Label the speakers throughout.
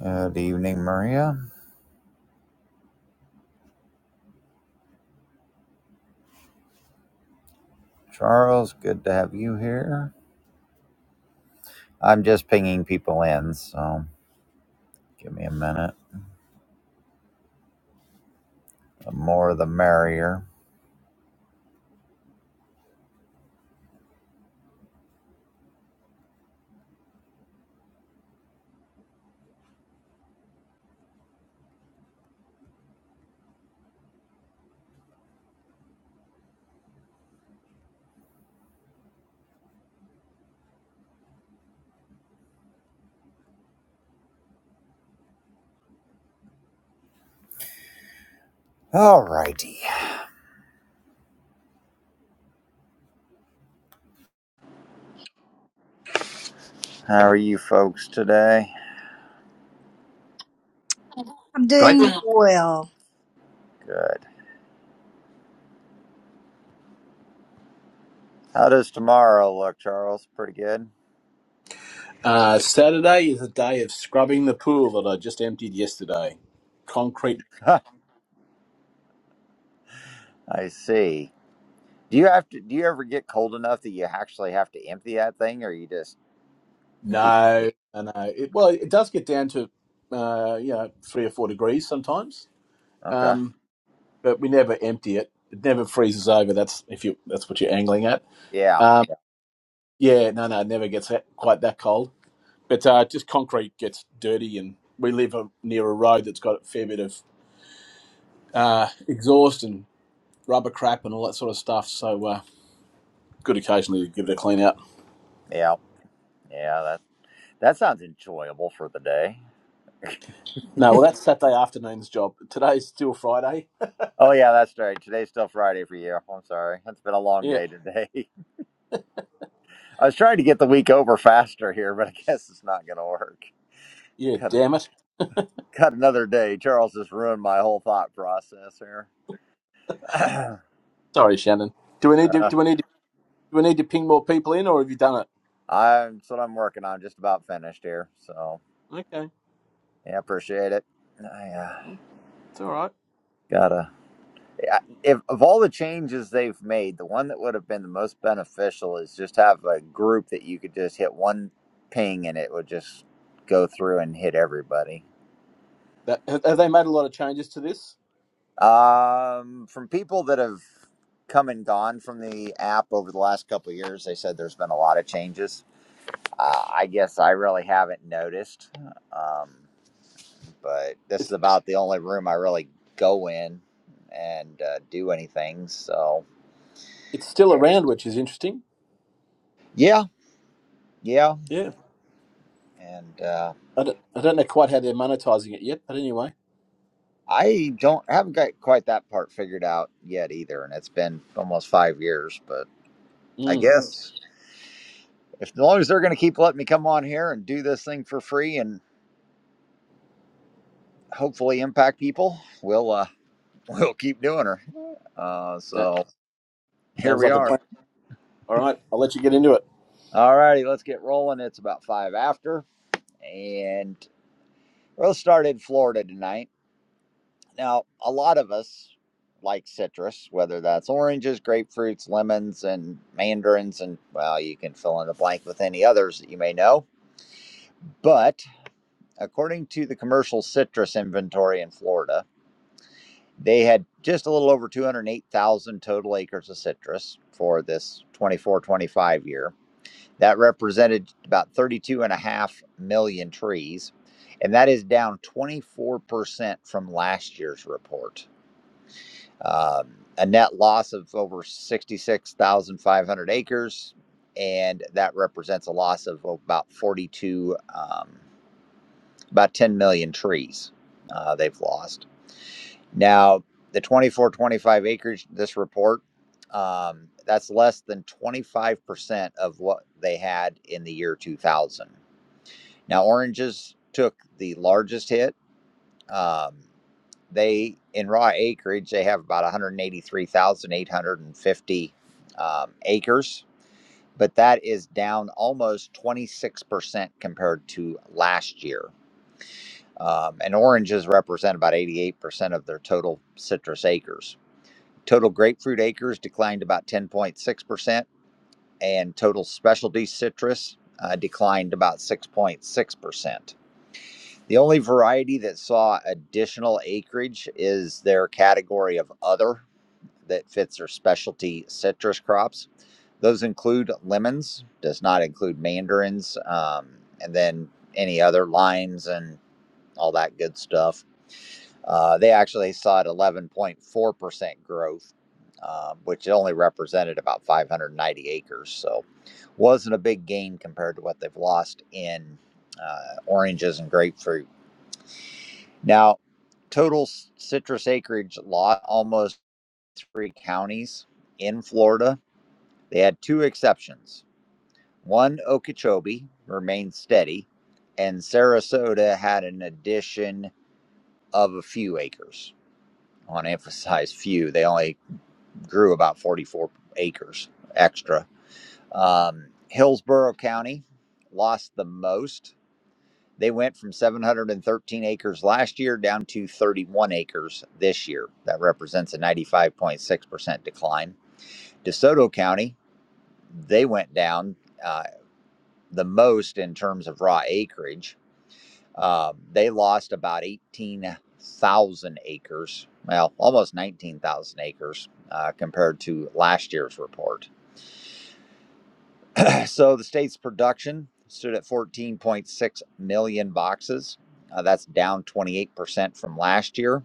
Speaker 1: Good evening, Maria. Charles, good to have you here. I'm just pinging people in, so give me a minute. The more the merrier. Alrighty. How are you folks today?
Speaker 2: I'm
Speaker 3: Great thing.
Speaker 2: doing well.
Speaker 1: Good. How does tomorrow look, Charles? Pretty good.
Speaker 3: Uh, Saturday is a day of scrubbing the pool that I just emptied yesterday. Concrete?
Speaker 1: I see. Do you have to do you ever get cold enough that you actually have to empty that thing or you just keep it?
Speaker 3: No, no, no. It, well, it does get down to uh, you know three or four degrees sometimes,
Speaker 1: Okay.
Speaker 3: um, but we never empty it. It never freezes over. That's if you that's what you're angling at.
Speaker 1: Yeah.
Speaker 3: Um,
Speaker 1: Yeah.
Speaker 3: yeah, no, no, it never gets that, quite that cold. But uh, just concrete gets dirty, and we live a, near a road that's got a fair bit of uh, exhaust and rubber crap and all that sort of stuff. So uh, good occasionally to give it a clean out.
Speaker 1: Yeah. Yeah. That that sounds enjoyable for the day.
Speaker 3: No, well, that's Saturday afternoon's job. Today's still Friday.
Speaker 1: Oh yeah, that's right. Today's still Friday for you. I'm sorry. It's been a long
Speaker 3: Yeah,
Speaker 1: day today. I was trying to get the week over faster here, but I guess it's not going to work.
Speaker 3: yeah.
Speaker 1: Cut,
Speaker 3: Damn it.
Speaker 1: cut another day. Charles has ruined my whole thought process here. uh,
Speaker 3: Sorry, Shannon. Do we need to? Do we need to? Do we need to ping more people in, or have you done it?
Speaker 1: I'm that's what I'm working on. Just about finished here. So
Speaker 3: Okay,
Speaker 1: yeah, appreciate it. I uh,
Speaker 3: Mm, it's all right.
Speaker 1: gotta. I- If of all the changes they've made, the one that would have been the most beneficial is just have a group that you could just hit one ping and it would just go through and hit everybody
Speaker 3: That, have have they made a lot of changes to this?
Speaker 1: Um, from people that have come and gone from the app over the last couple of years, they said there's been a lot of changes. Uh, I guess I really haven't noticed, um, but this
Speaker 3: It's
Speaker 1: is about the only room I really go in and uh, do anything. So
Speaker 3: it's still around, which is interesting.
Speaker 1: yeah, yeah,
Speaker 3: Yeah,
Speaker 1: and uh,
Speaker 3: I don't, I don't know quite how they're monetizing it yet, but anyway,
Speaker 1: I don't haven't got quite that part figured out yet either, and it's been almost five years, but I
Speaker 3: mm,
Speaker 1: guess. If, as long as they're going to keep letting me come on here and do this thing for free and hopefully impact people, we'll uh, we'll keep doing her. Uh,
Speaker 3: that
Speaker 1: so here
Speaker 3: sounds
Speaker 1: we
Speaker 3: like a
Speaker 1: are.
Speaker 3: plan. All right, I'll let you get into it.
Speaker 1: All righty, let's get rolling. It's about five after, and we'll start in Florida tonight. Now, a lot of us like citrus, whether that's oranges, grapefruits, lemons, and mandarins, and well, you can fill in the blank with any others that you may know. But according to the commercial citrus inventory in Florida. They had just a little over 208,000 total acres of citrus for this 24 25 year. That represented about 32 and a half million trees. And that is down 24% from last year's report. Um, a net loss of over 66,500 acres. And that represents a loss of about 42, um, about 10 million trees uh, they've lost now, the 24 25 acres, this report, um, that's less than 25% of what they had in the year 2000. Now, oranges took the largest hit. Um, they, in raw acreage, they have about 183,850 um, acres, but that is down almost 26% compared to last year. Um, and oranges represent about 88% of their total citrus acres. Total grapefruit acres declined about 10.6%, and total specialty citrus uh, declined about 6.6%. The only variety that saw additional acreage is their category of other that fits their specialty citrus crops. Those include lemons, does not include mandarins, um, and then any other limes and all that good stuff. Uh, they actually saw it 11.4% growth, um, which only represented about 590 acres. So, wasn't a big gain compared to what they've lost in uh, oranges and grapefruit. Now, total citrus acreage lot almost three counties in Florida. They had two exceptions. One, Okeechobee, remained steady, and Sarasota had an addition of a few acres. I want to emphasize few. They only grew about 44 acres extra. Um, Hillsborough County lost the most. They went from 713 acres last year down to 31 acres this year. That represents a 95.6% decline. DeSoto County, they went down uh, the most in terms of raw acreage. Um, they lost about 18,000 acres, well, almost 19,000 acres uh, compared to last year's report. So the state's production stood at 14.6 million boxes. Uh, that's down 28% from last year.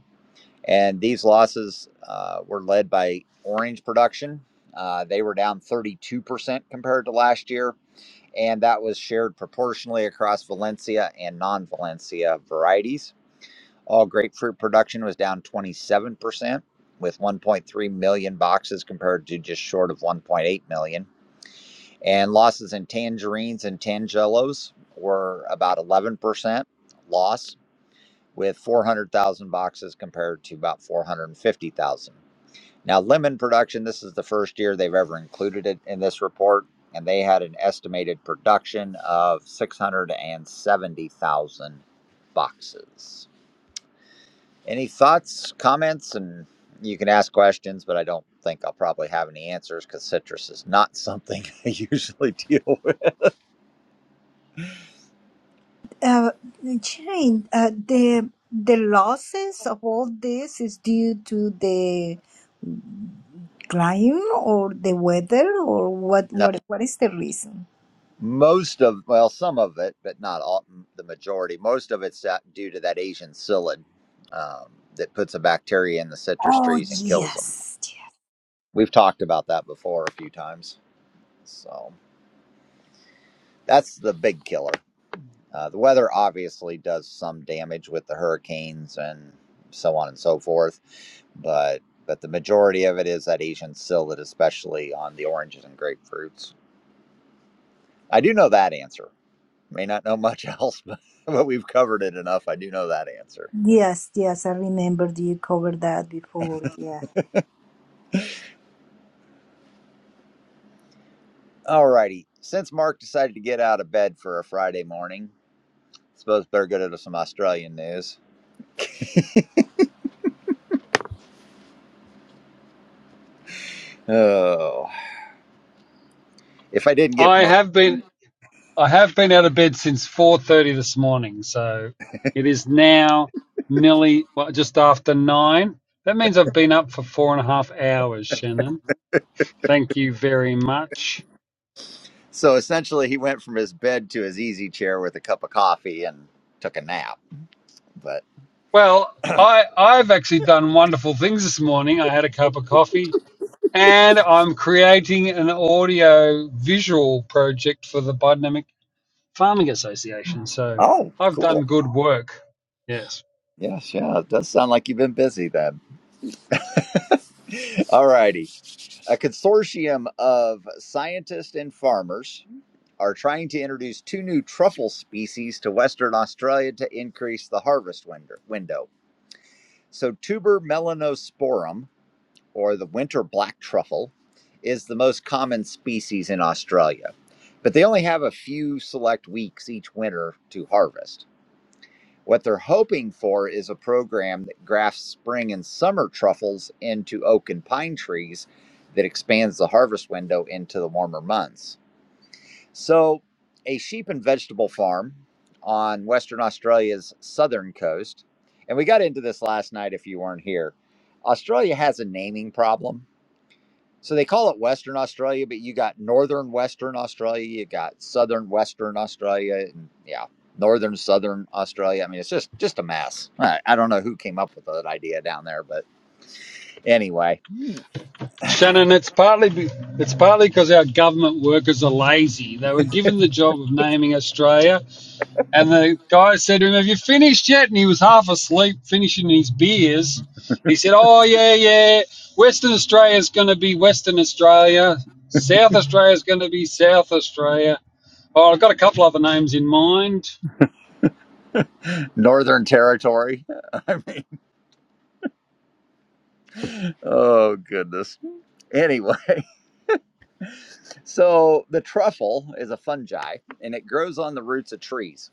Speaker 1: And these losses uh, were led by orange production. Uh, they were down 32% compared to last year. And that was shared proportionally across Valencia and non Valencia varieties. All grapefruit production was down 27%, with 1.3 million boxes compared to just short of 1.8 million and losses in tangerines and tangelos were about 11% loss with 400,000 boxes compared to about 450,000. Now, lemon production, this is the first year they've ever included it in this report, and they had an estimated production of 670,000 boxes. Any thoughts, comments, and you can ask questions, but I don't think I'll probably have any answers because citrus is not something I usually deal with.
Speaker 2: Uh, Jane, uh, the the losses of all this is due to the climate or the weather or what
Speaker 1: No.
Speaker 2: what what is the reason?
Speaker 1: Most of, well, some of it, but not all, the majority. Most of it's that- due to that Asian psyllid um, that puts a bacteria in the citrus
Speaker 2: Oh
Speaker 1: trees and kills them.
Speaker 2: yes,
Speaker 1: We've talked about that before a few times. So that's the big killer. Uh, the weather obviously does some damage with the hurricanes and so on and so forth, but but the majority of it is that Asian psyllid, especially on the oranges and grapefruits. I do know that answer. May not know much else, but, but we've covered it enough. I do know that answer.
Speaker 2: yes, yes. I remembered you covered that before. Yeah.
Speaker 1: All righty. Since Mark decided to get out of bed for a Friday morning, I suppose better go to some Australian news. Oh, if I didn't give
Speaker 4: I
Speaker 1: Mark.
Speaker 4: have been I have been out of bed since four thirty this morning, so it is now nearly well, just after nine. That means I've been up for four and a half hours, Shannon. Thank you very much.
Speaker 1: So essentially, he went from his bed to his easy chair with a cup of coffee and took a nap. But
Speaker 4: Well, I I've actually done wonderful things this morning. I had a cup of coffee and I'm creating an audio visual project for the Biodynamic Farming Association. So
Speaker 1: oh,
Speaker 4: I've done
Speaker 1: cool.
Speaker 4: good work. Yes.
Speaker 1: Yes, yeah, it does sound like you've been busy then. All righty. A consortium of scientists and farmers are trying to introduce two new truffle species to Western Australia to increase the harvest window. So, tuber melanosporum, or the winter black truffle, is the most common species in Australia, but they only have a few select weeks each winter to harvest. What they're hoping for is a program that grafts spring and summer truffles into oak and pine trees that expands the harvest window into the warmer months. So, a sheep and vegetable farm on Western Australia's southern coast. And we got into this last night if you weren't here. Australia has a naming problem. So they call it Western Australia, but you got Northern Western Australia, you got Southern Western Australia, and yeah, Northern Southern Australia. I mean, it's just just a mess. I, I don't know who came up with that idea down there, but anyway,
Speaker 4: Shannon, it's partly be- it's partly because our government workers are lazy. They were given the job of naming Australia, and the guy said to him, "Have you finished yet?" And he was half asleep, finishing his beers. He said, "Oh yeah, yeah. Western Australia's going to be Western Australia. South Australia's going to be South Australia. Oh, I've got a couple other names in mind.
Speaker 1: Northern Territory. Oh goodness. Anyway, So the truffle is a fungi and it grows on the roots of trees.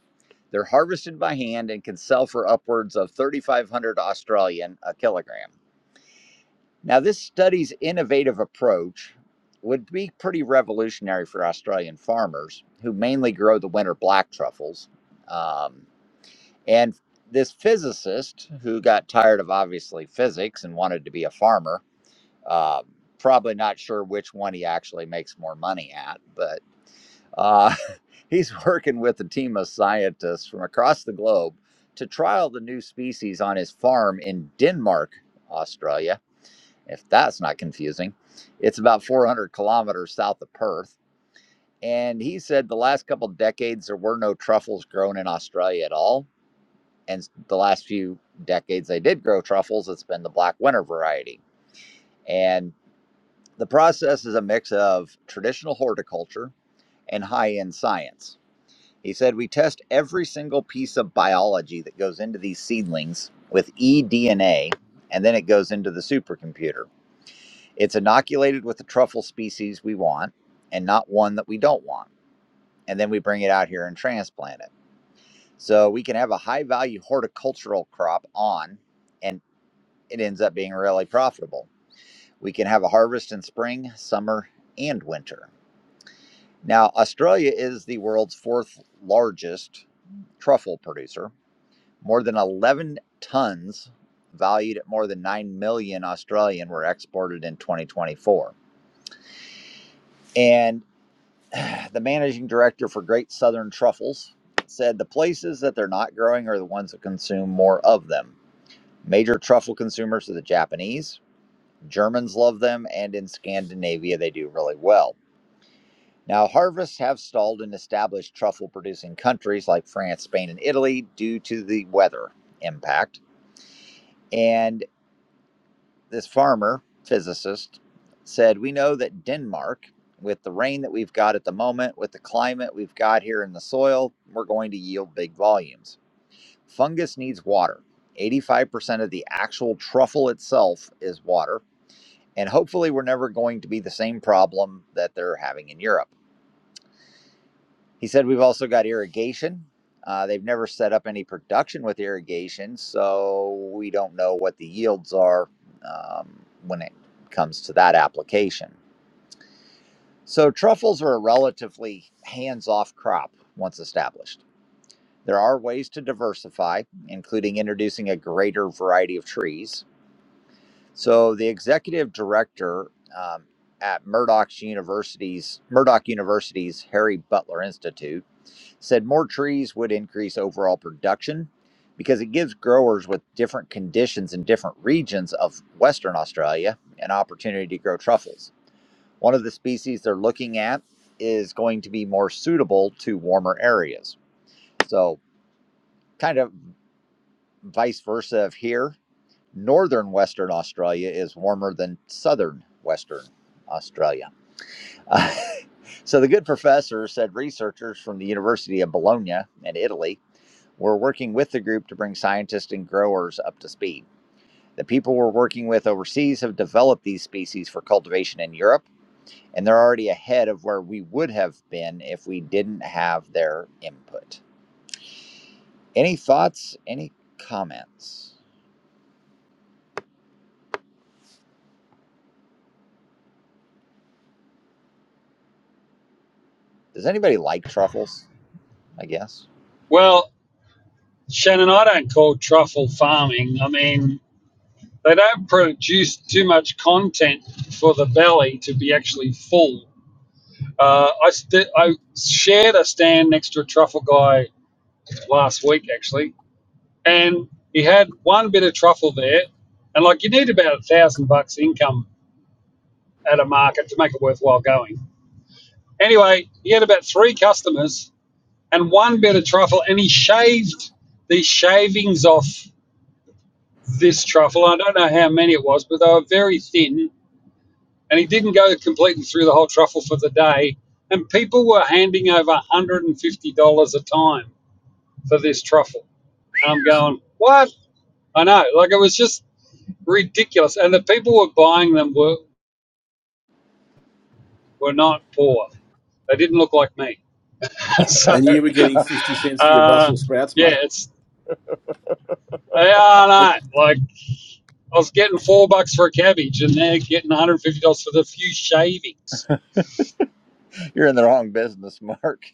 Speaker 1: They're harvested by hand and can sell for upwards of 3500 Australian a kilogram. Now this study's innovative approach would be pretty revolutionary for Australian farmers who mainly grow the winter black truffles. Um, and this physicist who got tired of obviously physics and wanted to be a farmer, uh, probably not sure which one he actually makes more money at, but uh, he's working with a team of scientists from across the globe to trial the new species on his farm in Denmark, Australia. If that's not confusing, it's about 400 kilometers south of Perth. And he said the last couple of decades there were no truffles grown in Australia at all. And the last few decades they did grow truffles, it's been the black winter variety. And the process is a mix of traditional horticulture and high end science He said, We test every single piece of biology that goes into these seedlings with eDNA, and then it goes into the supercomputer. It's inoculated with the truffle species we want and not one that we don't want. And then we bring it out here and transplant it. So we can have a high value horticultural crop on, and it ends up being really profitable. We can have a harvest in spring, summer, and winter. Now, Australia is the world's fourth largest truffle producer More than 11 tons, valued at more than 9 million Australian, were exported in 2024. And the managing director for Great Southern Truffles said the places that they're not growing are the ones that consume more of them. Major truffle consumers are the Japanese, Germans love them, and in Scandinavia they do really well. Now, harvests have stalled in established truffle producing countries like France, Spain, and Italy due to the weather impact. And this farmer physicist said, We know that Denmark, with the rain that we've got at the moment, with the climate we've got here in the soil, we're going to yield big volumes. Fungus needs water. 85% of the actual truffle itself is water. And hopefully, we're never going to be the same problem that they're having in Europe. He said we've also got irrigation. Uh, they've never set up any production with irrigation, so we don't know what the yields are um, when it comes to that application. So, truffles are a relatively hands off crop once established. There are ways to diversify, including introducing a greater variety of trees. So the executive director um, at Murdoch's University's Murdoch University's Harry Butler Institute said more trees would increase overall production because it gives growers with different conditions in different regions of Western Australia an opportunity to grow truffles. One of the species they're looking at is going to be more suitable to warmer areas. So kind of vice versa of here Northern Western Australia is warmer than Southern Western Australia. Uh, so the good professor said researchers from the University of Bologna in Italy were working with the group to bring scientists and growers up to speed. The people we're working with overseas have developed these species for cultivation in Europe, and they're already ahead of where we would have been if we didn't have their input. Any thoughts? Any comments? Does anybody like truffles? I guess.
Speaker 4: Well, Shannon, I don't call truffle farming. I mean, They don't produce too much content for the belly to be actually full. Uh, I, st- I shared a stand next to a truffle guy last week, actually, and he had one bit of truffle there. And like, you need about a thousand bucks income at a market to make it worthwhile going. Anyway, he had about three customers and one bit of truffle, and he shaved the shavings off this truffle. I don't know how many it was, but they were very thin and he didn't go completely through the whole truffle for the day. And people were handing over $150 a time for this truffle. And I'm going, what? I know. Like it was just ridiculous. And the people who were buying them were, were not poor. They didn't look like me. so,
Speaker 3: And you were getting fifty cents for your
Speaker 4: uh,
Speaker 3: Brussels sprouts,
Speaker 4: yeah,
Speaker 3: mate.
Speaker 4: it's, they are not. Like I was getting four bucks for a cabbage and they're getting $150 for the few shavings.
Speaker 1: You're in the wrong business, Mark.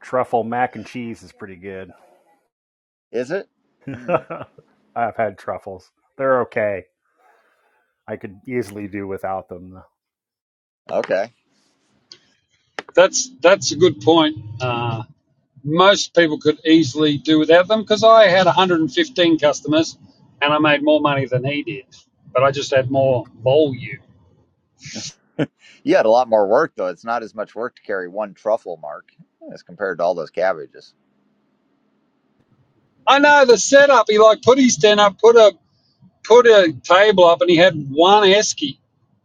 Speaker 5: Truffle mac and cheese is pretty good.
Speaker 1: Is it? Hmm.
Speaker 5: I've had truffles. They're okay. I could easily do without them.
Speaker 1: Okay.
Speaker 4: That's that's a good point. Uh, most people could easily do without them because I had 115 customers and I made more money than he did, but I just had more volume.
Speaker 1: You had a lot more work though. It's not as much work to carry one truffle, Mark, as compared to all those cabbages.
Speaker 4: I know the setup. He like put his tent up, put a put a table up, and he had one esky.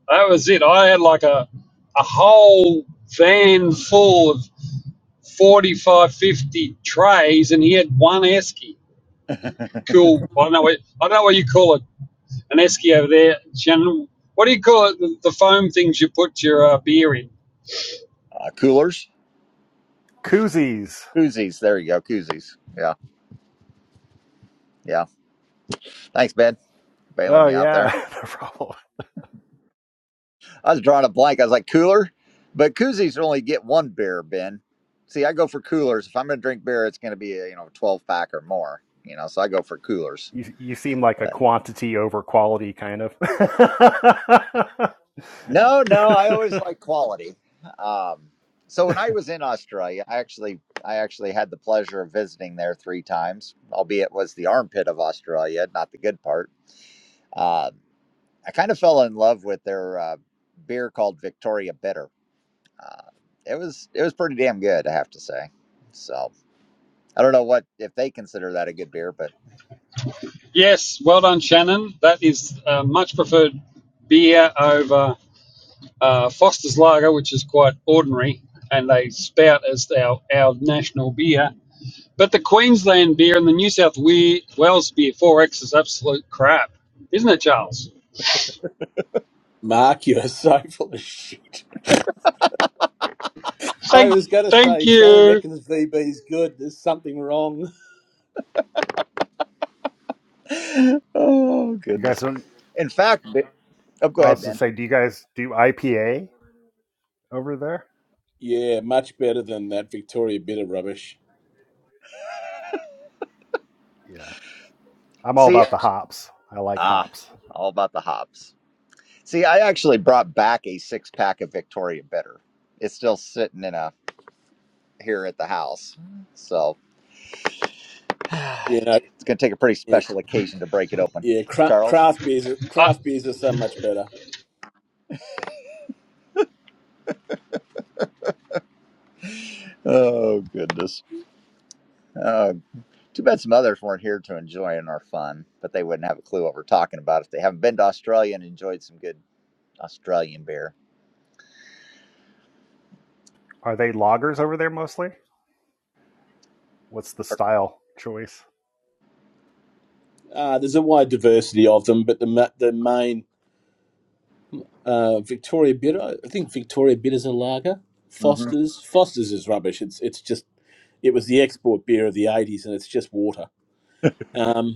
Speaker 4: That was it. I had like a a whole van full of 45, 50 trays, and he had one esky. Cool. I don't know what I don't know what you call a an esky over there. Shannon, what do you call it? The, the foam things you put your uh, beer in.
Speaker 1: Uh, coolers,
Speaker 5: Koozies.
Speaker 1: koozies. There you go, koozies. Yeah, yeah. Thanks, Ben, bailing
Speaker 5: Oh
Speaker 1: me out
Speaker 5: yeah,
Speaker 1: there.
Speaker 5: no problem.
Speaker 1: I was drawing a blank. I was like cooler, but koozies only get one beer, Ben. See, I go for coolers. If I'm going to drink beer, it's going to be a you know 12 pack or more. You know, so I go for coolers.
Speaker 5: You you seem like a
Speaker 1: But
Speaker 5: quantity over quality kind of.
Speaker 1: No, no, I always like quality. Um, so when I was in Australia, I actually I actually had the pleasure of visiting there three times, albeit was the armpit of Australia, not the good part. Uh, I kind of fell in love with their uh, beer called Victoria Bitter. Uh, it was it was pretty damn good, I have to say. So I don't know what if they consider that a good beer, but
Speaker 4: Yes, well done, Shannon. That is uh, much preferred beer over uh, Foster's Lager, which is quite ordinary, and they spout as our, our national beer. But the Queensland beer and the New South Wales beer 4X is absolute crap, isn't it, Charles?
Speaker 3: Mark, you're so full of shit. I
Speaker 4: Thank,
Speaker 3: was going to
Speaker 4: thank
Speaker 3: say Shannon
Speaker 4: you.
Speaker 3: reckons VB's good. There's something wrong.
Speaker 1: oh
Speaker 5: you
Speaker 1: goodness.
Speaker 5: guys don't.
Speaker 1: In fact, Ba- oh, go
Speaker 5: I
Speaker 1: ahead,
Speaker 5: was gonna
Speaker 1: Ben.
Speaker 5: say, do you guys do IPA over there?
Speaker 3: Yeah, much better than that Victoria bitter rubbish.
Speaker 5: Yeah, I'm all
Speaker 1: See,
Speaker 5: about the hops. I like
Speaker 1: ah,
Speaker 5: hops.
Speaker 1: all about the hops. See, I actually brought back a six pack of Victoria Bitter. It's still sitting in a here at the house. So.
Speaker 3: You know,
Speaker 1: It's going to take a pretty
Speaker 3: yeah,
Speaker 1: special occasion to break it open.
Speaker 3: yeah. Cra-
Speaker 1: Charles?
Speaker 3: craft beers, craft beers are so much better.
Speaker 1: Oh, goodness. Uh, too bad some others weren't here to enjoy and are fun, but they wouldn't have a clue what we're talking about if they haven't been to Australia and enjoyed some good Australian beer.
Speaker 5: Are they loggers over there mostly? What's the style choice?
Speaker 3: Uh, there's a wide diversity of them, but the ma- the main uh, Victoria bitter. I think Victoria bitters a lager.
Speaker 1: Mm-hmm.
Speaker 3: Foster's, Foster's is rubbish. It's it's just it was the export beer of the '80s, and it's just water. Um,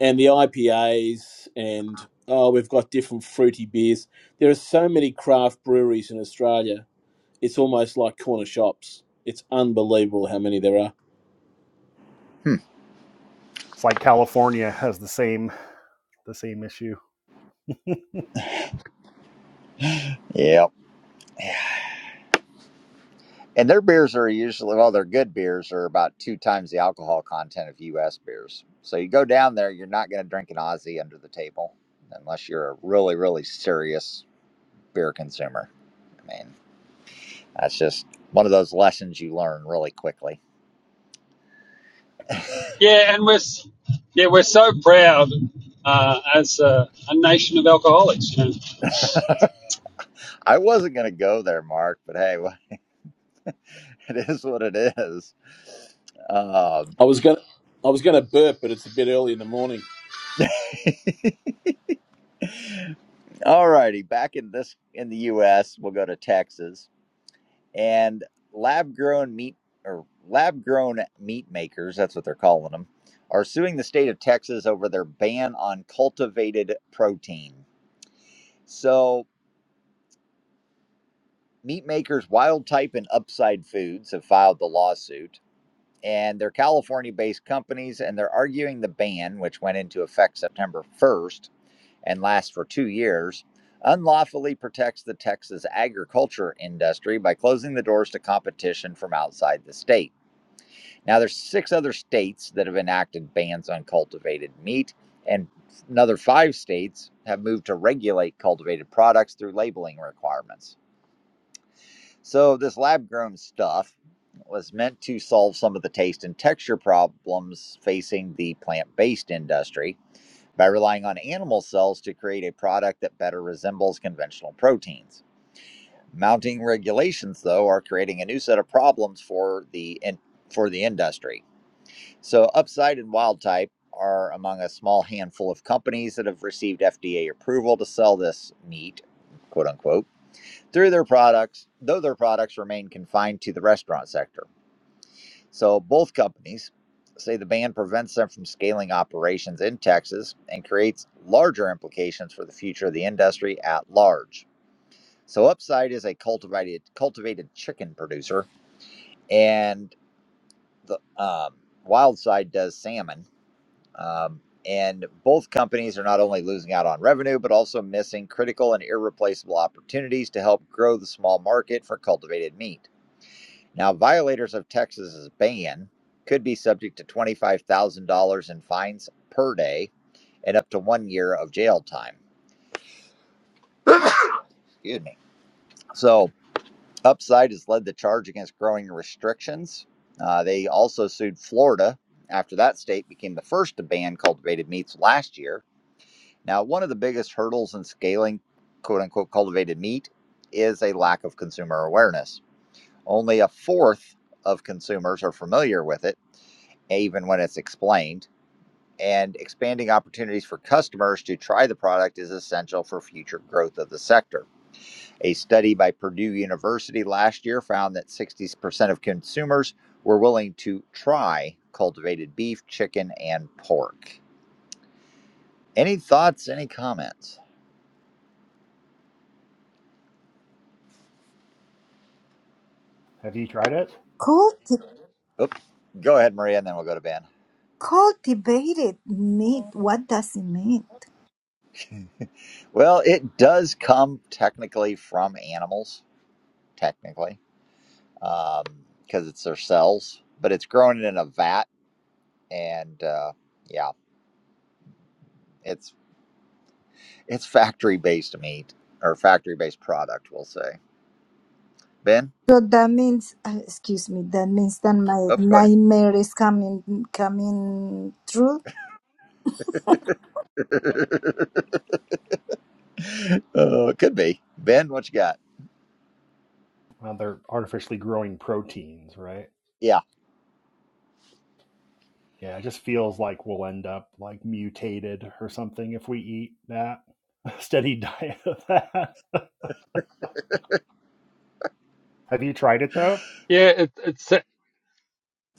Speaker 3: and the IPAs and oh we've got different fruity beers. There are so many craft breweries in Australia. It's almost like corner shops. It's unbelievable how many there are.
Speaker 1: Hmm.
Speaker 5: It's like California has the same the same issue.
Speaker 1: Yep. And their beers are usually, well, their good beers are about two times the alcohol content of U.S. beers. So you go down there, you're not going to drink an Aussie under the table unless you're a really, really serious beer consumer. I mean. That's just one of those lessons you learn really quickly.
Speaker 4: Yeah, and we're yeah we're so proud uh, as a, a nation of alcoholics. You know?
Speaker 1: I wasn't going to go there, Mark, but hey, it is what it is. Um,
Speaker 3: I was going to I was going to burp, but it's a bit early in the morning.
Speaker 1: all righty, back in this in the U.S., we'll go to Texas and lab-grown meat or lab-grown meat makers. That's what they're calling them. Are suing the state of Texas over their ban on cultivated protein. So, meat makers Wild Type and Upside Foods have filed the lawsuit and they're California based companies, and they're arguing the ban, which went into effect September 1st and lasts for two years, unlawfully protects the Texas agriculture industry by closing the doors to competition from outside the state. Now, there's six other states that have enacted bans on cultivated meat, and another five states have moved to regulate cultivated products through labeling requirements. So, this lab grown stuff was meant to solve some of the taste and texture problems facing the plant based industry by relying on animal cells to create a product that better resembles conventional proteins. Mounting regulations, though, are creating a new set of problems for the in- for the industry. So, Upside and Wildtype are among a small handful of companies that have received FDA approval to sell this meat, quote unquote. Three of their products, though their products remain confined to the restaurant sector. So both companies say the ban prevents them from scaling operations in Texas and creates larger implications for the future of the industry at large. So Upside is a cultivated cultivated chicken producer, and the um, Wildside does salmon. Um, and both companies are not only losing out on revenue, but also missing critical and irreplaceable opportunities to help grow the small market for cultivated meat. Now, violators of Texas's ban could be subject to $25,000 in fines per day and up to one year of jail time. Excuse me. So, Upside has led the charge against growing restrictions. Uh, they also sued Florida after that state became the first to ban cultivated meats last year. Now, one of the biggest hurdles in scaling quote unquote cultivated meat is a lack of consumer awareness. Only a fourth of consumers are familiar with it, even when it's explained. And expanding opportunities for customers to try the product is essential for future growth of the sector. A study by Purdue University last year found that 60% of consumers were willing to try cultivated beef, chicken, and pork. Any thoughts, any comments?
Speaker 5: Have you tried it?
Speaker 2: Culti-
Speaker 1: Oops. Go ahead, Maria, and then we'll go to Ben.
Speaker 2: cultivated meat. What does it mean?
Speaker 1: Well, it does come technically from animals, technically um, because it's their cells, but it's grown in a vat, and uh, yeah, it's it's factory based meat or factory based product, we'll say. Ben,
Speaker 2: So that means, uh, excuse me, that means that my
Speaker 1: oh, go ahead.
Speaker 2: nightmare is coming coming true.
Speaker 1: oh, it could be Ben. What you got?
Speaker 5: Well, they're artificially growing proteins, right?
Speaker 1: Yeah,
Speaker 5: Yeah, it just feels like we'll end up like mutated or something if we eat that. A Steady diet of that. Have you tried it though?
Speaker 4: Yeah, it, it's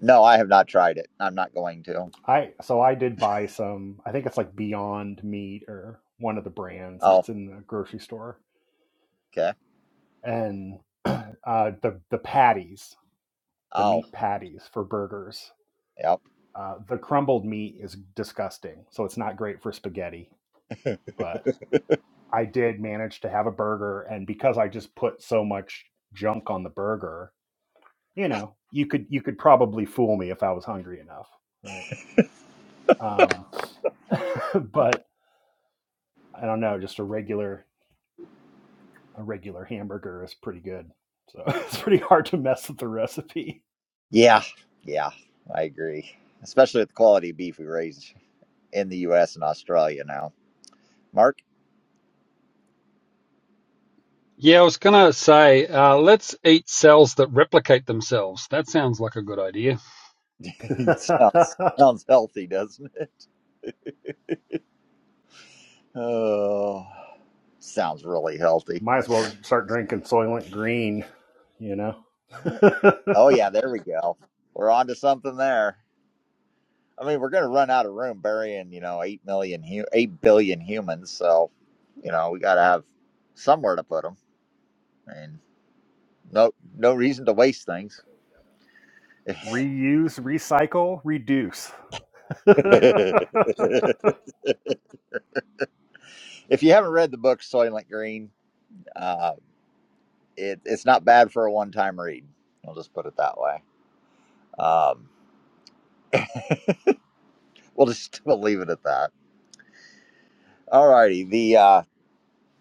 Speaker 1: no, I have not tried it. I'm not going to.
Speaker 5: I so I did buy some. I think it's like Beyond Meat or one of the brands
Speaker 1: Oh,
Speaker 5: that's in the grocery store,
Speaker 1: okay.
Speaker 5: and uh, the the patties, the
Speaker 1: Oh,
Speaker 5: meat patties for burgers.
Speaker 1: yep.
Speaker 5: Uh, the crumbled meat is disgusting, so it's not great for spaghetti. But I did manage to have a burger, and because I just put so much junk on the burger, you know, you could you could probably fool me if I was hungry enough, right? Um, but I don't know, just a regular a regular hamburger is pretty good. So it's pretty hard to mess with the recipe.
Speaker 1: Yeah, yeah, I agree. Especially with the quality of beef we raise in the U.S. and Australia now. Mark,
Speaker 4: yeah. I was gonna say, uh, let's eat cells that replicate themselves. That sounds like a good idea.
Speaker 1: sounds sounds healthy, doesn't it? Oh, sounds really healthy.
Speaker 5: Might as well start drinking Soylent Green, you know?
Speaker 1: Oh yeah, there we go. We're on to something there. I mean, we're gonna run out of room burying, you know, eight million, hu- eight billion humans. So, you know, we gotta have somewhere to put them, and no, no reason to waste things.
Speaker 5: Reuse, recycle, reduce.
Speaker 1: if you haven't read the book Soylent Green, uh, it, it's not bad for a one-time read. I'll just put it that way. Um, we'll just we'll leave it at that. All righty. The uh,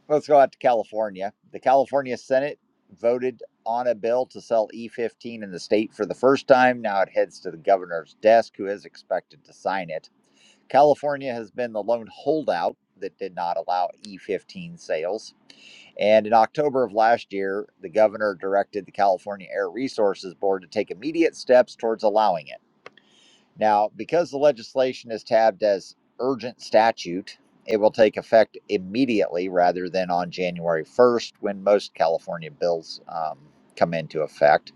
Speaker 1: Let's go out to California. The California Senate voted on a bill to sell E15 in the state for the first time. Now it heads to the governor's desk, who is expected to sign it. California has been the lone holdout that did not allow E15 sales. And in October of last year, the governor directed the California Air Resources Board to take immediate steps towards allowing it. Now, because the legislation is tabbed as urgent statute, it will take effect immediately rather than on January 1st when most California bills um, come into effect.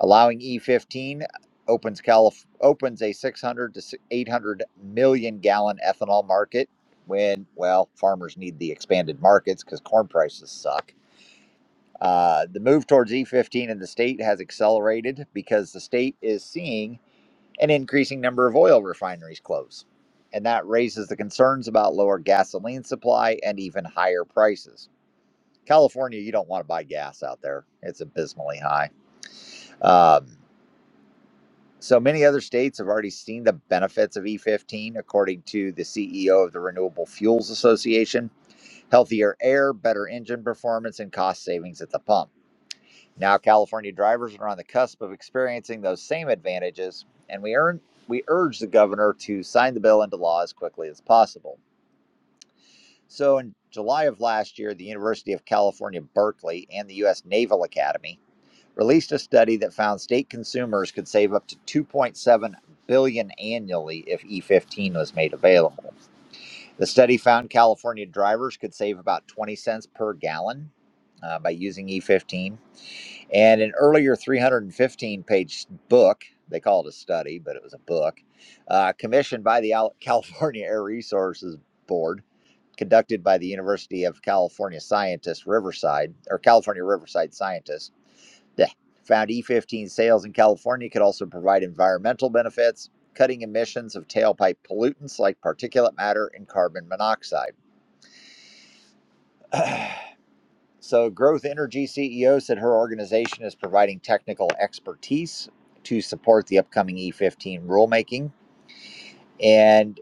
Speaker 1: Allowing E15 opens Calif- opens a 600 to si- 800 million gallon ethanol market when well farmers need the expanded markets because corn prices suck. Uh, the move towards E15 in the state has accelerated because the state is seeing an increasing number of oil refineries close. And that raises the concerns about lower gasoline supply and even higher prices. California, you don't want to buy gas out there, it's abysmally high. Um, so many other states have already seen the benefits of E15, according to the CEO of the Renewable Fuels Association healthier air, better engine performance, and cost savings at the pump. Now, California drivers are on the cusp of experiencing those same advantages, and we, earn, we urge the governor to sign the bill into law as quickly as possible. So, in July of last year, the University of California, Berkeley, and the U.S. Naval Academy released a study that found state consumers could save up to 2.7 billion dollars annually if E15 was made available. The study found California drivers could save about 20 cents per gallon uh, by using E15 and an earlier 315 page book, they call it a study, but it was a book, uh, commissioned by the California Air Resources Board, conducted by the University of California scientists, Riverside, or California Riverside scientists, that found E15 sales in California could also provide environmental benefits, cutting emissions of tailpipe pollutants like particulate matter and carbon monoxide. So, Growth Energy CEO said her organization is providing technical expertise to support the upcoming E15 rulemaking. And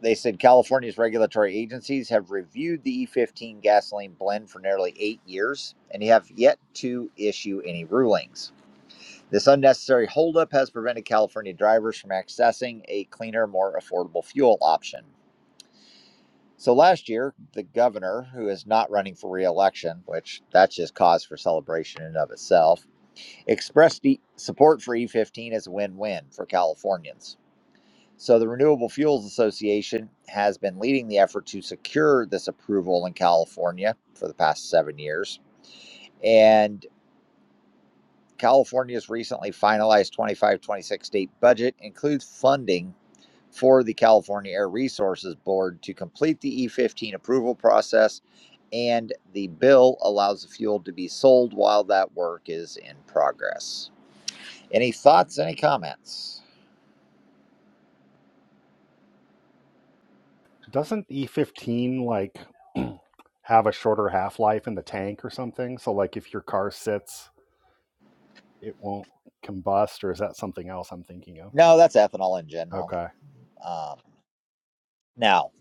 Speaker 1: they said California's regulatory agencies have reviewed the E15 gasoline blend for nearly eight years and have yet to issue any rulings. This unnecessary holdup has prevented California drivers from accessing a cleaner, more affordable fuel option. So last year, the governor, who is not running for re-election, which that's just cause for celebration in and of itself, Expressed e- support for E15 as a win win for Californians. So, the Renewable Fuels Association has been leading the effort to secure this approval in California for the past seven years. And California's recently finalized 25 26 state budget includes funding for the California Air Resources Board to complete the E15 approval process. And the bill allows the fuel to be sold while that work is in progress. Any thoughts, any comments?
Speaker 5: Doesn't E15 like have a shorter half life in the tank or something? So, like if your car sits, it won't combust, or is that something else I'm thinking of?
Speaker 1: No, that's ethanol in general.
Speaker 5: Okay.
Speaker 1: Um, now,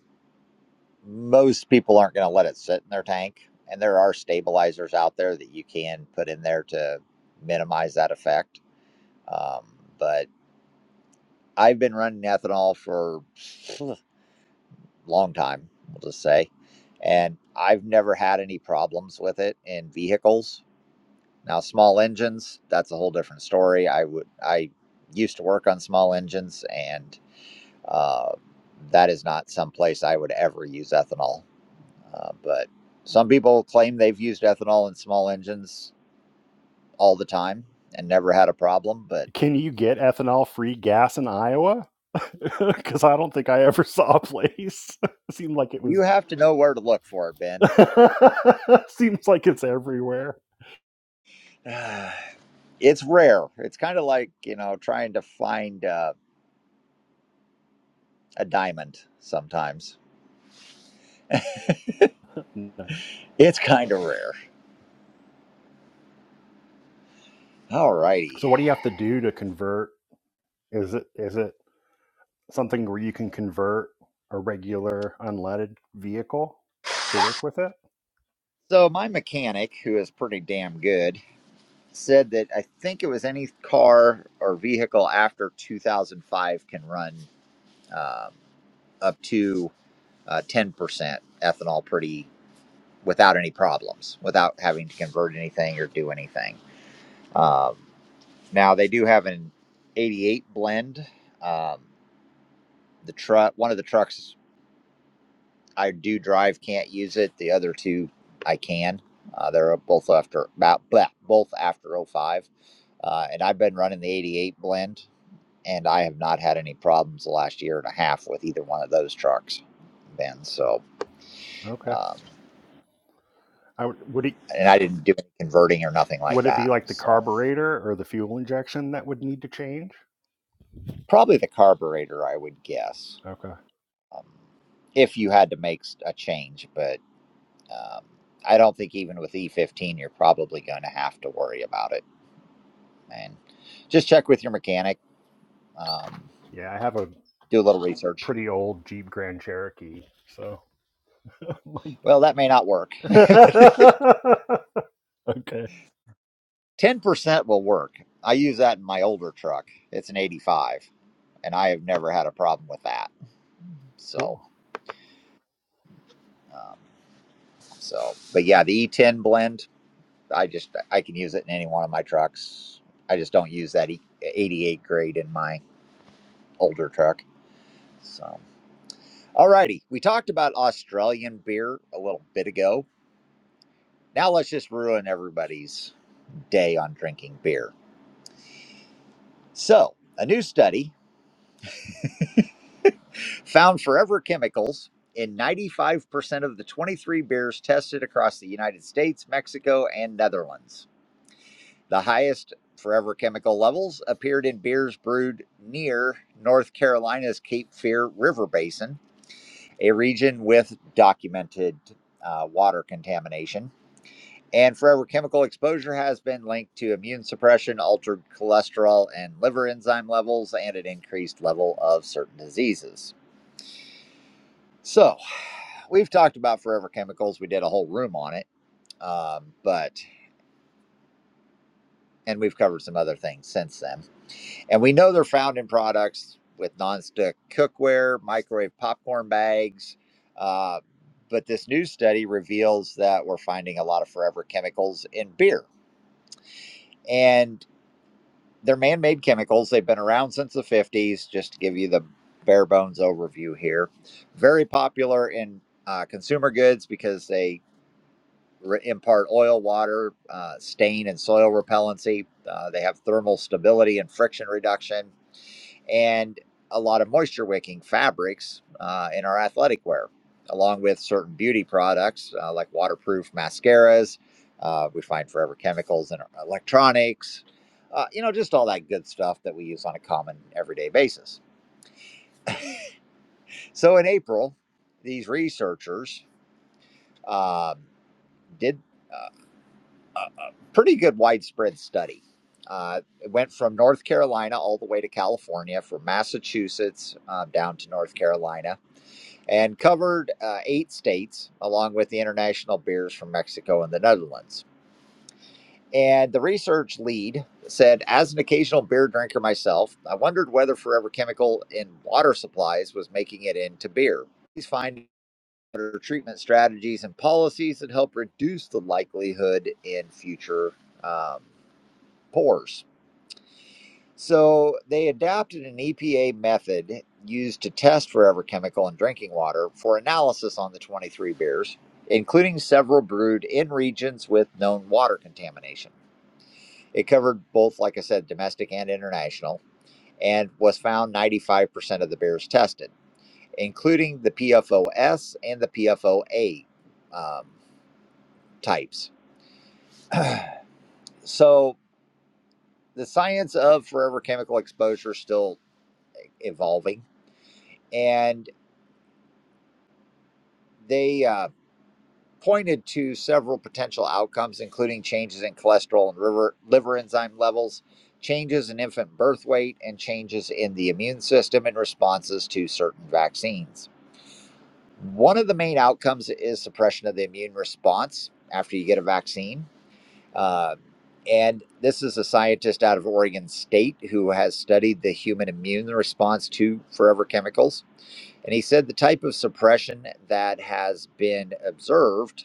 Speaker 1: most people aren't going to let it sit in their tank, and there are stabilizers out there that you can put in there to minimize that effect. Um, but I've been running ethanol for a long time, we'll just say, and I've never had any problems with it in vehicles. Now, small engines, that's a whole different story. I would, I used to work on small engines and Uh, that is not someplace I would ever use ethanol. Uh, but some people claim they've used ethanol in small engines all the time and never had a problem. But
Speaker 5: Can you get ethanol free gas in Iowa? Because I don't think I ever saw a place. seemed like it
Speaker 1: you
Speaker 5: was.
Speaker 1: have to know where to look for it, Ben.
Speaker 5: seems like it's everywhere.
Speaker 1: It's rare. It's kind of like, you know, trying to find uh, a diamond sometimes.
Speaker 5: Nice.
Speaker 1: It's kind of rare. All righty.
Speaker 5: So, what do you have to do to convert? Is it is it something where you can convert a regular unleaded vehicle to work with it?
Speaker 1: So, my mechanic, who is pretty damn good, said that I think it was any car or vehicle after 2005 can run um, up to uh, 10% ethanol pretty without any problems, without having to convert anything or do anything. Um, now they do have an 88 blend. Um, the truck, one of the trucks I do drive can't use it. The other two I can. Uh, they're both after about both after oh 05. Uh, and I've been running the 88 blend and I have not had any problems the last year and a half with either one of those trucks, Ben. So,
Speaker 5: Okay.
Speaker 1: Um,
Speaker 5: I would, would it
Speaker 1: and I didn't do any converting or nothing like
Speaker 5: would it be
Speaker 1: that.
Speaker 5: like the
Speaker 1: So
Speaker 5: carburetor or the fuel injection that would need to change?
Speaker 1: probably the carburetor, I would guess,
Speaker 5: Okay.
Speaker 1: um, if you had to make a change. But um, I don't think even with E15, you're probably going to have to worry about it. And just check with your mechanic, um,
Speaker 5: Yeah, I have a
Speaker 1: do a little research.
Speaker 5: pretty old Jeep Grand Cherokee. So,
Speaker 1: Well, that may not work.
Speaker 5: okay,
Speaker 1: 10% will work. I use that in my older truck. It's an 85, and I have never had a problem with that. So,
Speaker 5: cool.
Speaker 1: um, so, but yeah, the E10 blend. I just I can use it in any one of my trucks. I just don't use that e- 88 grade in my older truck. So, alrighty, we talked about Australian beer a little bit ago. Now let's just ruin everybody's day on drinking beer. So, a new study found forever chemicals in 95% of the 23 beers tested across the United States, Mexico, and Netherlands. The highest forever chemical levels appeared in beers brewed near North Carolina's Cape Fear River Basin, a region with documented uh, water contamination. And forever chemical exposure has been linked to immune suppression, altered cholesterol and liver enzyme levels, and an increased level of certain diseases. So, we've talked about forever chemicals. We did a whole room on it, um, but and we've covered some other things since then. And we know they're found in products with nonstick cookware, microwave popcorn bags. Uh, but this new study reveals that we're finding a lot of forever chemicals in beer. And they're man made chemicals. They've been around since the 50s, just to give you the bare bones overview here. Very popular in uh, consumer goods because they re- impart oil, water, uh, stain, and soil repellency. Uh, they have thermal stability and friction reduction and a lot of moisture wicking fabrics uh, in our athletic wear, along with certain beauty products uh, like waterproof mascaras. Uh, we find forever chemicals in our electronics, uh, you know, just all that good stuff that we use on a common everyday basis. So in April, these researchers um, did a pretty good widespread study. Uh, it went from North Carolina all the way to California, from Massachusetts uh, down to North Carolina and covered uh, eight states along with the international beers from Mexico and the Netherlands. And the research lead said, as an occasional beer drinker myself, I wondered whether forever chemical in water supplies was making it into beer. These findings better treatment strategies and policies that help reduce the likelihood in future um, pours. So they adapted an EPA method used to test forever chemical in drinking water for analysis on the 23 beers, including several brewed in regions with known water contamination. It covered both, like I said, domestic and international, and was found 95% of the beers tested, including the PFOS and the PFOA um, types. So the science of forever chemical exposure is still evolving, and they. Uh, pointed to several potential outcomes, including changes in cholesterol and liver, liver enzyme levels, changes in infant birth weight, and changes in the immune system in responses to certain vaccines. One of the main outcomes is suppression of the immune response after you get a vaccine. Uh, and this is a scientist out of Oregon State who has studied the human immune response to forever chemicals. And he said the type of suppression that has been observed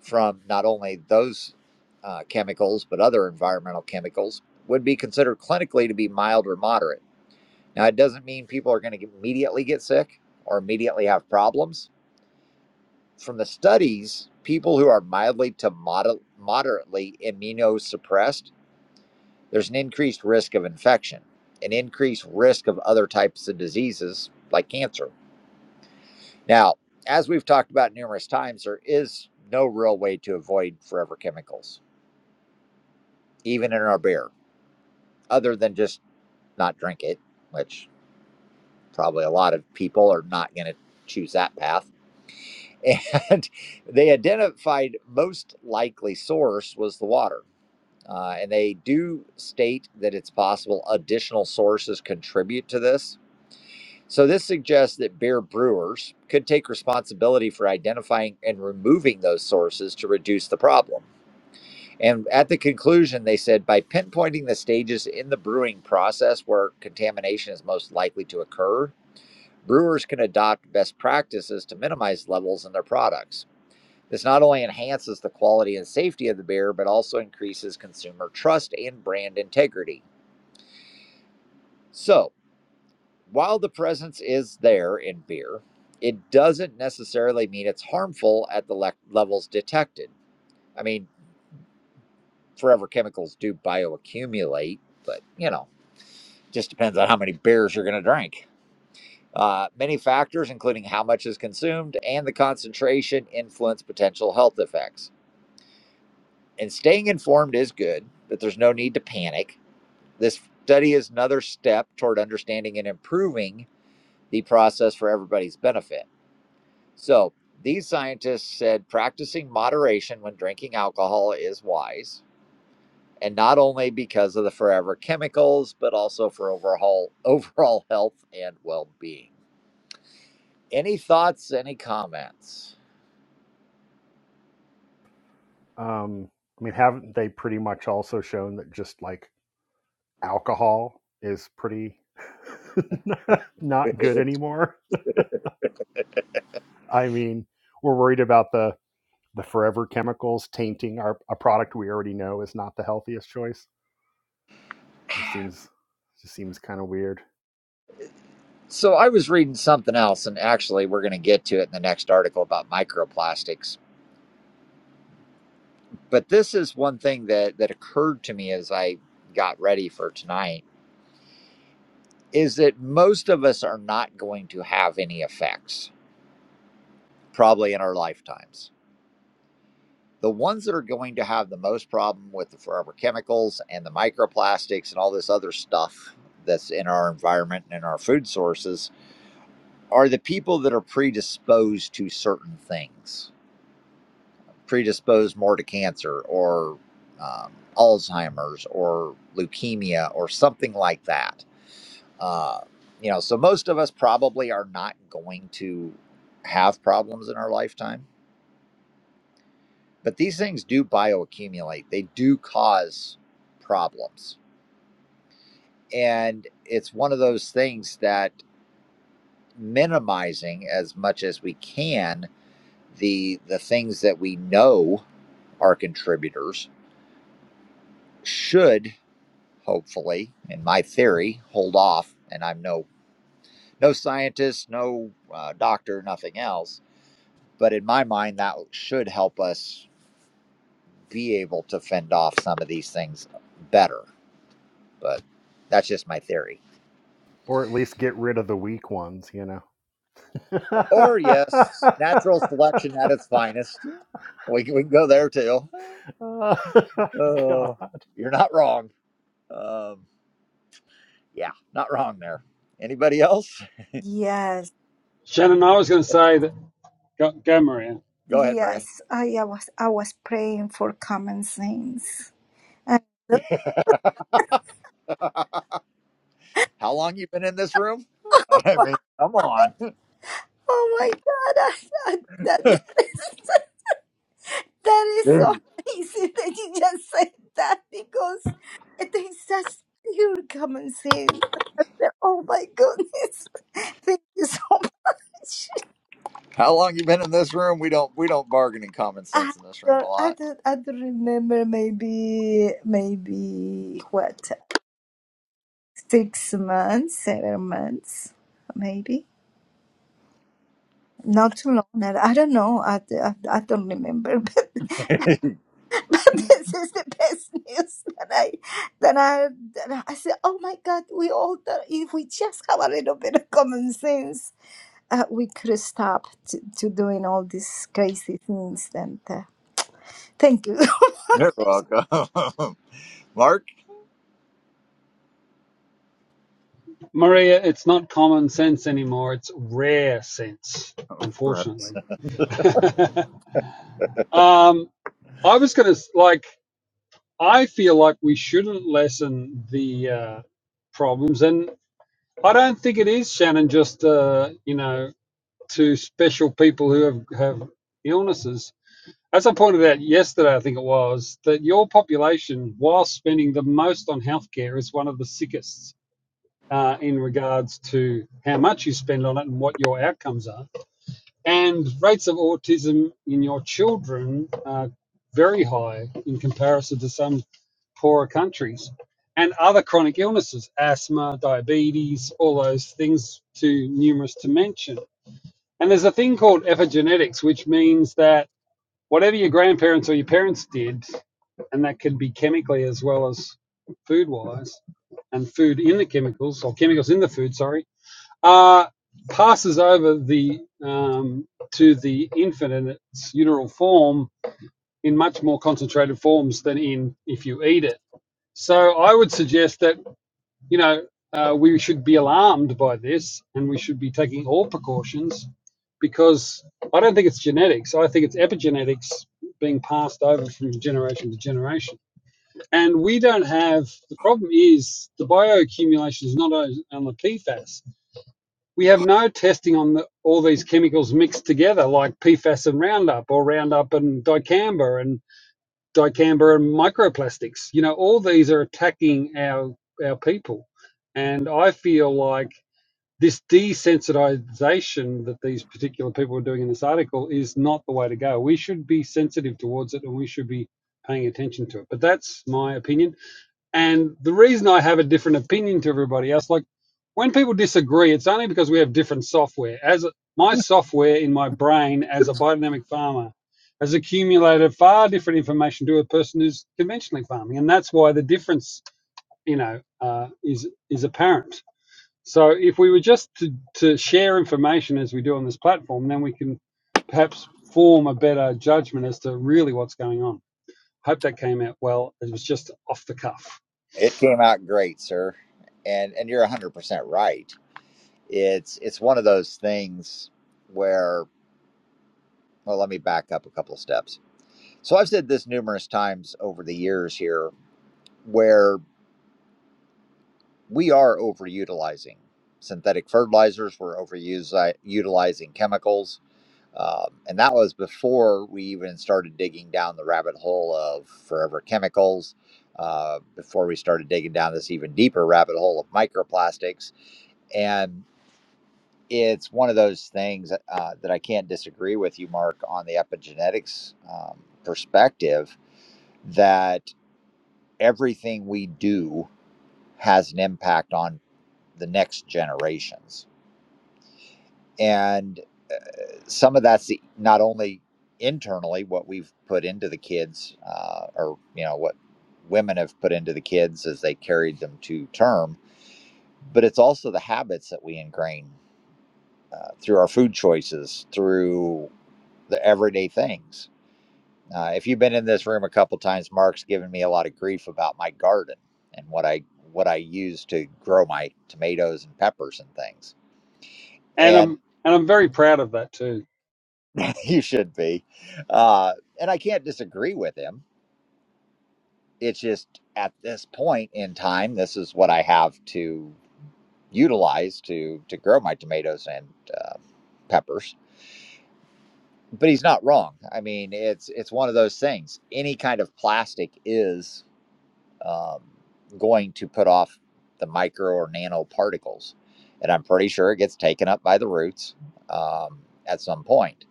Speaker 1: from not only those uh, chemicals but other environmental chemicals would be considered clinically to be mild or moderate. Now, it doesn't mean people are going to immediately get sick or immediately have problems. From the studies, people who are mildly to moder- moderately immunosuppressed, there's an increased risk of infection, an increased risk of other types of diseases like cancer. Now, as we've talked about numerous times, there is no real way to avoid forever chemicals, even in our beer other than just not drink it, which probably a lot of people are not going to choose that path. And they identified most likely source was the water. Uh, and they do state that it's possible additional sources contribute to this. So, this suggests that beer brewers could take responsibility for identifying and removing those sources to reduce the problem. And at the conclusion, they said by pinpointing the stages in the brewing process where contamination is most likely to occur, brewers can adopt best practices to minimize levels in their products. This not only enhances the quality and safety of the beer, but also increases consumer trust and brand integrity. So, while the presence is there in beer, it doesn't necessarily mean it's harmful at the le- levels detected. I mean, forever chemicals do bioaccumulate, but you know. just depends on how many beers you're going to drink. Uh, many factors, including how much is consumed and the concentration, influence potential health effects. And staying informed is good, but there's no need to panic. This study is another step toward understanding and improving the process for everybody's benefit. So, these scientists said practicing moderation when drinking alcohol is wise, and not only because of the forever chemicals, but also for overall overall health and well-being. Any thoughts, any comments?
Speaker 5: Um, I mean, haven't they pretty much also shown that just like alcohol is pretty not good anymore? I mean, we're worried about the the forever chemicals tainting our a product we already know is not the healthiest choice. It seems just seems kind of weird,
Speaker 1: So I was reading something else, and actually, we're going to get to it in the next article about microplastics. But this is one thing that, that occurred to me as I got ready for tonight is that most of us are not going to have any effects, probably in our lifetimes. The ones that are going to have the most problem with the forever chemicals and the microplastics and all this other stuff that's in our environment and in our food sources are the people that are predisposed to certain things, predisposed more to cancer or um, Alzheimer's or leukemia or something like that. Uh, you know, so most of us probably are not going to have problems in our lifetime, but these things do bioaccumulate, they do cause problems. And it's one of those things that minimizing as much as we can the the things that we know our contributors should hopefully, in my theory, hold off. And I'm no no scientist, no uh, doctor, nothing else. But in my mind, that should help us be able to fend off some of these things better. But that's just my theory.
Speaker 5: or at least get rid of the weak ones, you
Speaker 1: Or yes,
Speaker 5: know.
Speaker 1: natural selection at its finest. We can, we can go there too.
Speaker 5: Uh, God.
Speaker 1: Oh, you're not wrong. Um, yeah, not wrong there. Anybody else?
Speaker 2: Yes,
Speaker 4: Shannon, I was gonna say that. Go, go, Maria.
Speaker 1: Go ahead, Maria.
Speaker 2: yes. I, I was I was praying for common sense. And look,
Speaker 1: How long you been in this room? I mean, come on.
Speaker 2: oh my God, I, I, that that is so
Speaker 1: Dude.
Speaker 2: amazing that you just said that because it is just pure common sense. Oh my goodness, thank you so much.
Speaker 1: How long you been in this room? We don't we don't bargain in common
Speaker 2: I
Speaker 1: sense in this room a
Speaker 2: don't, I
Speaker 1: lot.
Speaker 2: don't, I don't remember. Maybe, maybe what six months, seven months, maybe. Not too long. and I don't know. I, I, I don't remember. But, but this is the best news that I that I that I said. Oh my God! We all thought if we just have a little bit of common sense, uh, we could stop to, to doing all these crazy things. And uh, thank you.
Speaker 1: You're welcome, Mark.
Speaker 4: Maria, it's not common sense anymore. It's rare sense, unfortunately. um, I was gonna like. I feel like we shouldn't lessen the uh, problems, and I don't think it is, Shannon, just, uh, you know, to special people who have, have illnesses. As I pointed out yesterday, I think it was, that your population, while spending the most on healthcare, is one of the sickest uh, in regards to how much you spend on it and what your outcomes are and rates of autism in your children are very high in comparison to some poorer countries and other chronic illnesses asthma diabetes all those things too numerous to mention and there's a thing called epigenetics which means that whatever your grandparents or your parents did and that can be chemically as well as food wise and food in the chemicals or chemicals in the food sorry uh, passes over the um, to the infant in its uteral form in much more concentrated forms than in if you eat it. So I would suggest that you know uh, we should be alarmed by this, and we should be taking all precautions because I don't think it's genetics. I think it's epigenetics being passed over from generation to generation. And we don't have the problem is the bioaccumulation is not on the PFAS we have no testing on the, all these chemicals mixed together, like PFAS and Roundup, or Roundup and dicamba, and dicamba and microplastics. You know, all these are attacking our our people, and I feel like this desensitization that these particular people are doing in this article is not the way to go. We should be sensitive towards it, and we should be paying attention to it. But that's my opinion. And the reason I have a different opinion to everybody else, like when people disagree, it's only because we have different software. As my software in my brain as a biodynamic farmer has accumulated far different information to a person who's conventionally farming, and that's why the difference, you know, uh, is is apparent. So if we were just to, to share information as we do on this platform, then we can perhaps form a better judgment as to really what's going on. Hope that came out well. It was just off the cuff.
Speaker 1: It came out great, sir, and and you're 100 percent right. It's it's one of those things where well, let me back up a couple of steps. So I've said this numerous times over the years here, where we are overutilizing synthetic fertilizers, we're overutilizing chemicals Um, and that was before we even started digging down the rabbit hole of forever chemicals, uh, before we started digging down this even deeper rabbit hole of microplastics. And it's one of those things uh, that I can't disagree with you, Mark, on the epigenetics um, perspective that everything we do has an impact on the next generations. And some of that's the, not only internally what we've put into the kids uh, or you know what women have put into the kids as they carried them to term but it's also the habits that we ingrain uh, through our food choices through the everyday things uh, if you've been in this room a couple times mark's given me a lot of grief about my garden and what i what i use to grow my tomatoes and peppers and things
Speaker 4: and
Speaker 1: and
Speaker 4: I'm and I'm very proud of that too.
Speaker 1: you should be uh, and i can't disagree with him it's just at this point in time, this is what I have to utilize to to grow my tomatoes and uh, peppers. But he's not wrong. I mean, it's it's one of those things. Any kind of plastic is um, going to put off the micro or nano particles, and I'm pretty sure it gets taken up by the roots um, at some point.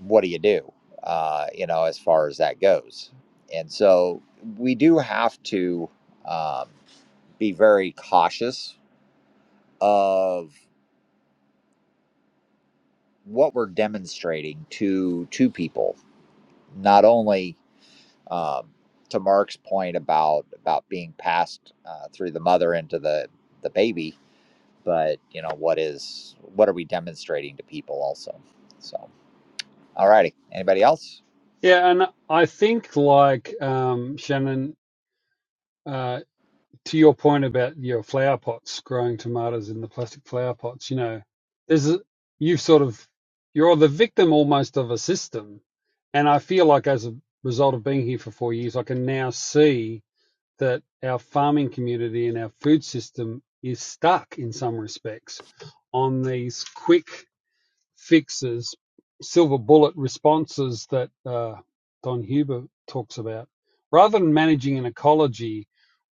Speaker 1: What do you do? Uh, you know, as far as that goes, and so we do have to. Um, be very cautious of what we're demonstrating to to people not only um, to mark's point about about being passed uh, through the mother into the the baby but you know what is what are we demonstrating to people also so all righty anybody else
Speaker 4: Yeah, and I think like um, Shannon, uh, to your point about your flower pots growing tomatoes in the plastic flower pots, you know, there's a, you've sort of you're the victim almost of a system, and I feel like as a result of being here for four years, I can now see that our farming community and our food system is stuck in some respects on these quick fixes, silver bullet responses that uh, Don Huber talks about. Rather than managing an ecology,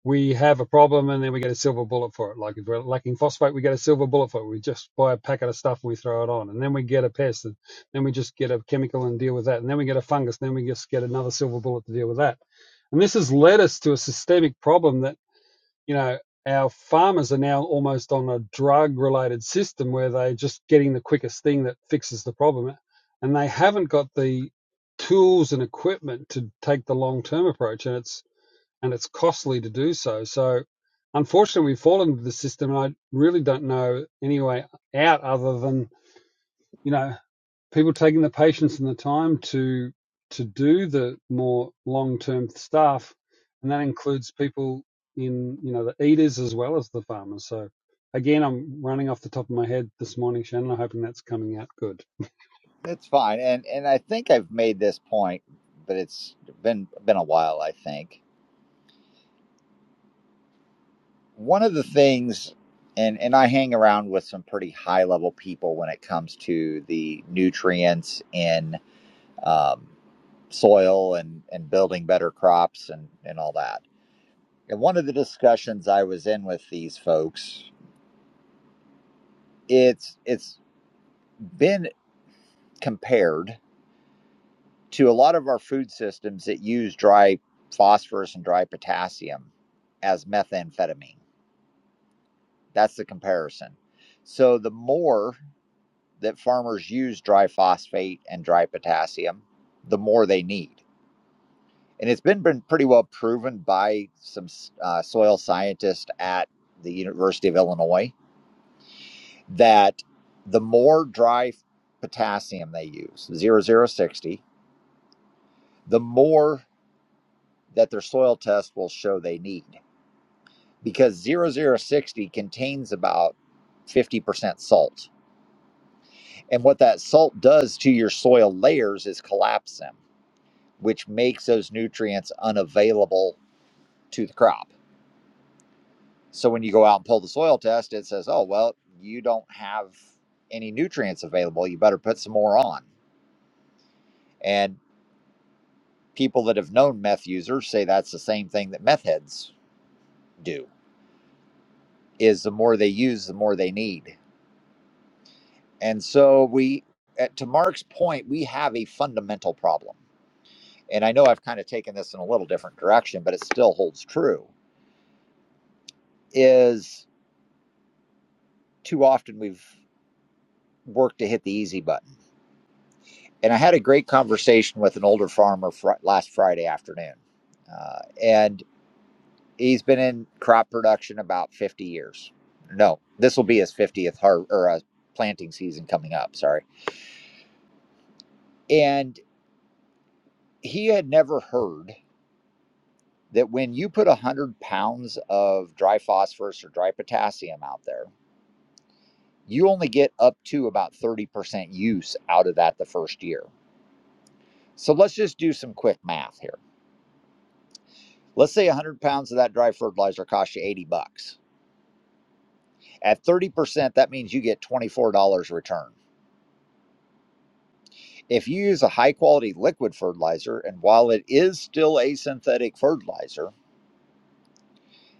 Speaker 4: we have a problem and then we get a silver bullet for it. Like if we're lacking phosphate, we get a silver bullet for it. We just buy a packet of stuff and we throw it on. And then we get a pest. And then we just get a chemical and deal with that. And then we get a fungus. And then we just get another silver bullet to deal with that. And this has led us to a systemic problem that you know, our farmers are now almost on a drug related system where they're just getting the quickest thing that fixes the problem. And they haven't got the tools and equipment to take the long term approach. And it's, and it's costly to do so. So unfortunately, we've fallen into the system. And I really don't know any way out other than, you know, people taking the patience and the time to to do the more long term stuff, and that includes people in you know the eaters as well as the farmers. So again, I'm running off the top of my head this morning, Shannon. I'm hoping that's coming out good.
Speaker 1: it's fine and and i think i've made this point but it's been been a while i think one of the things and and I hang around with some pretty high level people when it comes to the nutrients in um, soil and and building better crops and and all that. And one of the discussions I was in with these folks, it's it's been compared to a lot of our food systems that use dry phosphorus and dry potassium as methamphetamine. That's the comparison. So the more that farmers use dry phosphate and dry potassium, the more they need. And it's been, been pretty well proven by some uh, soil scientists at the University of Illinois that the more dry potassium they use, zero zero 0.060, the more that their soil test will show they need because zero zero 0.060 contains about 50% salt. And what that salt does to your soil layers is collapse them which makes those nutrients unavailable to the crop. So when you go out and pull the soil test, it says, oh, well, you don't have any nutrients available. You better put some more on. And people that have known meth users say that's the same thing that meth heads do is the more they use, the more they need. And so we, at, to Mark's point, we have a fundamental problem. And I know I've kind of taken this in a little different direction, but it still holds true is too often we've worked to hit the easy button And I had a great conversation with an older farmer fr- last Friday afternoon. Uh, and he's been in crop production about 50 years. No, this will be his 50th har- or uh, planting season coming up. Sorry. And he had never heard that when you put 100 pounds of dry phosphorus or dry potassium out there, you only get up to about 30% use out of that the first year. So let's just do some quick math here. Let's say 100 pounds of that dry fertilizer costs you 80 bucks At 30%, that means you get $24 return. If you use a high quality liquid fertilizer, and while it is still a synthetic fertilizer,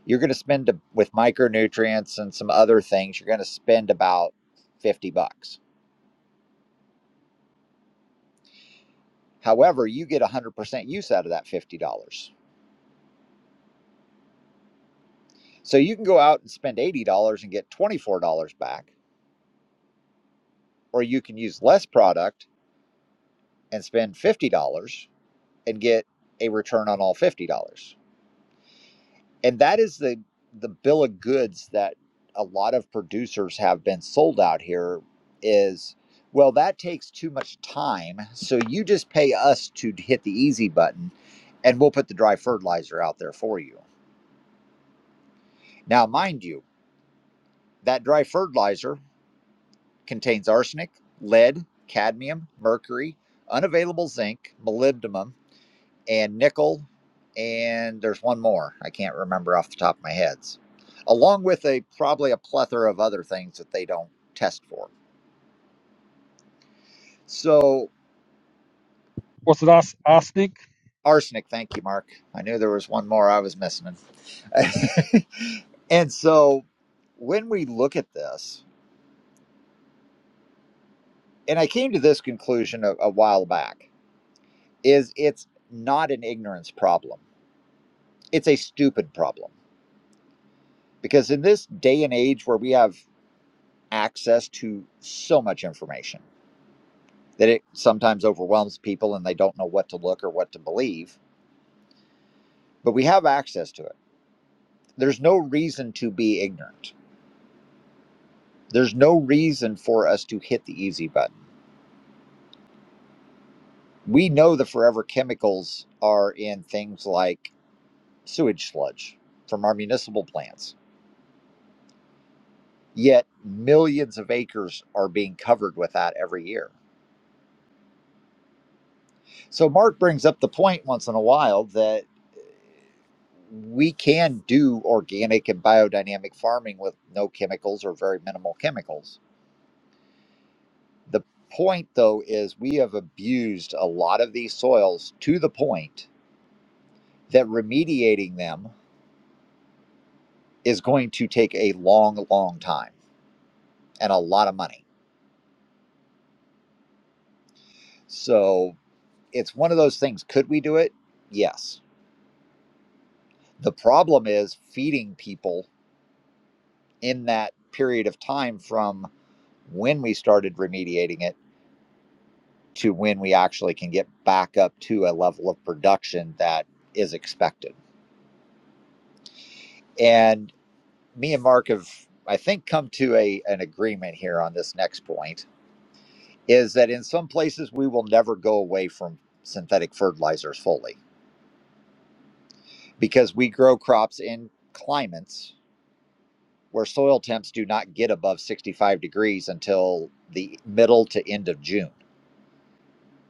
Speaker 1: you're going to spend with micronutrients and some other things, you're going to spend about 50 bucks. However, you get 100% use out of that $50. So you can go out and spend $80 and get $24 back, or you can use less product and spend $50 and get a return on all $50. and that is the the bill of goods that a lot of producers have been sold out here is well that takes too much time so you just pay us to hit the easy button and we'll put the dry fertilizer out there for you now mind you that dry fertilizer contains arsenic lead cadmium mercury unavailable zinc molybdenum and nickel, and there's one more I can't remember off the top of my heads, along with a probably a plethora of other things that they don't test for. So
Speaker 4: What's it ask, Nick?
Speaker 1: arsenic, thank you, Mark. I knew there was one more I was missing. and so when we look at this, and I came to this conclusion a, a while back, is it's not an ignorance problem. It's a stupid problem. Because in this day and age where we have access to so much information, that it sometimes overwhelms people and they don't know what to look or what to believe, but we have access to it. There's no reason to be ignorant. There's no reason for us to hit the easy button. We know the forever chemicals are in things like sewage sludge from our municipal plants, yet millions of acres are being covered with that every year. So Mark brings up the point once in a while that we can do organic and biodynamic farming with no chemicals or very minimal chemicals. The point though is we have abused a lot of these soils to the point that remediating them is going to take a long long time and a lot of money. So it's one of those things could we do it? Yes. The problem is feeding people in that period of time from when we started remediating it to when we actually can get back up to a level of production that is expected. And me and Mark have, I think, come to a an agreement here on this next point is that in some places we will never go away from synthetic fertilizers fully because we grow crops in climates where soil temps do not get above 65 degrees until the middle to end of June.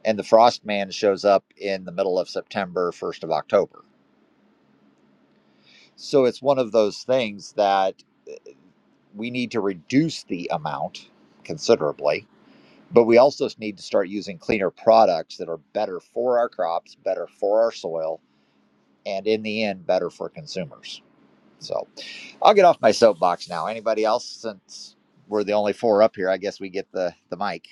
Speaker 1: And the frost man shows up in the middle of September, 1st of October So it's one of those things that we need to reduce the amount considerably, but we also need to start using cleaner products that are better for our crops, better for our soil, and in the end, better for consumers. So I'll get off my soapbox now. Anybody else? Since we're the only four up here, I guess we get the, the mic.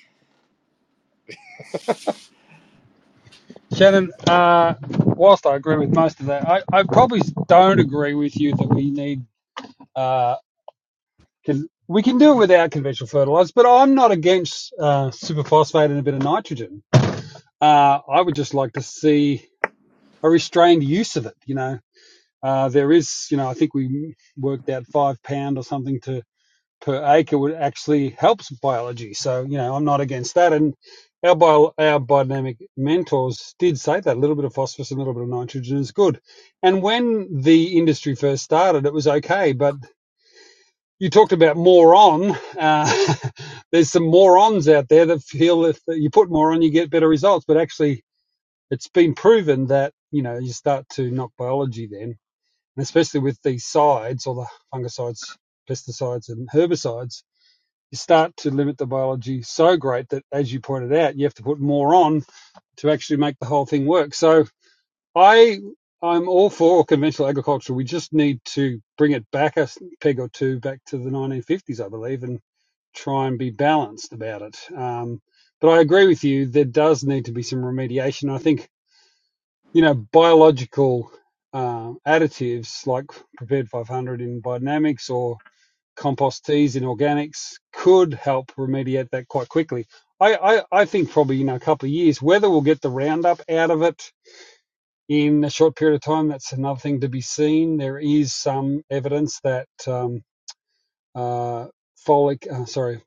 Speaker 4: Shannon, uh, whilst I agree with most of that, I, I probably don't agree with you that we need uh, can, we can do it without conventional fertilizers, but I'm not against uh, superphosphate and a bit of nitrogen uh, I would just like to see a restrained use of it. You know, uh, there is, you know, I think we worked out five pound or something to per acre would actually helps biology. So you know, I'm not against that. And our bio, our biodynamic mentors did say that a little bit of phosphorus and a little bit of nitrogen is good. And when the industry first started, it was okay, but you talked about moron. Uh, there's some morons out there that feel if you put more on, you get better results. But actually, it's been proven that you know you start to knock biology then, and especially with these sides or the fungicides, pesticides, and herbicides, you start to limit the biology so great that, as you pointed out, you have to put more on to actually make the whole thing work. So I I'm all for conventional agriculture. We just need to bring it back a peg or two back to the 1950s, I believe, and try and be balanced about it. Um, but I agree with you. There does need to be some remediation. I think you know, biological uh, additives like Prepared 500 in biodynamics or compost teas in organics could help remediate that quite quickly. I, I, I think probably, you know, a couple of years, whether we'll get the Roundup out of it in a short period of time, that's another thing to be seen. There is some evidence that um, uh, folic, uh, sorry,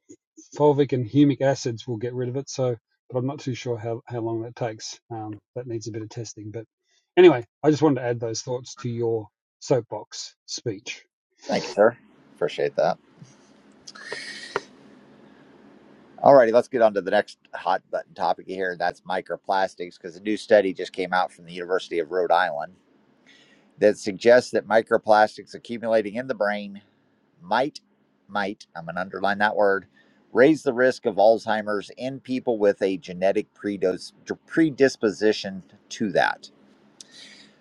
Speaker 4: fulvic and humic acids will get rid of it. So, but I'm not too sure how, how long that takes. Um, that needs a bit of testing. But anyway, I just wanted to add those thoughts to your soapbox speech.
Speaker 1: Thank you, sir. Appreciate that. All righty, let's get on to the next hot button topic here. That's microplastics, because a new study just came out from the University of Rhode Island that suggests that microplastics accumulating in the brain might, might, I'm going to underline that word, raise the risk of Alzheimer's in people with a genetic predisposition to that.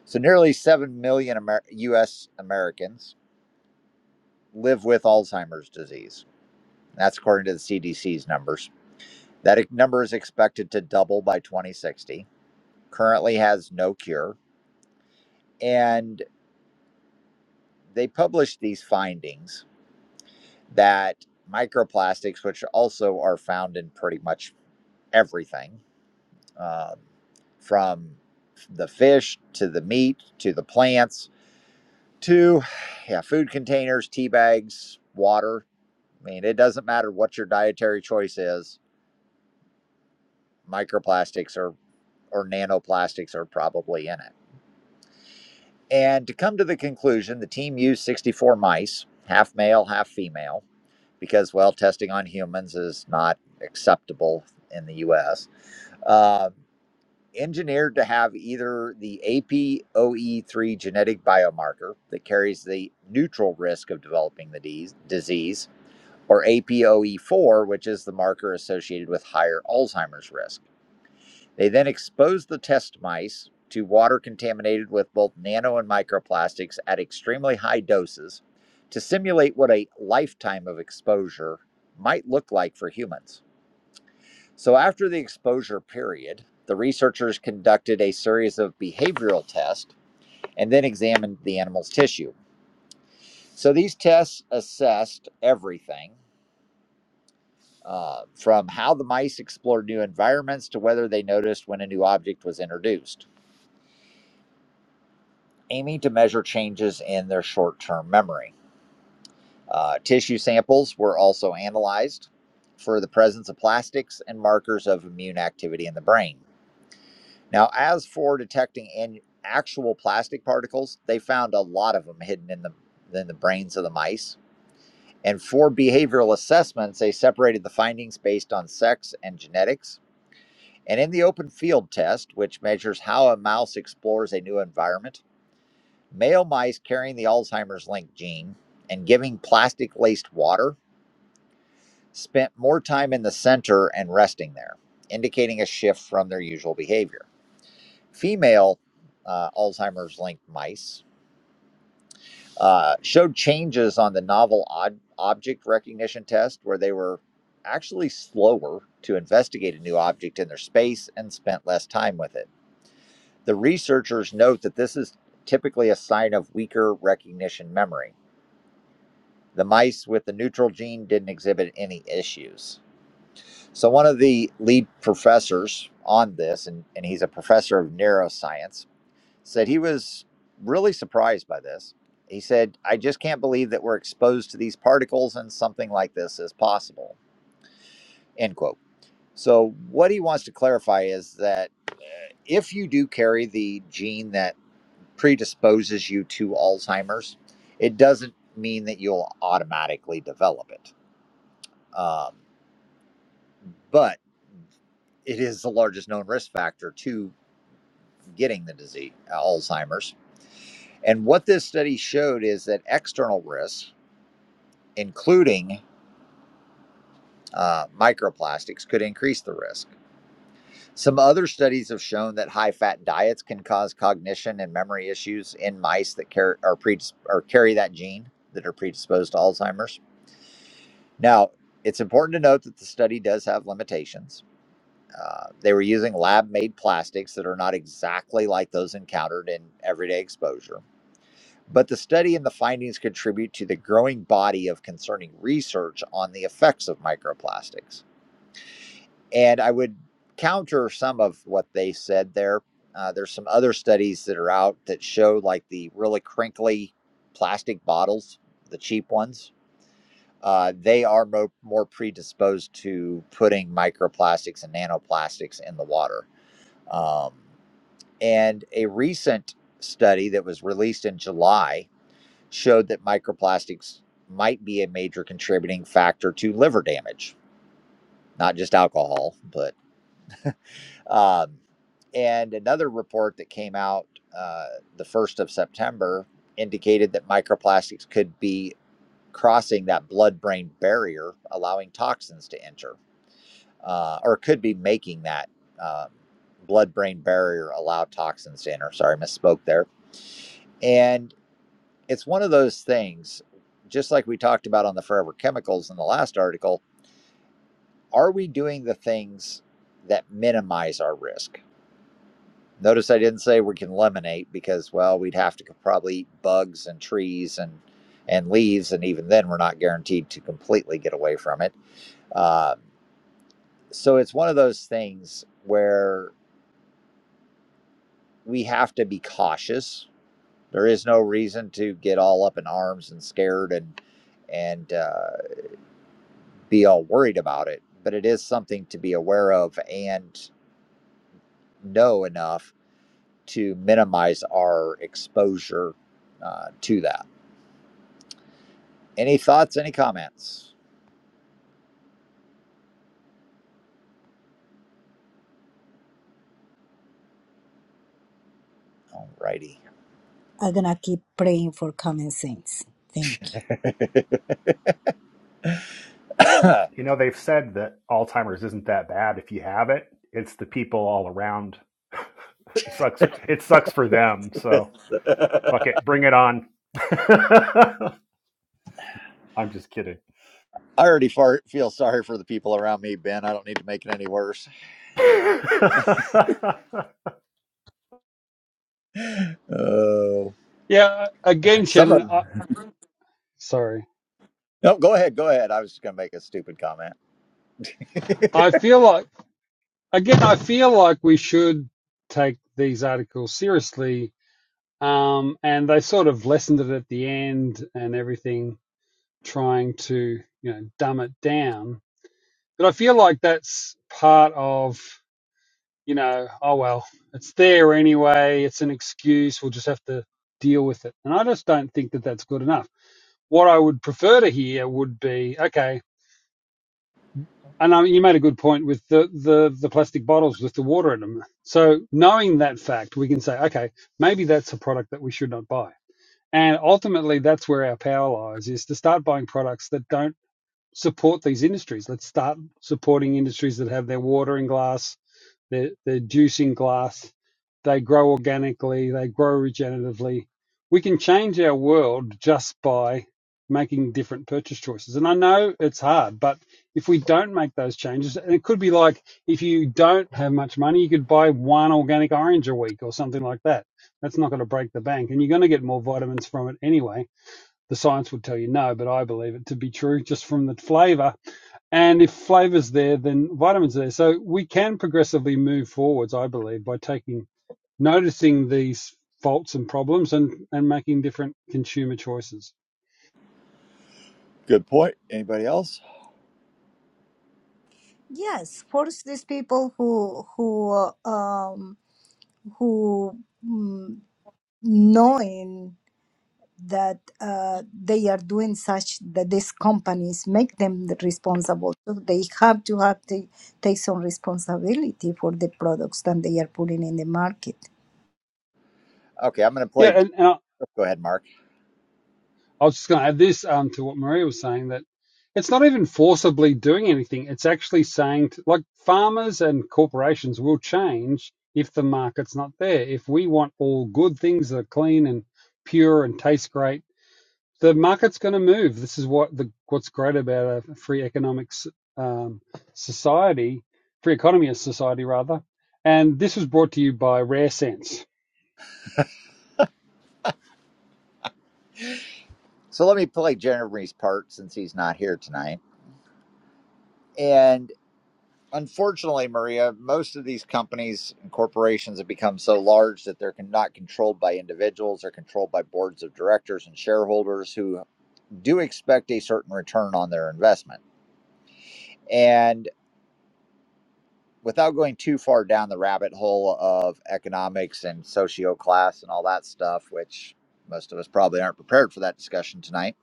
Speaker 1: So, nearly 7 million Amer- US Americans live with Alzheimer's disease. That's according to the CDC's numbers. That number is expected to double by 2060, currently has no cure. And they published these findings that microplastics, which also are found in pretty much everything, um, from the fish to the meat to the plants to yeah, food containers, tea bags, water. I mean, it doesn't matter what your dietary choice is, microplastics or, or nanoplastics are probably in it. And to come to the conclusion, the team used 64 mice, half male, half female because, well, testing on humans is not acceptable in the US. Uh, engineered to have either the APOE3 genetic biomarker that carries the neutral risk of developing the dis- disease, or APOE4, which is the marker associated with higher Alzheimer's risk. They then exposed the test mice to water contaminated with both nano and microplastics at extremely high doses to simulate what a lifetime of exposure might look like for humans. So, after the exposure period, the researchers conducted a series of behavioral tests and then examined the animal's tissue. So, these tests assessed everything uh, from how the mice explored new environments to whether they noticed when a new object was introduced. aiming to measure changes in their short term memory. Uh, tissue samples were also analyzed for the presence of plastics and markers of immune activity in the brain. Now, as for detecting an actual plastic particles, they found a lot of them hidden in the, in the brains of the mice. And for behavioral assessments, they separated the findings based on sex and genetics. And in the open field test, which measures how a mouse explores a new environment, Male mice carrying the Alzheimer's link gene and giving plastic laced water spent more time in the center and resting there, indicating a shift from their usual behavior. Female uh, Alzheimer's linked mice uh, showed changes on the novel ob- object recognition test, where they were actually slower to investigate a new object in their space and spent less time with it. The researchers note that this is typically a sign of weaker recognition memory. The mice with the neutral gene didn't exhibit any issues. So, one of the lead professors on this, and, and he's a professor of neuroscience, said he was really surprised by this. He said, I just can't believe that we're exposed to these particles and something like this is possible. End quote. So, what he wants to clarify is that if you do carry the gene that predisposes you to Alzheimer's, it doesn't mean that you'll automatically develop it. Um, but it is the largest known risk factor to getting the disease, uh, Alzheimer's. And what this study showed is that external risks, including uh, microplastics, could increase the risk. Some other studies have shown that high fat diets can cause cognition and memory issues in mice that carry, are predis- or carry that gene that are predisposed to Alzheimer's. Now, it's important to note that the study does have limitations. Uh, they were using lab made plastics that are not exactly like those encountered in everyday exposure. But the study and the findings contribute to the growing body of concerning research on the effects of microplastics. And I would counter some of what they said there. Uh, there's some other studies that are out that show like the really crinkly plastic bottles, the cheap ones. Uh, they are mo- more predisposed to putting microplastics and nanoplastics in the water. Um, And a recent study that was released in July showed that microplastics might be a major contributing factor to liver damage, not just alcohol, but. Um, and another report that came out uh, the 1st of September indicated that microplastics could be crossing that blood brain barrier, allowing toxins to enter, uh, or could be making that um, blood brain barrier allow toxins to enter. Sorry, misspoke there. And it's one of those things, just like we talked about on the forever chemicals in the last article. Are we doing the things that minimize our risk? Notice I didn't say we can eliminate because, well, we'd have to probably eat bugs and trees and and leaves, and even then, we're not guaranteed to completely get away from it. Um, so it's one of those things where we have to be cautious. There is no reason to get all up in arms and scared and and uh, be all worried about it, but it is something to be aware of and know enough to minimize our exposure uh, to that. Any thoughts? Any comments? Alrighty.
Speaker 2: I'm gonna keep praying for common sense. Thank you.
Speaker 1: I
Speaker 5: You know, they've said that Alzheimer's isn't that bad if you have it. It's the people all around. it sucks. For, it sucks for them. So fuck it, bring it on. I'm just kidding.
Speaker 1: already far, feel sorry for the people around me, Ben. I don't need to make it any worse. Oh,
Speaker 4: Yeah,
Speaker 1: uh,
Speaker 4: again,
Speaker 1: some
Speaker 4: Shannon,
Speaker 1: of
Speaker 4: I, sorry.
Speaker 1: no. Go ahead. Go ahead. I was just going to make a stupid comment.
Speaker 4: I feel like, again, I feel like we should take these articles seriously. Um, and they sort of lessened it at the end and everything, trying to, you know, dumb it down. But I feel like that's part of you know, oh well, it's there anyway. It's an excuse. We'll just have to deal with it. And I just don't think that that's good enough. What I would prefer to hear would be, okay, and I mean, you made a good point with the, the, the plastic bottles with the water in them. So knowing that fact, we can say, okay, maybe that's a product that we should not buy. And ultimately, that's where our power lies is to start buying products that don't support these industries. Let's start supporting industries that have their water in glass they're, they're juice in glass. They grow organically. They grow regeneratively. We can change our world just by making different purchase choices. And I know it's hard, but if we don't make those changes, and it could be like if you don't have much money, you could buy one organic orange a week or something like that. That's not going to break the bank, and you're going to get more vitamins from it anyway the science would tell you no, but I believe it to be true just from the flavor. And if flavour's there, then vitamins are there. So we can progressively move forwards, I believe, by taking noticing these faults and problems and, and making different consumer choices.
Speaker 1: Good point. Anybody else?
Speaker 2: Yes, force these people who who uh, um who mm, knowing. that uh, they are doing such that these companies make them responsible. So they have to have to take some responsibility for the products that they are putting in the market.
Speaker 1: Okay, I'm going to
Speaker 4: Yeah,
Speaker 1: play.
Speaker 4: and, and
Speaker 1: Go ahead, Mark.
Speaker 4: I was just going to add this um, to what Maria was saying that it's not even forcibly doing anything. It's actually saying, to, like, farmers and corporations will change if the market's not there. If we want all good things that are clean and pure and taste great, the market's going to move. This is what the what's great about a free economics um, society, free economy as society rather. And this was brought to you by Rare Sense
Speaker 1: So let me play Jeremy's part since he's not here tonight. and. unfortunately, Maria, most of these companies and corporations have become so large that they're con- not controlled by individuals. They're controlled by boards of directors and shareholders who do expect a certain return on their investment. And without going too far down the rabbit hole of economics and socio class and all that stuff, which most of us probably aren't prepared for that discussion tonight,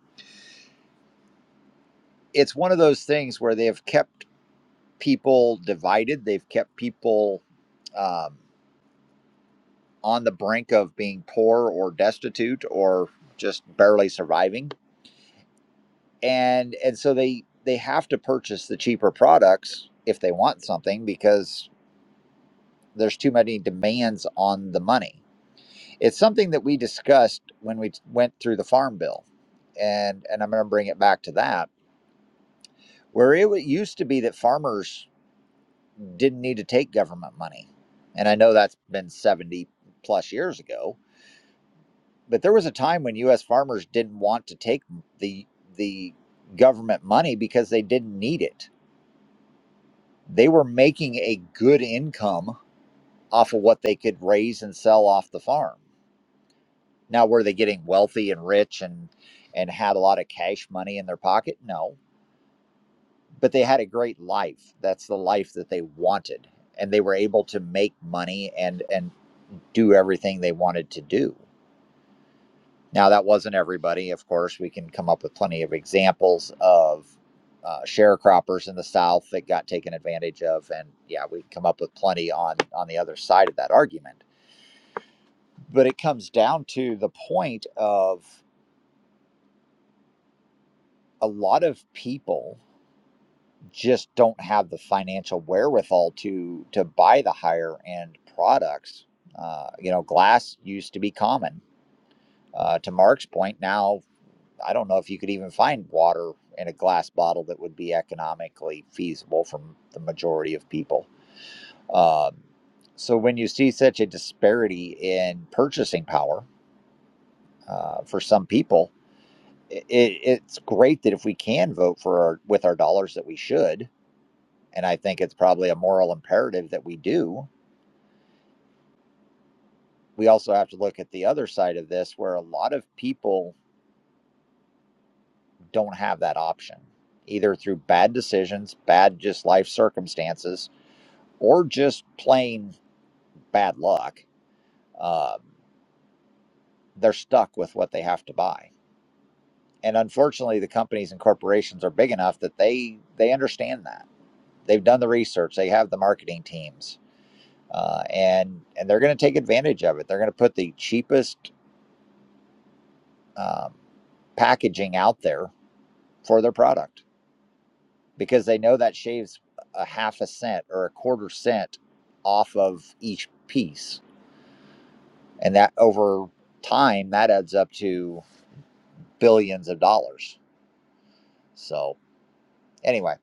Speaker 1: it's one of those things where they have kept people divided. They've kept people. Um, on the brink of being poor or destitute or just barely surviving. And and so they they have to purchase the cheaper products if they want something because there's too many demands on the money. It's something that we discussed when we went through the farm bill. And and I'm going to bring it back to that where it used to be that farmers didn't need to take government money. And I know that's been 70 plus years ago but there was a time when U.S. farmers didn't want to take the the government money because they didn't need it. They were making a good income off of what they could raise and sell off the farm. Now, were they getting wealthy and rich and and had a lot of cash money in their pocket? No, but they had a great life. That's the life that they wanted, and they were able to make money and and do everything they wanted to do. Now, that wasn't everybody. Of course, we can come up with plenty of examples of uh, sharecroppers in the South that got taken advantage of, and yeah, we come up with plenty on on the other side of that argument. But it comes down to the point of a lot of people just don't have the financial wherewithal to to buy the higher end products. Uh, you know, glass used to be common. Uh, to Mark's point, now I don't know if you could even find water in a glass bottle that would be economically feasible for the majority of people. Um, so when you see such a disparity in purchasing power uh, for some people, it, it's great that if we can vote for our with our dollars that we should, and I think it's probably a moral imperative that we do. We also have to look at the other side of this, where a lot of people don't have that option, either through bad decisions, bad just life circumstances, or just plain bad luck, um, they're stuck with what they have to buy. And unfortunately, the companies and corporations are big enough that they they understand that they've done the research, they have the marketing teams, uh, and and they're going to take advantage of it. They're going to put the cheapest um, packaging out there for their product because they know that shaves a half a cent or a quarter cent off of each piece, and that over time that adds up to billions of dollars. So anyway,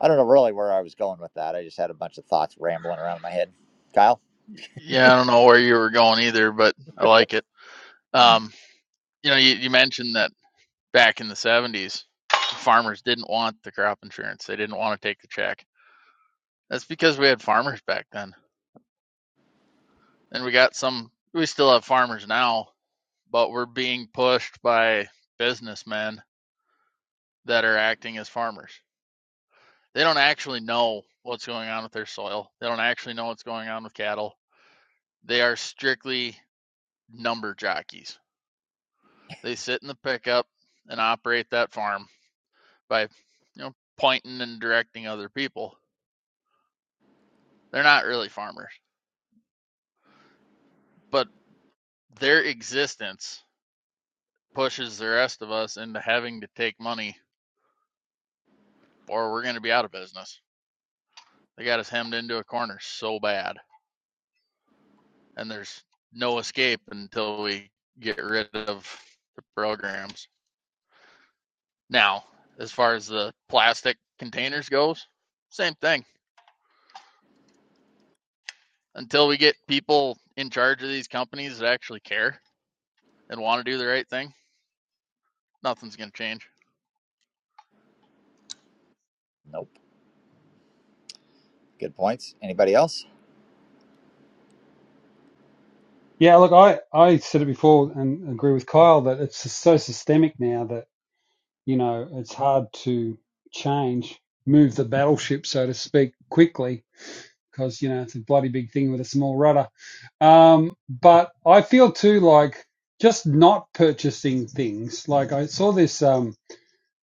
Speaker 1: I don't know really where I was going with that. I just had a bunch of thoughts rambling around in my head. Kyle?
Speaker 6: Yeah, I don't know where you were going either, but I like it. Um, you know, you, you mentioned that back in the 70s, farmers didn't want the crop insurance. They didn't want to take the check. That's because we had farmers back then. And we got some, we still have farmers now, but we're being pushed by businessmen that are acting as farmers. They don't actually know what's going on with their soil, they don't actually know what's going on with cattle. They are strictly number jockeys. They sit in the pickup and operate that farm by you know pointing and directing other people. They're not really farmers, but their existence pushes the rest of us into having to take money or we're going to be out of business. They got us hemmed into a corner so bad, and there's no escape until we get rid of the programs. Now, as far as the plastic containers goes, same thing. Until we get people in charge of these companies that actually care and want to do the right thing, nothing's going to change.
Speaker 1: Nope. Good points. Anybody else?
Speaker 4: Yeah, look, I, I said it before and agree with Kyle that it's so systemic now that, you know, it's hard to change, move the battleship, so to speak, quickly because, you know, it's a bloody big thing with a small rudder. Um, but I feel too like just not purchasing things. Like I saw this, um,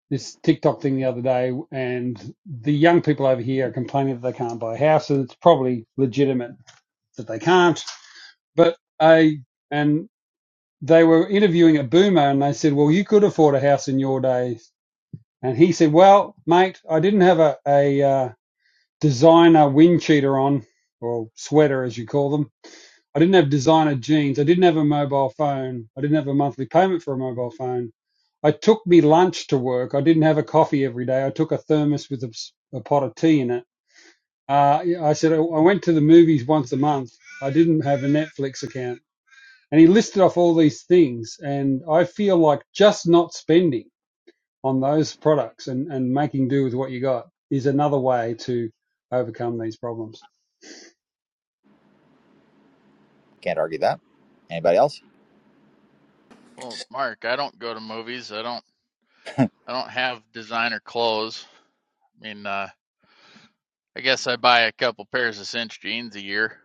Speaker 4: this TikTok thing the other day and the young people over here are complaining that they can't buy a house and it's probably legitimate that they can't, but a, they were interviewing a boomer and they said, well, you could afford a house in your days. And he said, well, mate, I didn't have a, a uh, designer wind cheater on or sweater, as you call them. I didn't have designer jeans. I didn't have a mobile phone. I didn't have a monthly payment for a mobile phone. I took me lunch to work. I didn't have a coffee every day. I took a thermos with a a pot of tea in it. Uh, I said, I went to the movies once a month. I didn't have a Netflix account. And he listed off all these things. And I feel like just not spending on those products and, and making do with what you got is another way to overcome these problems.
Speaker 1: Can't argue that. Anybody else?
Speaker 6: Well, Mark, I don't go to movies. I don't I don't have designer clothes. I mean, uh, I guess I buy a couple pairs of cinch jeans a year.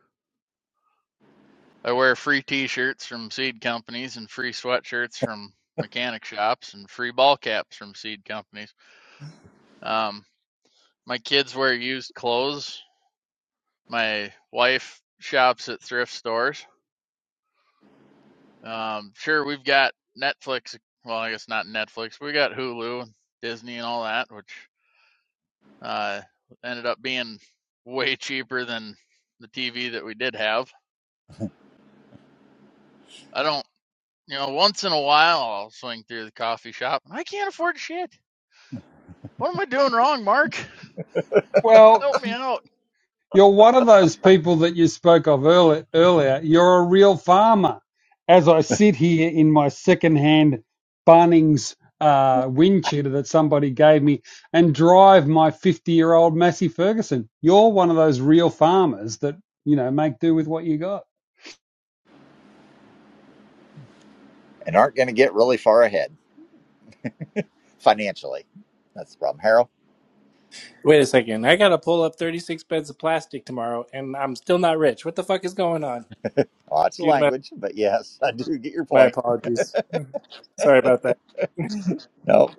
Speaker 6: I wear free t-shirts from seed companies and free sweatshirts from mechanic shops and free ball caps from seed companies. Um, my kids wear used clothes. My wife shops at thrift stores. Um, sure, we've got Netflix. Well, I guess not Netflix. We got Hulu and Disney and all that, which Uh, ended up being way cheaper than the TV that we did have. I don't, you know, once in a while I'll swing through the coffee shop. I can't afford shit. What am I doing wrong, Mark?
Speaker 4: Well,
Speaker 6: Help me out.
Speaker 4: you're one of those people that you spoke of earlier. earlier. You're a real farmer. As I sit here in my secondhand Bunnings uh, wind cheater that somebody gave me and drive my 50 year old Massey Ferguson, you're one of those real farmers that, you know, make do with what you got.
Speaker 1: And aren't going to get really far ahead financially. That's the problem. Harold,
Speaker 7: Wait a second. I gotta pull up 36 beds of plastic tomorrow, and I'm still not rich. What the fuck is going on?
Speaker 1: watch the
Speaker 7: Excuse my
Speaker 1: language, but yes, I do get your
Speaker 7: my
Speaker 1: point.
Speaker 7: apologies. Sorry about that.
Speaker 1: No,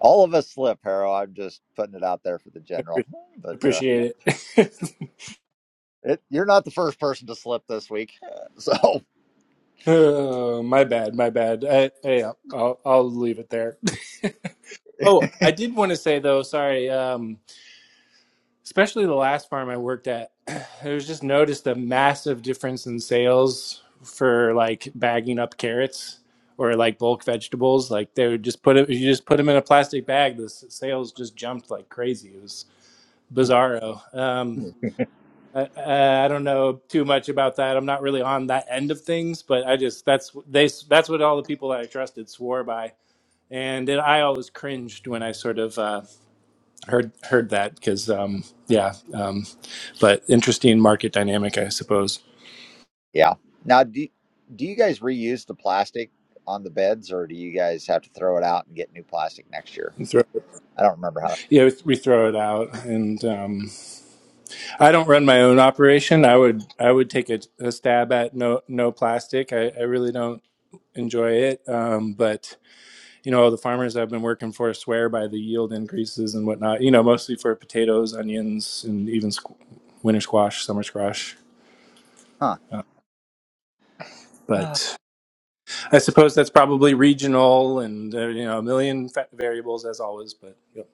Speaker 1: all of us slip, Harold. I'm just putting it out there for the general.
Speaker 7: Appre-
Speaker 1: But uh,
Speaker 7: Appreciate it.
Speaker 1: it, you're not the first person to slip this week. So
Speaker 7: oh, my bad. My bad. I, yeah, I'll I'll leave it there. Oh, I did want to say though. Sorry. Um, especially the last farm I worked at, I was just noticed a massive difference in sales for like bagging up carrots or like bulk vegetables. Like they would just put it, you just put them in a plastic bag. The s- sales just jumped like crazy. It was bizarro. Um, I, I I don't know too much about that. I'm not really on that end of things, but I just that's they that's what all the people that I trusted swore by, and then I always cringed when I sort of. uh, heard heard that because um, yeah, um, but interesting market dynamic, I suppose.
Speaker 1: Yeah. Now, do do you guys reuse the plastic on the beds, or do you guys have to throw it out and get new plastic next year?
Speaker 7: And throw,
Speaker 1: I don't remember how. to-
Speaker 7: yeah, we throw it out, and um, I don't run my own operation. I would I would take a, a stab at no no plastic. I, I really don't enjoy it, um, but you know all the farmers I've been working for swear by the yield increases and whatnot. You know, mostly for potatoes, onions, and even squ- winter squash, summer squash,
Speaker 1: Huh. Ah.
Speaker 7: but. I suppose that's probably regional and uh, you know a million fa- variables as always, but yep,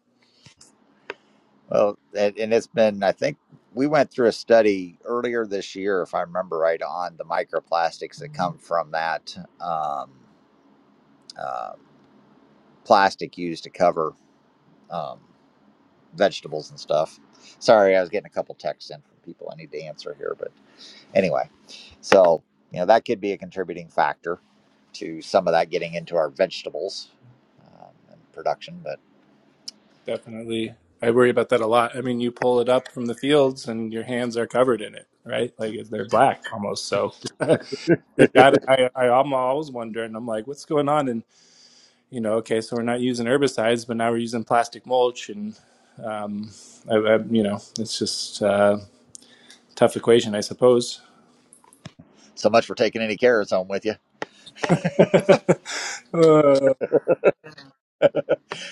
Speaker 1: Well, and, and it's been. I think we went through a study earlier this year, if I remember right, on the microplastics that come from that um, uh, plastic used to cover um, vegetables and stuff. Sorry, I was getting a couple texts in from people I need to answer here, Anyway, so you know that could be a contributing factor to some of that getting into our vegetables um, and production. But
Speaker 7: definitely I worry about that a lot. I mean, you pull it up from the fields and your hands are covered in it, right? Like they're black almost. So they got. I, I I'm always wondering. I'm like, what's going on? And you know, okay, so we're not using herbicides, but now we're using plastic mulch, and um, I, I, you know, it's just uh, tough equation, I suppose.
Speaker 1: so much for taking any carrots home with you.
Speaker 7: Uh,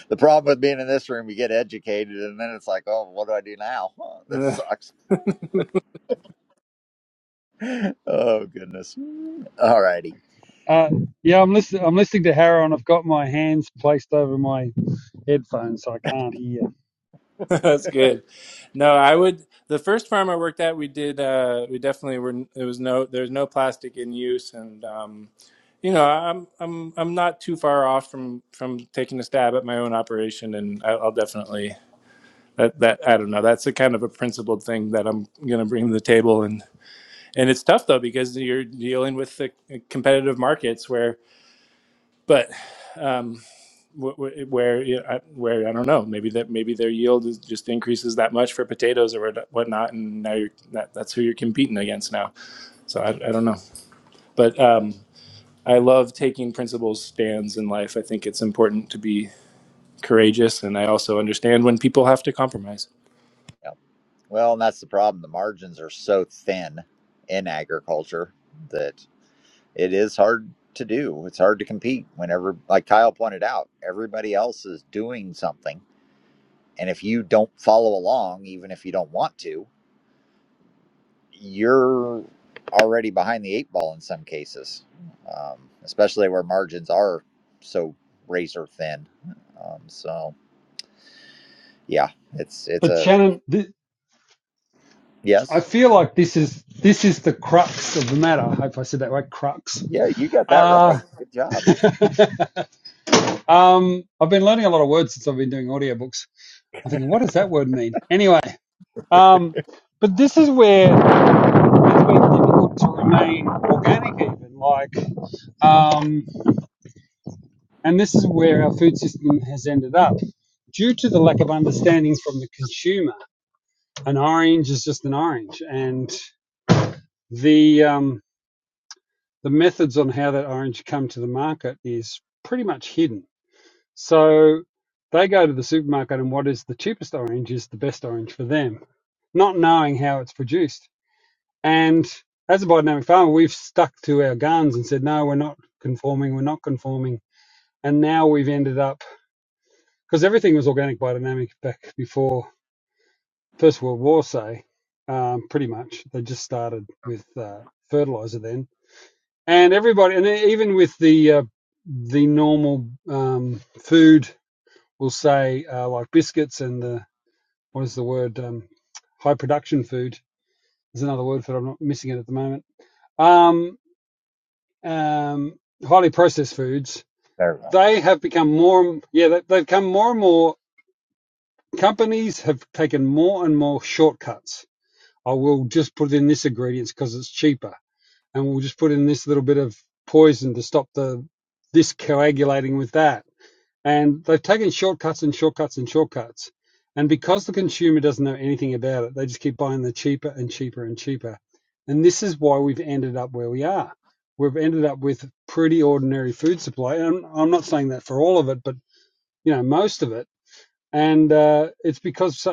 Speaker 1: The problem with being in this room, you get educated, and then it's like, oh, what do I do now? this sucks. Oh goodness. All righty.
Speaker 4: Uh, yeah, I'm listening. I'm listening to Harrow, and I've got my hands placed over my headphones, so I can't hear.
Speaker 7: That's good. No, I would. The first farm I worked at, we did. Uh, we definitely were. There was no. There's no plastic in use, and um, you know, I'm I'm I'm not too far off from from taking a stab at my own operation, and I, I'll definitely. That, that I don't know. That's the kind of a principled thing that I'm going to bring to the table, and and it's tough though because you're dealing with the competitive markets where, but um, wh- where yeah, where I don't know maybe that maybe their yield is just increases that much for potatoes or whatnot and now you're that, that's who you're competing against now so I, I don't know but um, I love taking principles stands in life I think it's important to be courageous and I also understand when people have to compromise
Speaker 1: Yeah. Well, and that's the problem. The margins are so thin in agriculture that it is hard to do. It's hard to compete whenever, like Kyle pointed out, everybody else is doing something And if you don't follow along, even if you don't want to, you're already behind the eight ball in some cases, um, especially where margins are so razor thin. Um, so yeah, it's it's
Speaker 4: But
Speaker 1: a
Speaker 4: Shannon, th- I
Speaker 1: yes.
Speaker 4: feel like this is this is the crux of the matter. I hope I said that right. Crux.
Speaker 1: Yeah, you got that
Speaker 4: Uh,
Speaker 1: right. Good job.
Speaker 4: um, I've been learning a lot of words since I've been doing audiobooks. I'm thinking, what does that word mean? Anyway, um, but this is where it's been difficult to remain organic, even like. Um, And this is where our food system has ended up due to the lack of understanding from the consumer. An orange is just an orange, and the um, the methods on how that orange come to the market is pretty much hidden. So they go to the supermarket, and what is the cheapest orange is the best orange for them, not knowing how it's produced. And as a biodynamic farmer, we've stuck to our guns and said, no, we're not conforming, we're not conforming. And now we've ended up because everything was organic biodynamic back before First World War, say, um, pretty much. They just started with uh, fertilizer then, and everybody, and even with the uh, the normal um, food, we'll say uh, like biscuits and the what is the word um, high production food There's another word for it. I'm not missing it at the moment. Um, um, highly processed foods.
Speaker 1: There we go.
Speaker 4: They have become more, yeah, they- they've become more and more. Companies have taken more and more shortcuts oh, we'll just put in this ingredient because it's cheaper, and we'll just put in this little bit of poison to stop the this coagulating with that. And they've taken shortcuts and shortcuts and shortcuts. And because the consumer doesn't know anything about it, they just keep buying the cheaper and cheaper and cheaper. And this is why we've ended up where we are. We've ended up with pretty ordinary food supply. And I'm, I'm not saying that for all of it, but you know most of it. And uh, it's because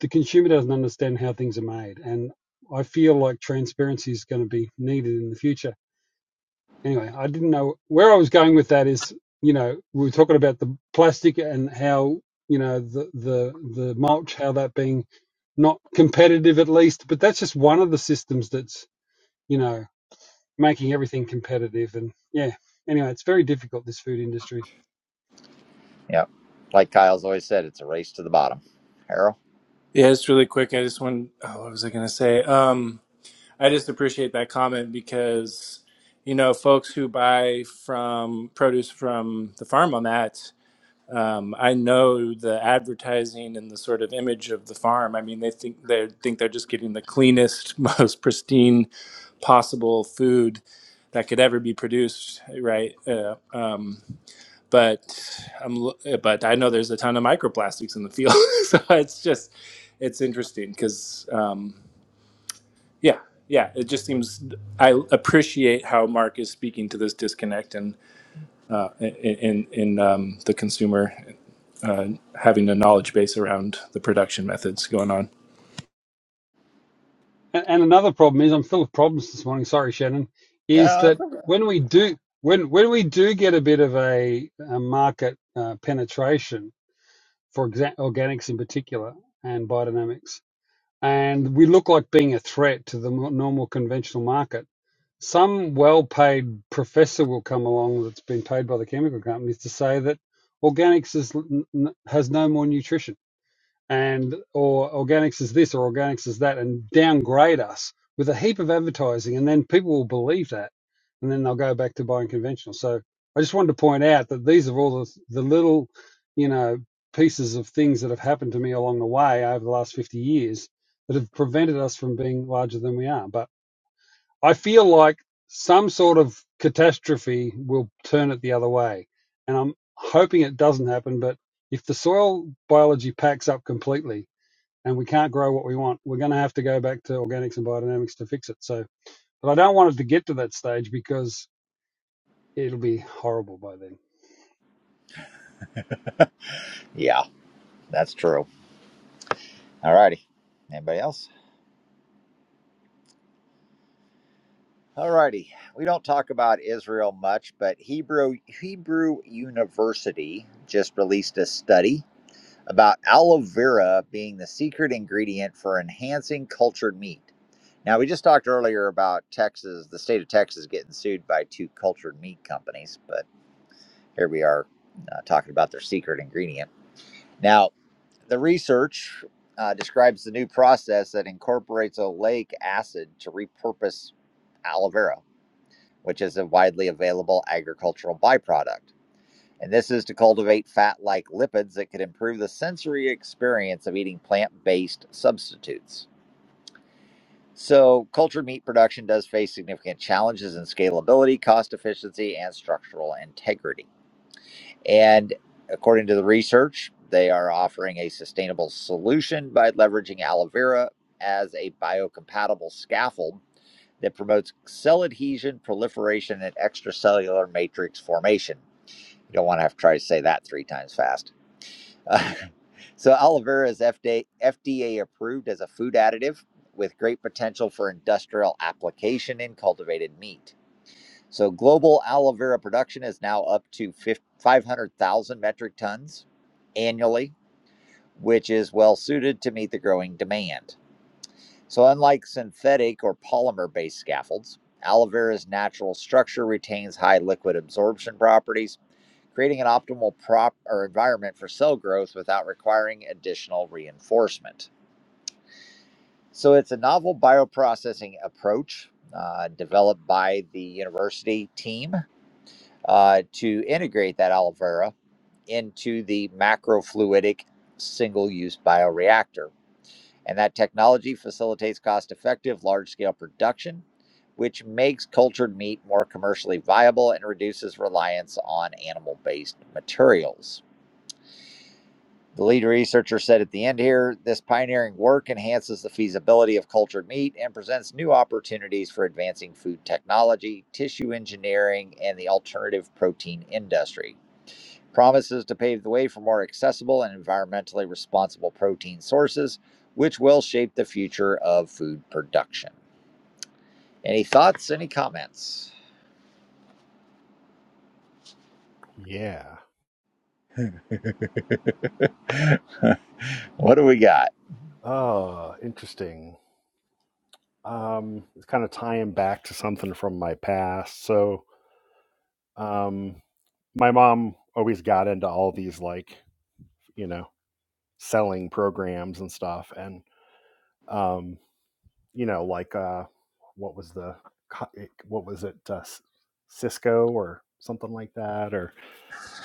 Speaker 4: the consumer doesn't understand how things are made. And I feel like transparency is going to be needed in the future. Anyway, I didn't know where I was going with that is, you know, we were talking about the plastic and how, you know, the, the, the mulch, how that being not competitive at least, but that's just one of the systems that's, you know, making everything competitive. And yeah, anyway, it's very difficult, this food industry.
Speaker 1: Yep. Like Kyle's always said, it's a race to the bottom. Harold.
Speaker 7: yeah it's really quick I just want oh, what was I gonna say um, I just appreciate that comment because you know folks who buy from produce from the farm I'm at Um, I know the advertising and the sort of image of the farm. I mean, they think they think they're just getting the cleanest, most pristine possible food that could ever be produced, right? Uh, um, but I'm, l- but I know there's a ton of microplastics in the field, so it's just it's interesting because um, yeah, yeah, it just seems I appreciate how Mark is speaking to this disconnect and in in, um, the consumer uh, having a knowledge base around the production methods going on.
Speaker 4: And, and another problem is, I'm full of problems this morning. Sorry, Shannon. Is
Speaker 1: Yeah.
Speaker 4: that when we do when when we do get a bit of a, a market uh, penetration for exa- organics in particular and biodynamics, and we look like being a threat to the mo- normal conventional market, some well-paid professor will come along that's been paid by the chemical companies to say that organics is, n- n- has no more nutrition and or organics is this or organics is that and downgrade us with a heap of advertising and then people will believe that and then they'll go back to buying conventional so i just wanted to point out that these are all the, the little you know pieces of things that have happened to me along the way over the last 50 years that have prevented us from being larger than we are but i feel like some sort of catastrophe will turn it the other way and i'm hoping it doesn't happen but if the soil biology packs up completely and we can't grow what we want. We're going to have to go back to organics and biodynamics to fix it. So, but I don't want it to get to that stage because it'll be horrible by then.
Speaker 1: Yeah, that's true. All righty. Anybody else? Alrighty, we don't talk about Israel much, but Hebrew Hebrew University just released a study about aloe vera being the secret ingredient for enhancing cultured meat. Now, we just talked earlier about Texas, the state of Texas getting sued by two cultured meat companies, but here we are uh, talking about their secret ingredient. Now, the research uh, describes the new process that incorporates oleic acid to repurpose aloe vera which is a widely available agricultural byproduct. And this is to cultivate fat like lipids that could improve the sensory experience of eating plant based substitutes. So, cultured meat production does face significant challenges in scalability, cost efficiency, and structural integrity. And according to the research, they are offering a sustainable solution by leveraging aloe vera as a biocompatible scaffold that promotes cell adhesion, proliferation, and extracellular matrix formation. You don't want to have to try to say that three times fast. Uh, so, aloe vera is FDA, approved as a food additive with great potential for industrial application in cultivated meat. So, global aloe vera production is now up to 500,000 metric tons annually, which is well suited to meet the growing demand. So, unlike synthetic or polymer based scaffolds, aloe vera's natural structure retains high liquid absorption properties, creating an optimal prop or environment for cell growth without requiring additional reinforcement. So, it's a novel bioprocessing approach. uh, developed by the university team uh, to integrate that aloe vera into the macrofluidic single use bioreactor and that technology facilitates cost effective, large scale production, which makes cultured meat more commercially viable and reduces reliance on animal based materials. The lead researcher said at the end here this pioneering work enhances the feasibility of cultured meat and presents new opportunities for advancing food technology, tissue engineering, and the alternative protein industry promises to pave the way for more accessible and environmentally responsible protein sources, which will shape the future of food production. Any thoughts? Any comments?
Speaker 5: yeah.
Speaker 1: What do we got?
Speaker 5: Oh, interesting. Um, it's kind of tying back to something from my past. So, um, my mom always got into all these like you know selling programs and stuff, and um, you know, like uh, what was the what was it uh, Cisco or something like that, or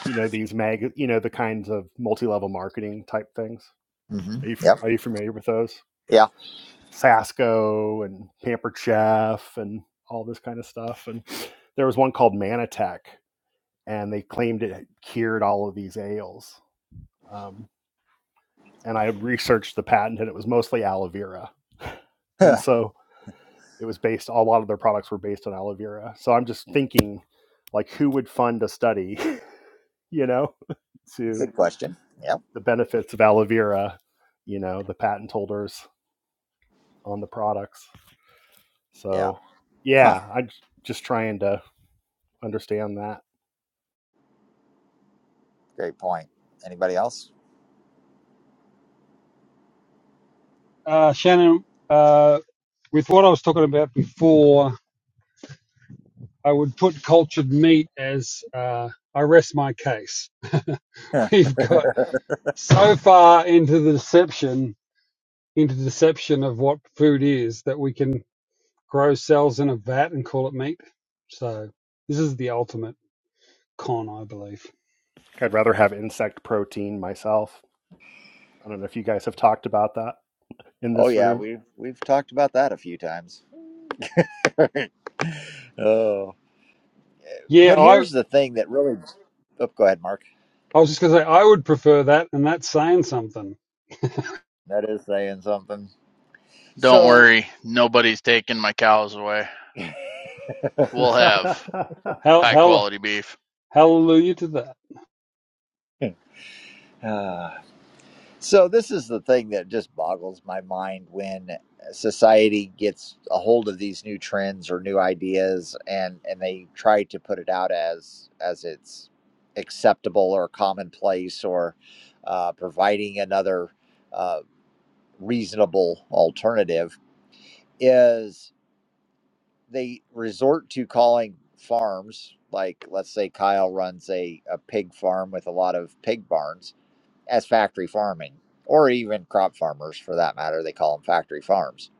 Speaker 5: you know these mag, you know the kinds of multi-level marketing type things.
Speaker 1: hmm
Speaker 5: Are you
Speaker 1: Yep.
Speaker 5: are you familiar with those?
Speaker 1: Yeah.
Speaker 5: Sasco and Pampered Chef and all this kind of stuff. And there was one called Manatech, and they claimed it cured all of these ails. Um, and I researched the patent, and it was mostly aloe vera. And so it was based a lot of their products were based on aloe vera so i'm just thinking like who would fund a study you know to
Speaker 1: Good question. Yep.
Speaker 5: the benefits of aloe vera you know the patent holders on the products
Speaker 1: Yeah.
Speaker 5: so
Speaker 1: Huh.
Speaker 5: yeah i'm just trying to understand that
Speaker 1: Great point. Anybody else?
Speaker 4: Uh, Shannon, uh, with what I was talking about before, I would put cultured meat as uh, I rest my case.
Speaker 1: Huh.
Speaker 4: We've got so far into the deception, into deception of what food is that we can grow cells in a vat and call it meat. So this is the ultimate con, I believe.
Speaker 5: Like, i'd rather have insect protein myself i don't know if you guys have talked about that in
Speaker 1: Oh
Speaker 5: this
Speaker 1: yeah,
Speaker 5: room
Speaker 1: we've we've talked about that a few times. oh.
Speaker 4: Yeah,
Speaker 1: But
Speaker 4: I.
Speaker 1: here's the thing that really. Oh, go ahead, Mark.
Speaker 4: I was just going to say I would prefer that, and that's saying something.
Speaker 1: That is saying something.
Speaker 6: Don't
Speaker 1: So
Speaker 6: worry, nobody's taking my cows away. We'll have
Speaker 4: Hell,
Speaker 6: high
Speaker 4: hell,
Speaker 6: quality beef.
Speaker 4: hallelujah to that.
Speaker 1: uh, So this is the thing that just boggles my mind when society gets a hold of these new trends or new ideas and and they try to put it out as as it's acceptable or commonplace or uh, providing another uh, reasonable alternative is they resort to calling farms like let's say Kyle runs a, a pig farm with a lot of pig barns as factory farming or even crop farmers for that matter. They call them factory farms.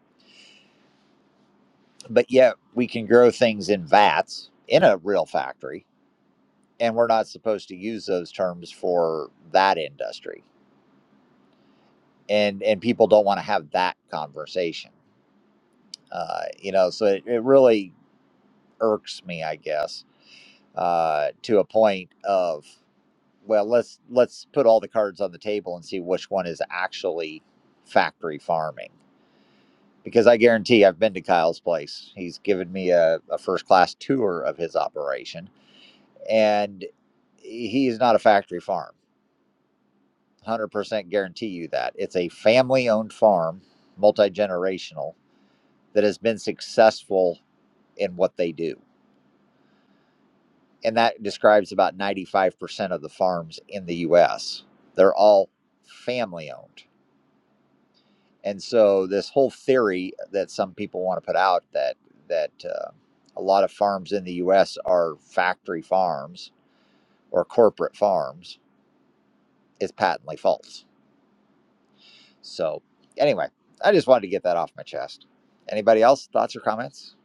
Speaker 1: But yet we can grow things in vats in a real factory and we're not supposed to use those terms for that industry. And and people don't want to have that conversation. Uh, you know, so it, it really irks me, I guess, uh, to a point of well, let's let's put all the cards on the table and see which one is actually factory farming because I guarantee I've been to Kyle's place. He's given me a, a first class tour of his operation, and he is not a factory farm. 100% guarantee you that. It's a family owned farm, multi generational, that has been successful in what they do. And that describes about 95% of the farms in the US. They're all family owned And so this whole theory that some people want to put out that that uh, a lot of farms in the U.S. are factory farms or corporate farms is patently false. So anyway, I just wanted to get that off my chest. Anybody else thoughts or comments?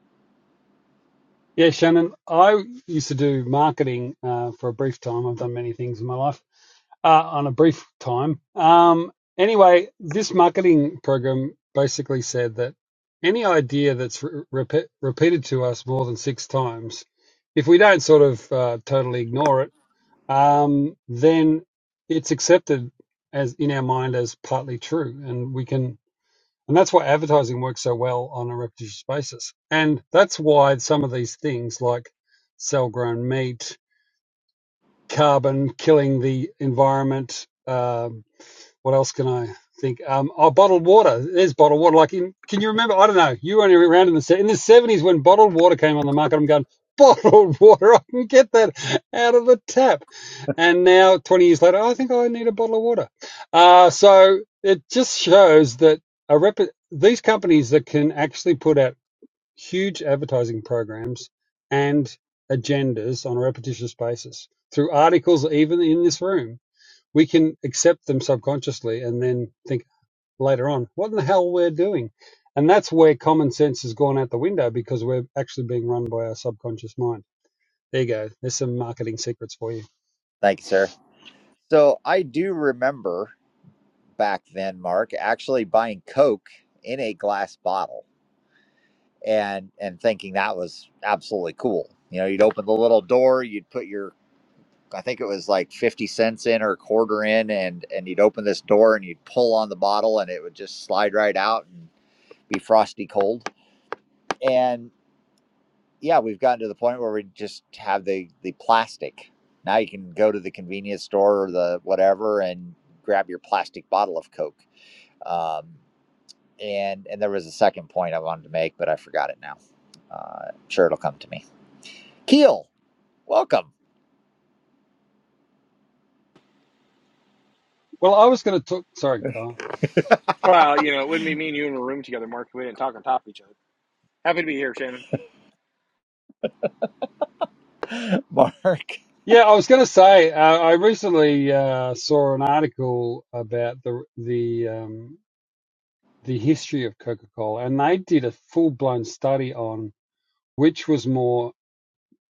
Speaker 4: Yeah, Shannon, I used to do marketing uh, for a brief time. I've done many things in my life uh, on a brief time. Um, anyway, this marketing program basically said that any idea that's re- repe repeated to us more than six times, if we don't sort of uh, totally ignore it, um, then it's accepted as in our mind as partly true, and we can And that's why advertising works so well on a repetitious basis. And that's why some of these things like cell grown meat, carbon, killing the environment, uh, what else can I think? Um, oh, bottled water. There's bottled water. Like, in, can you remember? I don't know. You were only around in the in the seventies when bottled water came on the market. I'm going bottled water. I can get that out of the tap. And now, twenty years later, "Oh, I think I need a bottle of water. Uh, so it just shows that a rep- these companies that can actually put out huge advertising programs and agendas on a repetitious basis through articles, even in this room we can accept them subconsciously and then think later on, what in the hell we're doing? And that's where common sense has gone out the window because we're actually being run by our subconscious mind. There you go. There's some marketing secrets for you.
Speaker 1: Thank you, sir. So I do remember back then, Mark, actually buying Coke in a glass bottle and and thinking that was absolutely cool. You know, you'd open the little door, you'd put your I think it was like 50 cents in or a quarter in and and you'd open this door and you'd pull on the bottle and it would just slide right out and be frosty cold. And yeah, we've gotten to the point where we just have the the plastic. Now you can go to the convenience store or the whatever and grab your plastic bottle of Coke. Um, and and there was a second point I wanted to make, but I forgot it now. Uh, I'm sure it'll come to me. Keel, welcome.
Speaker 4: Well, I was going to talk. Sorry, Carl.
Speaker 8: Well, you know, it wouldn't be me and you in a room together, Mark, if we didn't talk on top of each other. Happy to be here, Shannon.
Speaker 4: Yeah, I was going to say uh, I recently uh, saw an article about the the um, the history of Coca-Cola, and they did a full-blown study on which was more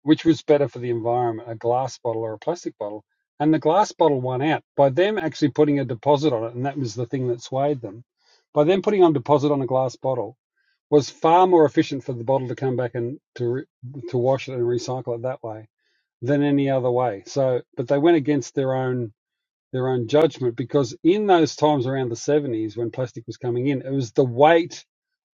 Speaker 4: which was better for the environment, a glass bottle or a plastic bottle. And the glass bottle won out by them actually putting a deposit on it, and that was the thing that swayed them. By them putting on deposit on a glass bottle was far more efficient for the bottle to come back and to re- to wash it and recycle it that way than any other way. So, but they went against their own their own judgment because in those times around the 70s when plastic was coming in, it was the weight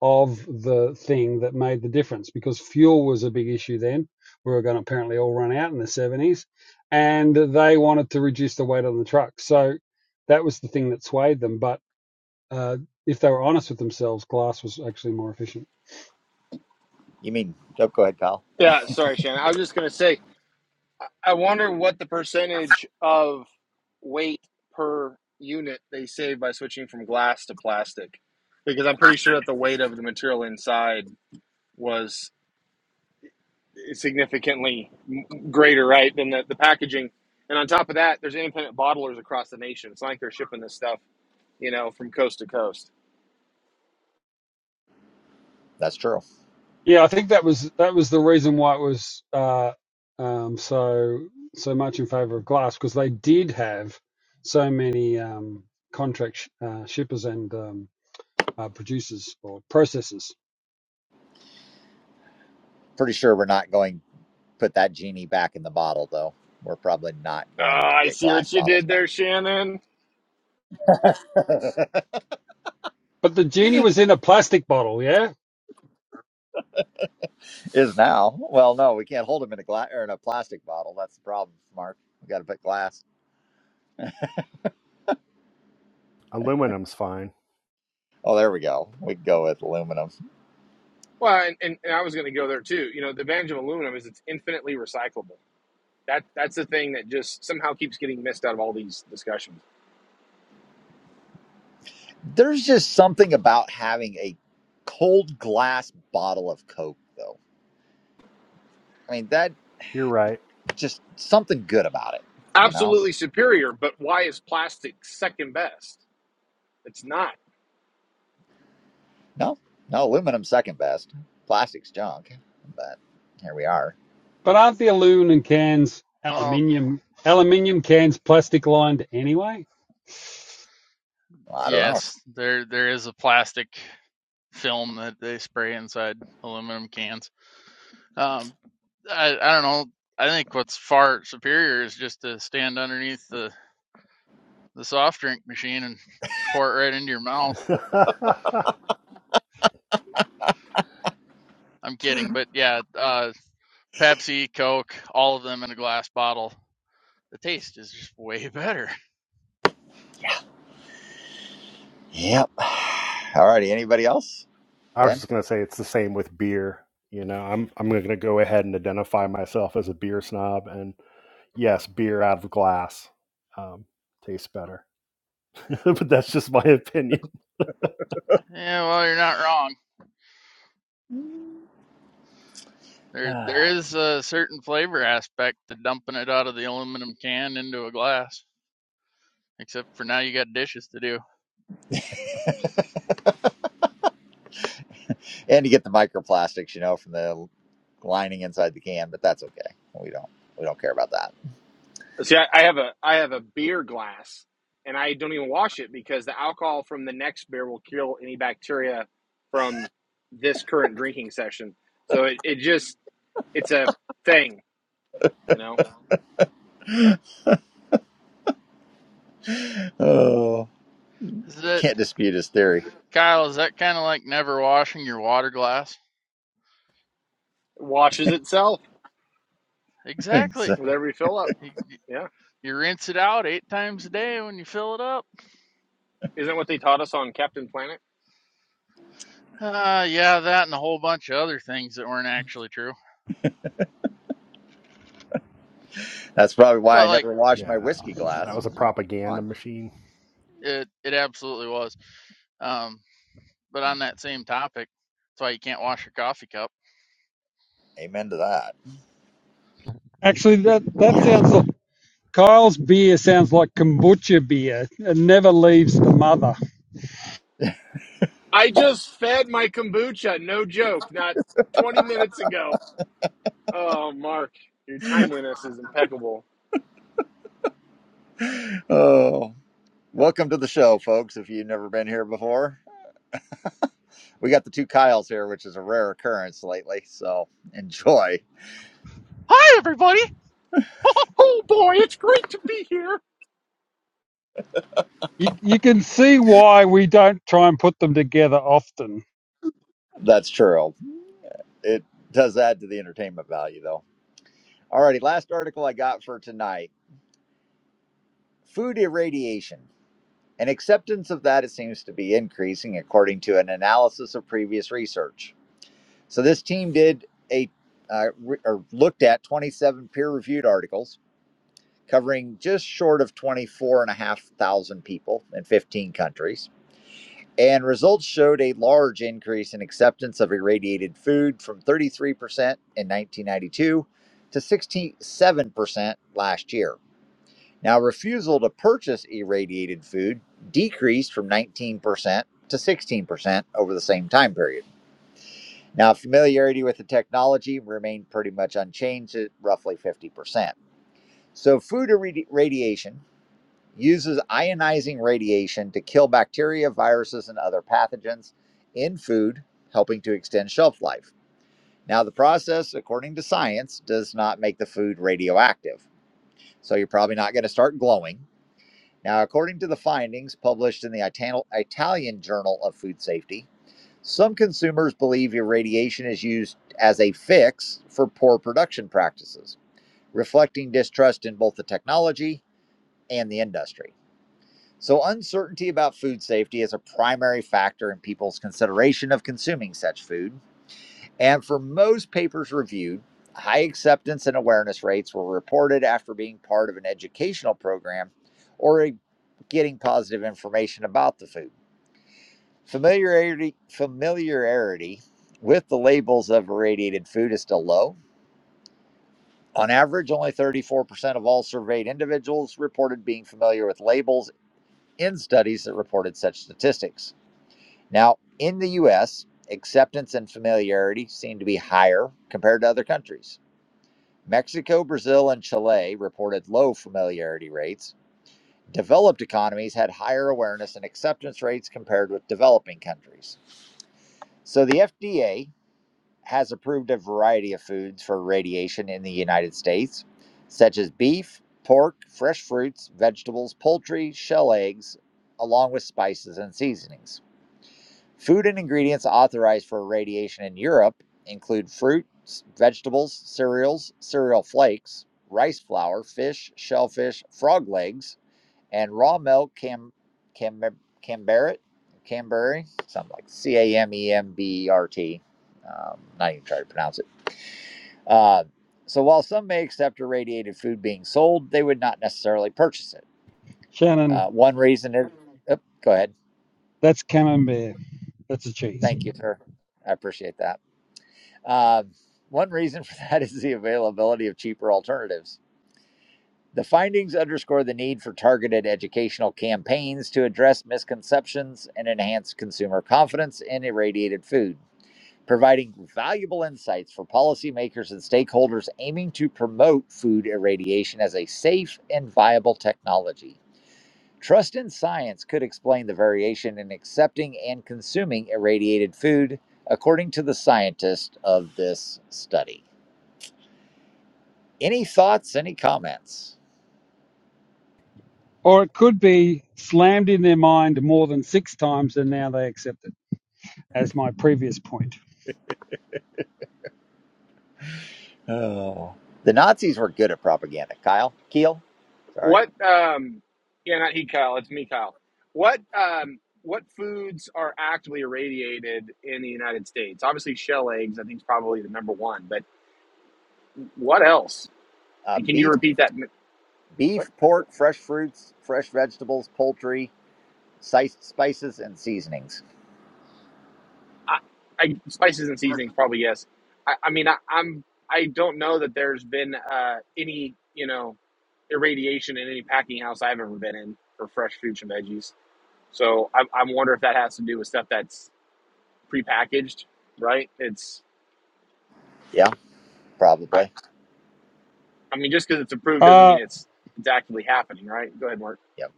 Speaker 4: of the thing that made the difference because fuel was a big issue then. We were going to apparently all run out in the 70s and they wanted to reduce the weight on the truck. So that was the thing that swayed them. But uh, if they were honest with themselves, glass was actually more efficient.
Speaker 1: You mean? Oh, go ahead, Kyle.
Speaker 8: Yeah, sorry, Shannon. I was just going to say, I wonder what the percentage of weight per unit they save by switching from glass to plastic, because I'm pretty sure that the weight of the material inside was significantly greater, right, than the, the packaging. And on top of that, there's independent bottlers across the nation. It's not like they're shipping this stuff, you know, from coast to coast.
Speaker 1: That's true.
Speaker 4: Yeah, I think that was that was the reason why it was uh, um, so so much in favor of glass because they did have so many um, contract sh- uh, shippers and um, uh, producers or processors.
Speaker 1: Pretty sure we're not going put that genie back in the bottle though we're probably not
Speaker 8: Oh,
Speaker 1: going to
Speaker 8: I
Speaker 1: get
Speaker 8: see
Speaker 1: glass
Speaker 8: what you
Speaker 1: bottles
Speaker 8: did
Speaker 1: back
Speaker 8: there, Shannon.
Speaker 4: But the genie was in a plastic bottle, yeah.
Speaker 1: is now well no we can't hold them in a glass or in a plastic bottle that's the problem mark we got to put glass
Speaker 5: aluminum's fine
Speaker 1: oh there we go we can go with aluminum
Speaker 8: Well, and, and, and I was going to go there too. You know, the advantage of aluminum is it's infinitely recyclable. That that's the thing that just somehow keeps getting missed out of all these discussions.
Speaker 1: there's just something about having a cold glass bottle of coke though i mean that
Speaker 5: you're right
Speaker 1: just something good about it you know
Speaker 8: Absolutely superior, but why is plastic second best? It's not.
Speaker 1: no no aluminum second best plastic's junk but here we are
Speaker 4: But aren't the aluminum cans
Speaker 6: Well,
Speaker 4: aluminium aluminium cans plastic lined anyway?
Speaker 1: Well, i don't know
Speaker 6: yes, there there is a plastic film that they spray inside aluminum cans. Um, I I don't know. I think what's far superior is just to stand underneath the the soft drink machine and pour it right into your mouth. I'm kidding, but yeah, uh, Pepsi, Coke, all of them in a glass bottle. The taste is just way better.
Speaker 1: yep all righty anybody else
Speaker 5: I was
Speaker 1: Ben.
Speaker 5: just gonna say it's the same with beer. You know, I'm I'm gonna go ahead and identify myself as a beer snob, and yes, beer out of glass um, tastes better. but that's just my opinion.
Speaker 6: Yeah, well, you're not wrong. There, there is a certain flavor aspect to dumping it out of the aluminum can into a glass. Except for now, you got dishes to do.
Speaker 1: And you get the microplastics, you know, from the lining inside the can, but that's okay. We don't we don't care about that.
Speaker 8: See, I, I have a I have a beer glass, and I don't even wash it because the alcohol from the next beer will kill any bacteria from this current drinking session. So it, it just it's a thing, you know.
Speaker 1: Oh,
Speaker 6: Is that
Speaker 1: can't dispute his theory.
Speaker 6: Kyle? Is that kind of like never washing your water glass?
Speaker 8: It washes itself
Speaker 6: Exactly.
Speaker 1: So
Speaker 8: with every fill up.
Speaker 6: You,
Speaker 8: Yeah.
Speaker 6: you rinse it out eight times a day when you fill it up.
Speaker 8: Isn't that what they taught us on Captain Planet?
Speaker 6: Uh, yeah, that and a whole bunch of other things that weren't actually true,
Speaker 1: That's probably why
Speaker 6: but
Speaker 1: I
Speaker 6: like
Speaker 1: never wash my
Speaker 5: Yeah,
Speaker 1: whiskey
Speaker 5: that
Speaker 1: glass.
Speaker 5: was a
Speaker 1: Come
Speaker 5: propaganda
Speaker 1: on.
Speaker 5: machine.
Speaker 6: it, it absolutely was. Um, but on that same topic, that's why you can't wash your coffee cup.
Speaker 1: Amen to that.
Speaker 4: Actually, that that
Speaker 1: Yeah.
Speaker 4: sounds like Kyle's beer sounds like kombucha beer. It never leaves the mother.
Speaker 8: I just fed my kombucha, no joke, not 20 minutes ago. Oh, Mark, your timeliness is impeccable.
Speaker 1: Oh, welcome to the show, folks. If you've never been here before, we got the two Kyles here, which is a rare occurrence lately. So enjoy.
Speaker 6: Hi, everybody.
Speaker 8: Oh boy, it's great to be here.
Speaker 4: You, you can see why we don't try and put them together often.
Speaker 1: That's true. it does add to the entertainment value though. Alrighty, last article I got for tonight. Food irradiation. An acceptance of that it seems to be increasing according to an analysis of previous research. So this team did a uh, re- or looked at 27 peer-reviewed articles covering just short of 24 and a half thousand people in 15 countries And results showed a large increase in acceptance of irradiated food from 33% in 1992 to 67% last year. Now, refusal to purchase irradiated food decreased from 19% to 16% over the same time period. Now, familiarity with the technology remained pretty much unchanged at roughly 50%. So, food irradiation uses ionizing radiation to kill bacteria, viruses, and other pathogens in food, helping to extend shelf life. Now, the process, according to science, does not make the food radioactive, so you're probably not going to start glowing. Now, according to the findings published in the Ital- Italian Journal of Food Safety, some consumers believe irradiation is used as a fix for poor production practices, reflecting distrust in both the technology and the industry. So, uncertainty about food safety is a primary factor in people's consideration of consuming such food. And for most papers reviewed, high acceptance and awareness rates were reported after being part of an educational program or getting positive information about the food. Familiarity, familiarity with the labels of irradiated food is still low. On average, only 34% of all surveyed individuals reported being familiar with labels in studies that reported such statistics. Now, in the US, acceptance and familiarity seem to be higher compared to other countries. Mexico, Brazil, and Chile reported low familiarity rates. Developed economies had higher awareness and acceptance rates compared with developing countries. So the FDA has approved a variety of foods for radiation in the United States, such as beef, pork, fresh fruits, vegetables, poultry, shell eggs, along with spices and seasonings. Food and ingredients authorized for irradiation in Europe include fruits, vegetables, cereals, cereal flakes, rice flour, fish, shellfish, frog legs, and raw milk cam, cam, camembert, Camberry, something like C A M E M B E R T. Um, not even try to pronounce it. Uh, so while some may accept irradiated food being sold, they would not necessarily purchase it. Uh,
Speaker 4: Shannon,
Speaker 1: one reason is, Oop, go ahead.
Speaker 4: that's camembert. That's a cheese.
Speaker 1: Thank you, sir. I appreciate that. Uh, one reason for that is the availability of cheaper alternatives. The findings underscore the need for targeted educational campaigns to address misconceptions and enhance consumer confidence in irradiated food, providing valuable insights for policymakers and stakeholders aiming to promote food irradiation as a safe and viable technology. Trust in science could explain the variation in accepting and consuming irradiated food, according to the scientists of this study. Any thoughts? Any comments?
Speaker 4: Or it could be slammed in their mind more than six times and now they accept it, as my previous point.
Speaker 1: Oh, the Nazis were good at propaganda. Kyle, Keel, sorry.
Speaker 8: What um yeah, not he Kyle, it's me Kyle. What um what foods are actively irradiated in the United States? Obviously shell eggs, I think is probably the number one, but what else?
Speaker 1: Uh,
Speaker 8: And can you
Speaker 1: beef,
Speaker 8: repeat that
Speaker 1: beef, pork, fresh fruits, fresh vegetables, poultry, si- spices, and seasonings.
Speaker 8: I, I spices and seasonings probably yes. I, I mean I, I'm I don't know that there's been uh, any you know irradiation in any packing house I've ever been in for fresh fruits and veggies. So I, I wonder if that has to do with stuff that's prepackaged, right? It's
Speaker 1: Yeah,
Speaker 8: I,
Speaker 1: probably.
Speaker 8: I mean just because it's approved doesn't
Speaker 4: Uh,
Speaker 8: mean it's it's actively happening, right? Go ahead, Mark.
Speaker 1: Yep.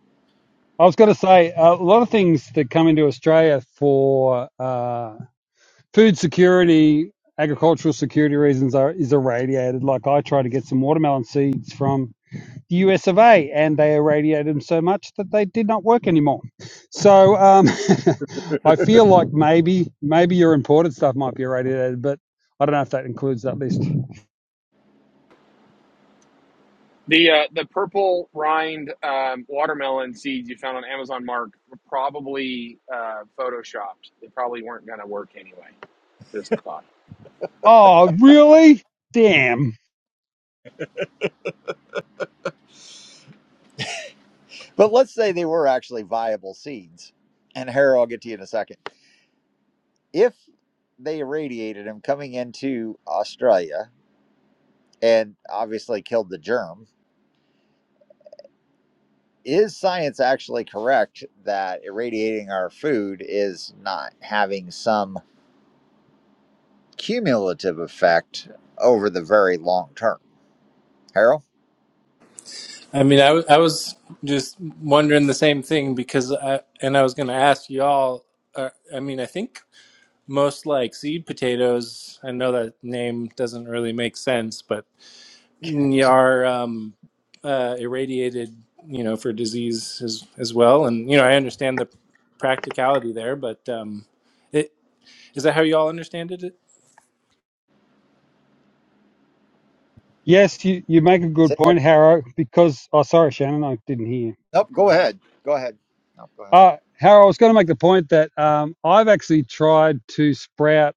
Speaker 4: I was going
Speaker 1: Yeah.
Speaker 4: to say a lot of things that come into Australia for uh, food security, agricultural security reasons are is irradiated. Like I try to get some watermelon seeds from the US of A, and they irradiated them so much that they did not work anymore. So um, I feel like maybe maybe your imported stuff might be irradiated, but I don't know if that includes that list.
Speaker 8: The uh, the purple rind um, watermelon seeds you found on Amazon Mark were probably uh, photoshopped. They probably weren't going to work anyway. Just a thought.
Speaker 4: Oh, really? Damn.
Speaker 1: But let's say they were actually viable seeds. And Harry, I'll get to you in a second. If they irradiated him coming into Australia and obviously killed the germ is science actually correct that irradiating our food is not having some cumulative effect over the very long term? Harold,
Speaker 7: I mean, I, w- I was just wondering the same thing because I, and I was going to ask y'all. Uh, I mean, I think most like seed potatoes. I know that name doesn't really make sense, but are. um, uh, irradiated, you know, for disease as as well. And you know, I understand the practicality there, but um, it is that how you all understand it?
Speaker 4: Yes, you, you make a good
Speaker 1: say that.
Speaker 4: point, Harrow, because, oh, sorry, Shannon, I didn't hear.
Speaker 1: Nope, go ahead. Go ahead. Nope, go ahead.
Speaker 4: Uh, Harrow, I was going to make the point that um, I've actually tried to sprout.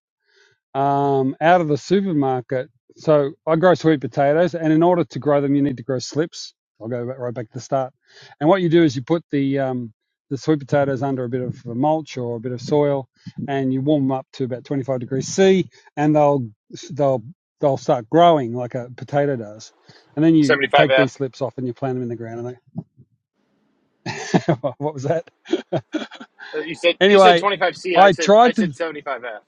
Speaker 4: um, out of the supermarket. So I grow sweet potatoes, and in order to grow them, you need to grow slips. I'll go back, right back to the start. And what you do is you put the um, the sweet potatoes under a bit of a mulch or a bit of soil, and you warm them up to about 25 degrees C, and they'll they'll they'll start growing like a potato does. And then you
Speaker 8: Seventy five
Speaker 4: take
Speaker 8: F.
Speaker 4: these slips off and you plant them in the ground. And they, what was that?
Speaker 8: Uh, You said you said
Speaker 4: anyway,
Speaker 8: twenty five C. I
Speaker 4: I
Speaker 8: said I
Speaker 4: tried to
Speaker 8: said seventy five F.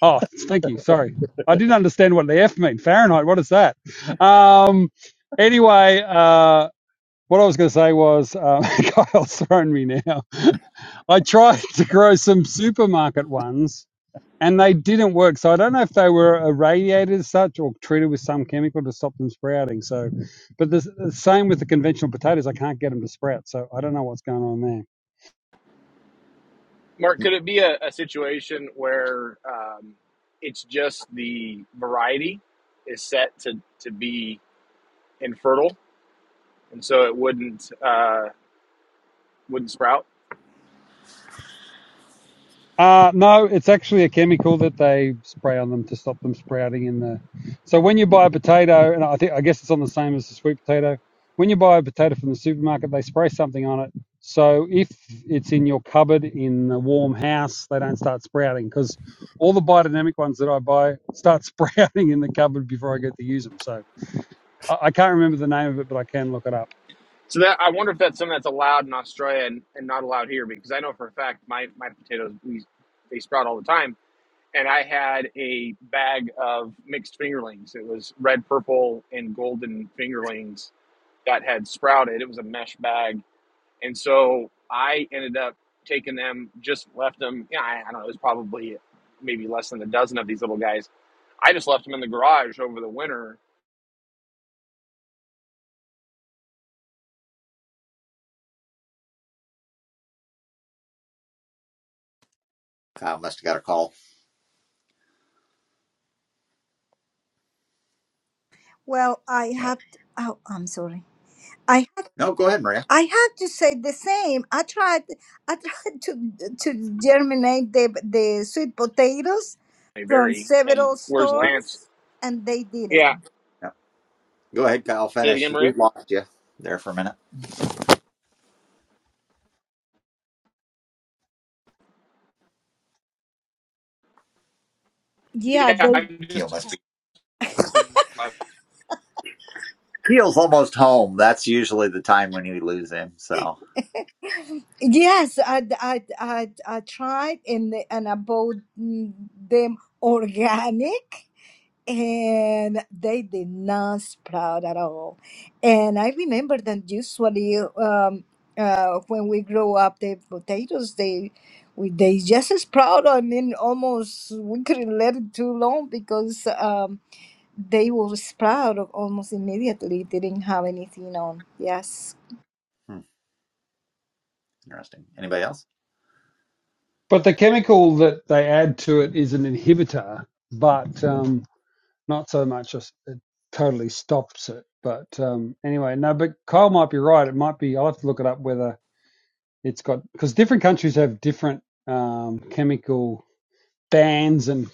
Speaker 4: Oh, thank you. Sorry. I didn't understand what the F mean. Fahrenheit, what is that? Um, anyway, uh, what I was going to say was, um, Kyle's thrown me now. I tried to grow some supermarket ones and they didn't work. So I don't know if they were irradiated as such or treated with some chemical to stop them sprouting. So, but the s- the same with the conventional potatoes, I can't get them to sprout. So I don't know what's going on there.
Speaker 8: Mark, could it be a, a situation where um, it's just the variety is set to to be infertile, and so it wouldn't uh, wouldn't sprout?
Speaker 4: Uh, no, it's actually a chemical that they spray on them to stop them sprouting in the. So when you buy a potato, and I think I guess it's on the same as the sweet potato. When you buy a potato from the supermarket, they spray something on it. So if it's in your cupboard in a warm house, they don't start sprouting because all the biodynamic ones that I buy start sprouting in the cupboard before I get to use them. So I, I can't remember the name of it, but I can look it up.
Speaker 8: So that I wonder if that's something that's allowed in Australia and, and not allowed here because I know for a fact my my potatoes we, they sprout all the time and I had a bag of mixed fingerlings. It was red, purple, and golden fingerlings that had sprouted. It was a mesh bag, and so I ended up taking them, just left them. Yeah, I, I don't know. It was probably maybe less than a dozen of these little guys. I just left them in the garage over the winter.
Speaker 1: Kyle must have got a call.
Speaker 2: Well, I
Speaker 1: Yeah.
Speaker 2: have. To, oh, I'm sorry. I
Speaker 1: No, go ahead, Maria.
Speaker 2: I had to say the same. I tried I tried to to germinate the the sweet potatoes
Speaker 8: They
Speaker 2: from
Speaker 8: vary. And
Speaker 2: several
Speaker 8: where's Lance?
Speaker 2: stores, and they
Speaker 8: Yeah.
Speaker 2: didn't.
Speaker 1: Yep. Go ahead, Kyle.
Speaker 8: Say it
Speaker 1: Finish.
Speaker 8: again, Maria.
Speaker 1: We lost you there for a minute.
Speaker 2: Yeah,
Speaker 8: Yeah,
Speaker 2: they
Speaker 8: i
Speaker 1: Keel
Speaker 8: just.
Speaker 1: must be. Keel's almost home. That's usually the time when you lose him. So
Speaker 2: Yes, I, I, I, I tried and and I bought mm, them organic and they did not sprout at all. And I remember that usually um, uh, when we grow up, the potatoes, they we, they just sprout I mean, almost we couldn't let it too long because um, they will sprout almost immediately. Didn't have anything on. Yes.
Speaker 1: hmm, interesting. Anybody else?
Speaker 4: But the chemical that they add to it is an inhibitor, but um, not so much as it totally stops it. But um, anyway, no, but Kyle might be right. It might be, I'll have to look it up whether it's got, because different countries have different um, chemical bans and,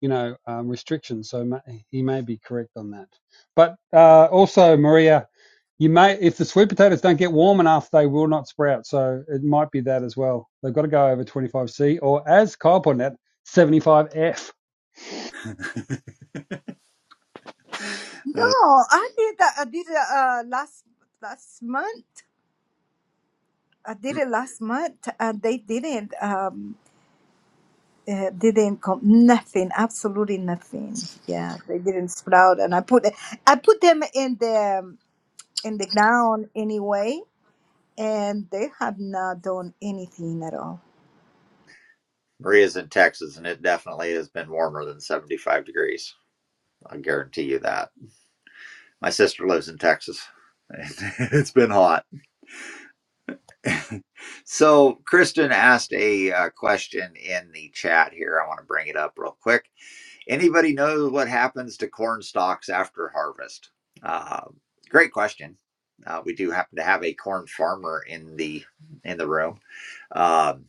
Speaker 4: you know, um, restrictions. So ma- he may be correct on that. But uh, also, Maria, you may, if the sweet potatoes don't get warm enough, they will not sprout. So it might be that as well. They've got to go over 25C or, as Kyle pointed out, 75F.
Speaker 2: No, I did that. I did it uh, last last month. I did
Speaker 1: Hmm.
Speaker 2: it last month, and they didn't um uh, didn't come nothing, absolutely nothing. Yeah, they didn't sprout, and I put I put them in the um, in the ground anyway, and they have not done anything at all.
Speaker 1: Maria's in Texas, and it definitely has been warmer than 75 degrees. I guarantee you that. My sister lives in Texas. It's been hot. So, Kristen asked a uh, question in the chat here. I want to bring it up real quick. Anybody know what happens to corn stalks after harvest? Uh, great question. Uh, we do happen to have a corn farmer in the in the room, um,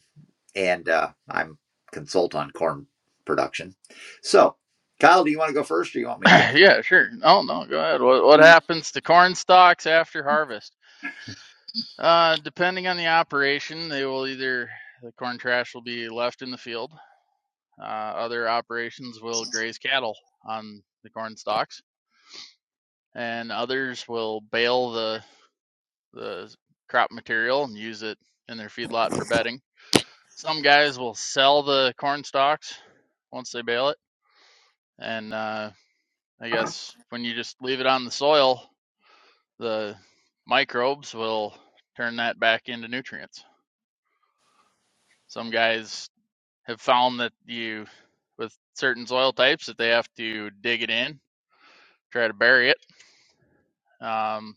Speaker 1: and uh, I'm consult on corn production. So, Kyle, do you want to go first, or you want me to?
Speaker 6: yeah, sure. Oh no, go ahead. What what happens to corn stalks after harvest? Uh, depending on the operation, they will either the corn trash will be left in the field. Uh, other operations will graze cattle on the corn stalks, and others will bale the the crop material and use it in their feedlot for bedding. Some guys will sell the corn stalks once they bale it, and uh, I guess when you just leave it on the soil, the microbes will turn that back into nutrients. Some guys have found that you, with certain soil types, that they have to dig it in, try to bury it. Um,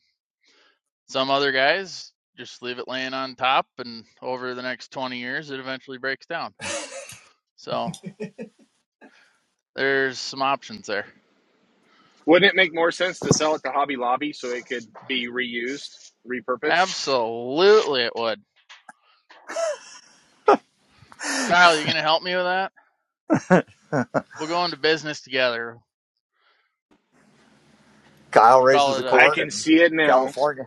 Speaker 6: some other guys just leave it laying on top, and over the next 20 years, it eventually breaks down. So There's some options there.
Speaker 8: Wouldn't it make more sense to sell it to Hobby Lobby so it could be reused, repurposed?
Speaker 6: Absolutely, it would. Kyle, you gonna help me with that? We'll go into business together.
Speaker 1: Kyle raises
Speaker 6: Call it
Speaker 1: the
Speaker 8: I
Speaker 6: a
Speaker 1: corn
Speaker 8: can
Speaker 1: in
Speaker 8: see it now.
Speaker 1: California.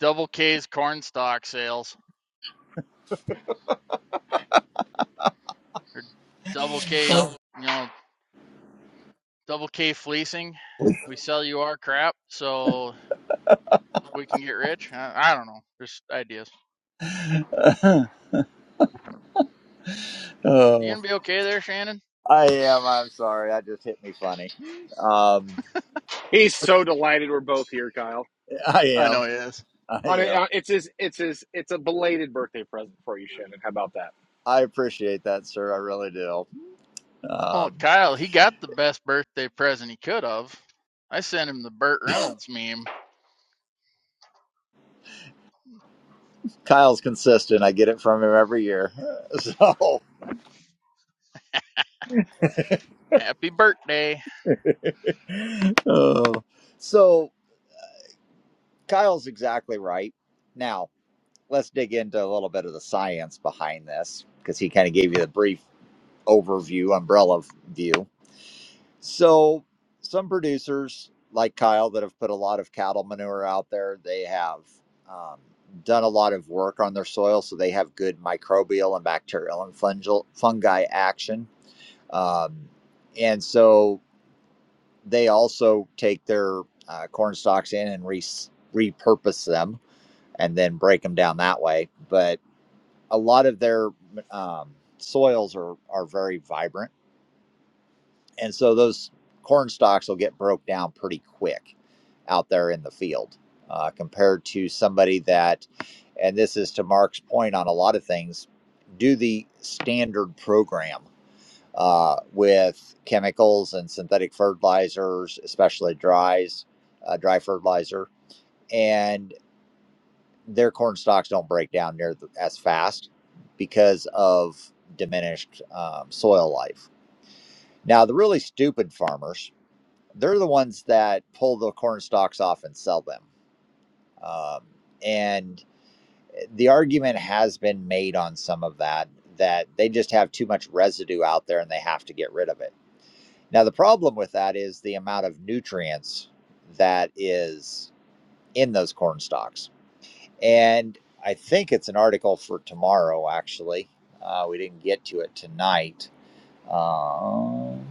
Speaker 6: double K's corn stock sales or double K, you know, double K fleecing. We sell you our crap so we can get rich. I, I don't know, just ideas. You
Speaker 1: oh,
Speaker 6: gonna be okay there, Shannon?
Speaker 1: I am. I'm sorry. That just hit me funny. Um,
Speaker 8: He's so delighted we're both here, Kyle.
Speaker 1: I
Speaker 6: I know
Speaker 1: am.
Speaker 6: he is.
Speaker 1: I
Speaker 8: On a,
Speaker 1: am.
Speaker 8: uh, it's his, it's his, it's a belated birthday present for you, Shannon. How about that?
Speaker 1: I appreciate that, sir. I really do.
Speaker 6: Oh,
Speaker 1: Um,
Speaker 6: Kyle, he got the best birthday present he could have. I sent him the Burt Reynolds meme.
Speaker 1: Kyle's consistent. I get it from him every year. So,
Speaker 6: Happy birthday.
Speaker 1: oh. so Kyle's exactly right. Now, let's dig into a little bit of the science behind this because he kind of gave you the brief overview, umbrella view. So some producers like Kyle that have put a lot of cattle manure out there, they have um, done a lot of work on their soil, so they have good microbial and bacterial and fungal fungi action. Um, and so they also take their uh, corn stalks in and re- repurpose them and then break them down that way. But a lot of their um, soils are are very vibrant and so those corn stalks will get broke down pretty quick out there in the field uh, compared to somebody that and this is to mark's point on a lot of things do the standard program uh, with chemicals and synthetic fertilizers especially dries uh, dry fertilizer and their corn stalks don't break down near the, as fast because of diminished um, soil life now the really stupid farmers they're the ones that pull the corn stalks off and sell them. Um, and the argument has been made on some of that that they just have too much residue out there and they have to get rid of it. Now, the problem with that is the amount of nutrients that is in those corn stalks. And I think it's an article for tomorrow, actually. Uh, we didn't get to it tonight. Um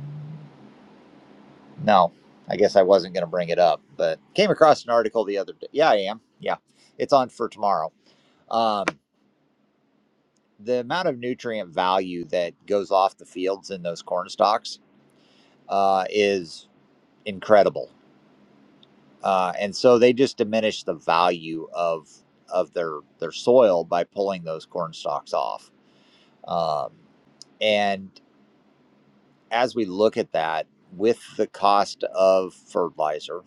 Speaker 1: No, I guess I wasn't going to bring it up, but came across an article the other day. Yeah, I am. Yeah, it's on for tomorrow. Um, the amount of nutrient value that goes off the fields in those corn stalks uh, is incredible, uh, and so they just diminish the value of of their their soil by pulling those corn stalks off. Um, and as we look at that, with the cost of fertilizer,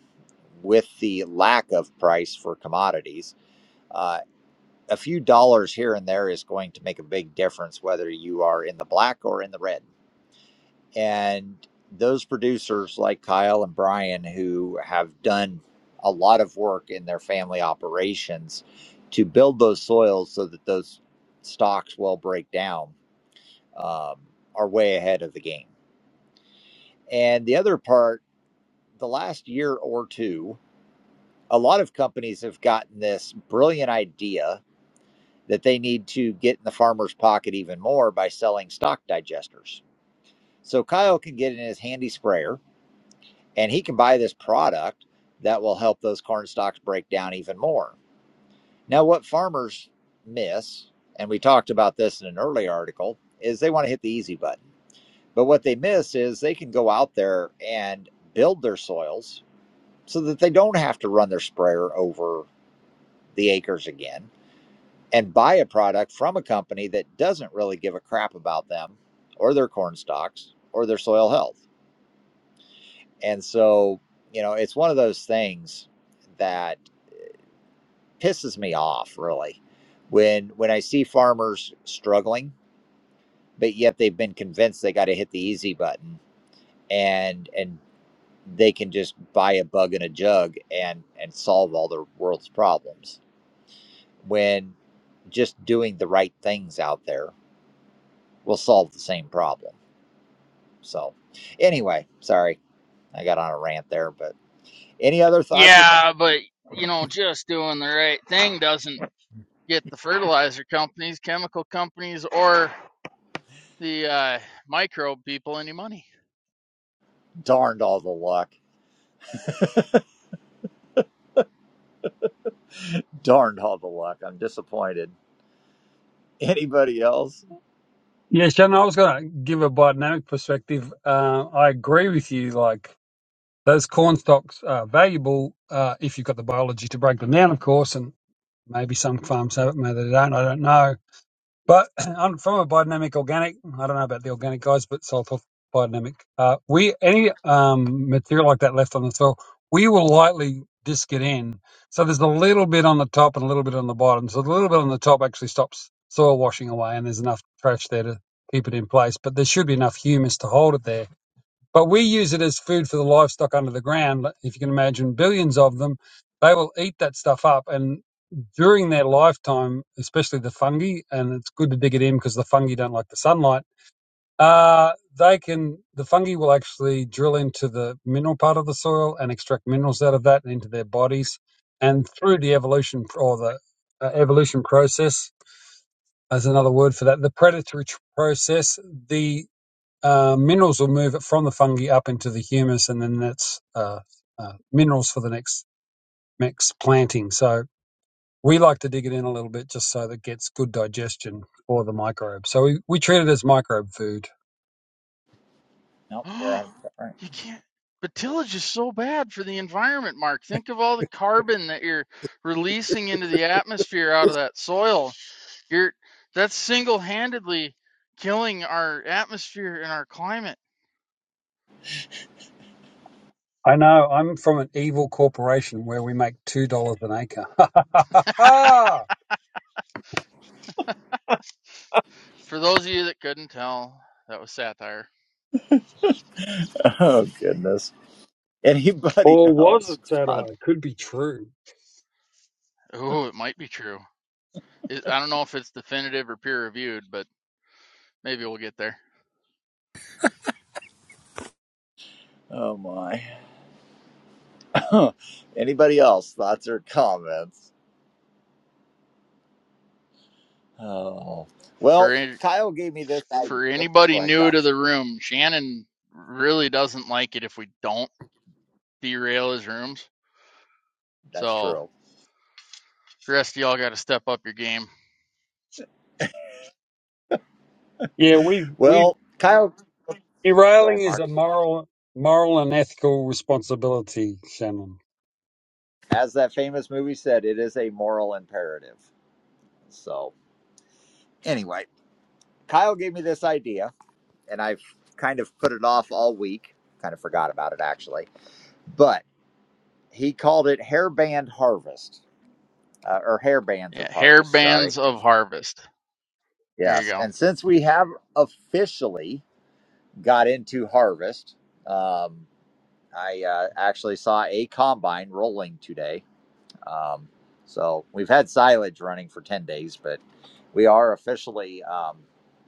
Speaker 1: with the lack of price for commodities, uh, a few dollars here and there is going to make a big difference whether you are in the black or in the red. And those producers like Kyle and Brian, who have done a lot of work in their family operations to build those soils so that those stocks will break down, um, are way ahead of the game. And the other part the last year or two, a lot of companies have gotten this brilliant idea that they need to get in the farmer's pocket even more by selling stock digesters. So Kyle can get in his handy sprayer and he can buy this product that will help those corn stalks break down even more. Now, what farmers miss, and we talked about this in an early article, is they want to hit the easy button. But what they miss is they can go out there and build their soils so that they don't have to run their sprayer over the acres again and buy a product from a company that doesn't really give a crap about them or their corn stalks or their soil health. And so, you know, it's one of those things that pisses me off really when when I see farmers struggling, but yet they've been convinced they got to hit the easy button and and they can just buy a bug in a jug and and solve all the world's problems when just doing the right things out there will solve the same problem. So, anyway, sorry, I got on a rant there, but any other thoughts or com-
Speaker 6: Yeah, but you know, just doing the right thing doesn't get the fertilizer companies, chemical companies, or the uh, microbe people any money.
Speaker 1: darned all the luck, darned all the luck. I'm disappointed. Anybody else?
Speaker 4: Yeah, Shannon, I was going to give a biodynamic perspective. Uh, I agree with you. Like those corn stalks are valuable uh, if you've got the biology to break them down, of course, and maybe some farms have it, maybe they don't. I don't know. But I'm from a biodynamic organic. I don't know about the organic guys, but soil health biodynamic. Uh, we any um, material like that left on the soil, we will lightly disc it in. So there's a little bit on the top and a little bit on the bottom. So the little bit on the top actually stops soil washing away, and there's enough trash there to keep it in place. But there should be enough humus to hold it there but we use it as food for the livestock under the ground. Like, If you can imagine billions of them, they will eat that stuff up. And during their lifetime, especially the fungi, and it's good to dig it in because the fungi don't like the sunlight, uh, they can, the fungi will actually drill into the mineral part of the soil and extract minerals out of that and into their bodies. And through the evolution or the uh, evolution process, as another word for that, the predatory tr- process, the uh, minerals will move it from the fungi up into the humus, and then that's uh, uh, minerals for the next next planting. So we like to dig it in a little bit just so that it gets good digestion for the microbe. So we, we treat it as microbe food.
Speaker 1: Nope,
Speaker 6: you
Speaker 1: you're on. all right.
Speaker 6: can't. But tillage is so bad for the environment, Mark. Think of all the carbon that you're releasing into the atmosphere out of that soil. You're that's single-handedly killing our atmosphere and our climate.
Speaker 4: I know I'm from an evil corporation where we make two dollars an acre.
Speaker 6: For those of you that couldn't tell, that was satire.
Speaker 1: Oh goodness. Anybody
Speaker 4: or was it
Speaker 1: else?
Speaker 4: that
Speaker 1: Thought-
Speaker 4: I could be true?
Speaker 6: Oh, it might be true. it, I don't know if it's definitive or peer reviewed, but maybe we'll get there.
Speaker 1: Oh my. Anybody else? Thoughts or comments? Oh
Speaker 6: For
Speaker 1: well, Kyle gave me this. I,
Speaker 6: for
Speaker 1: oops, go
Speaker 6: anybody
Speaker 1: ahead,
Speaker 6: new
Speaker 1: Kyle.
Speaker 6: to the room, Shannon really doesn't like it if we don't derail his rooms.
Speaker 1: That's
Speaker 6: So
Speaker 1: true.
Speaker 6: the rest of y'all got to step up your game.
Speaker 4: Yeah, we we
Speaker 1: Well, Kyle, go
Speaker 4: derailing
Speaker 1: ahead,
Speaker 4: is
Speaker 1: Mark.
Speaker 4: a moral moral and ethical responsibility, Shannon.
Speaker 1: as that famous movie said, it is a moral imperative. So, anyway, Kyle gave me this idea, and I've kind of put it off all week. Kind of forgot about it actually, but he called it hairband harvest uh, or hairbands of
Speaker 6: Yeah, hair
Speaker 1: harvest. Sorry.
Speaker 6: bands of harvest. There you
Speaker 1: Yes,
Speaker 6: go.
Speaker 1: and since we have officially got into harvest, um, I uh, actually saw a combine rolling today Um, so we've had silage running for 10 days, but we are officially um,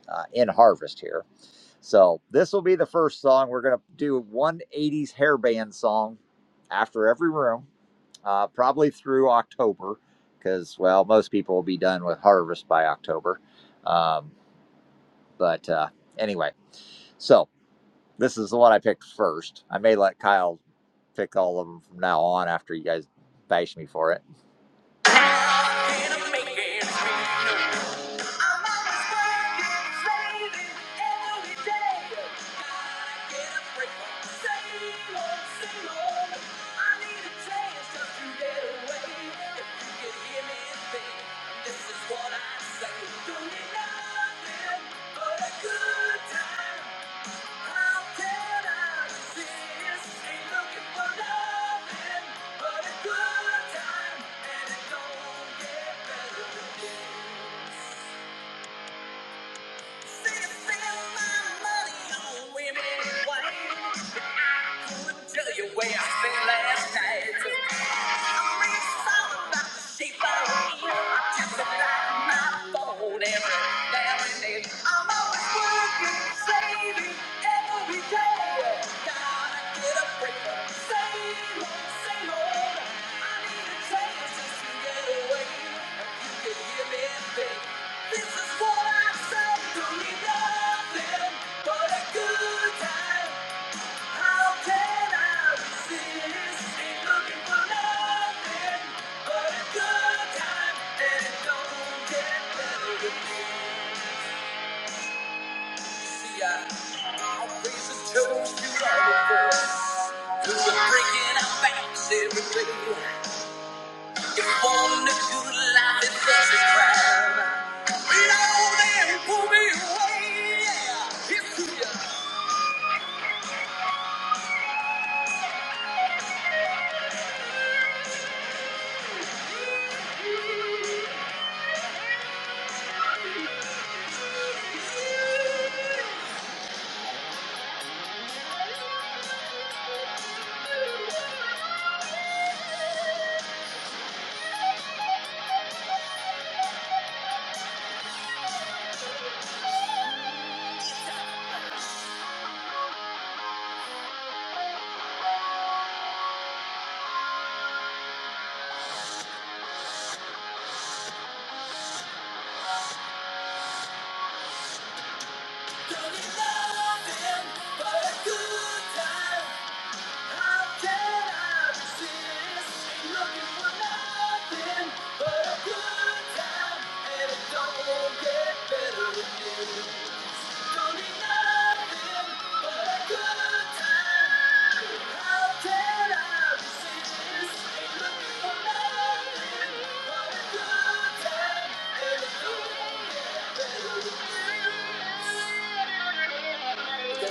Speaker 1: uh, in harvest here. So this will be the first song. We're going to do one 80s hair band song after every room, uh, probably through October, because, well, most people will be done with harvest by October. Um, but uh, anyway, so this is the one I picked first. I may let Kyle pick all of them from now on after you guys bash me for it. This is what I say. Don't need nothing but a good time. Women, white. Tell you where I spent last night. I'm really sorry about the shape I was in. I just denied my phone every now and then. I'm always working, saving every day. Gotta get a break. from the Same old, same old. I need a change just to get away. If you could hear me think, this is what I say. Don't need nothing but a good time. How can I resist? Ain't looking for nothing but a good time, and it don't get better than this. See, I always have chose you all before. Cause I'm breaking our backs every day. If only good life is worth the crime. We know they pull me away. Yeah, it's too young. Don't be nothing but a good time.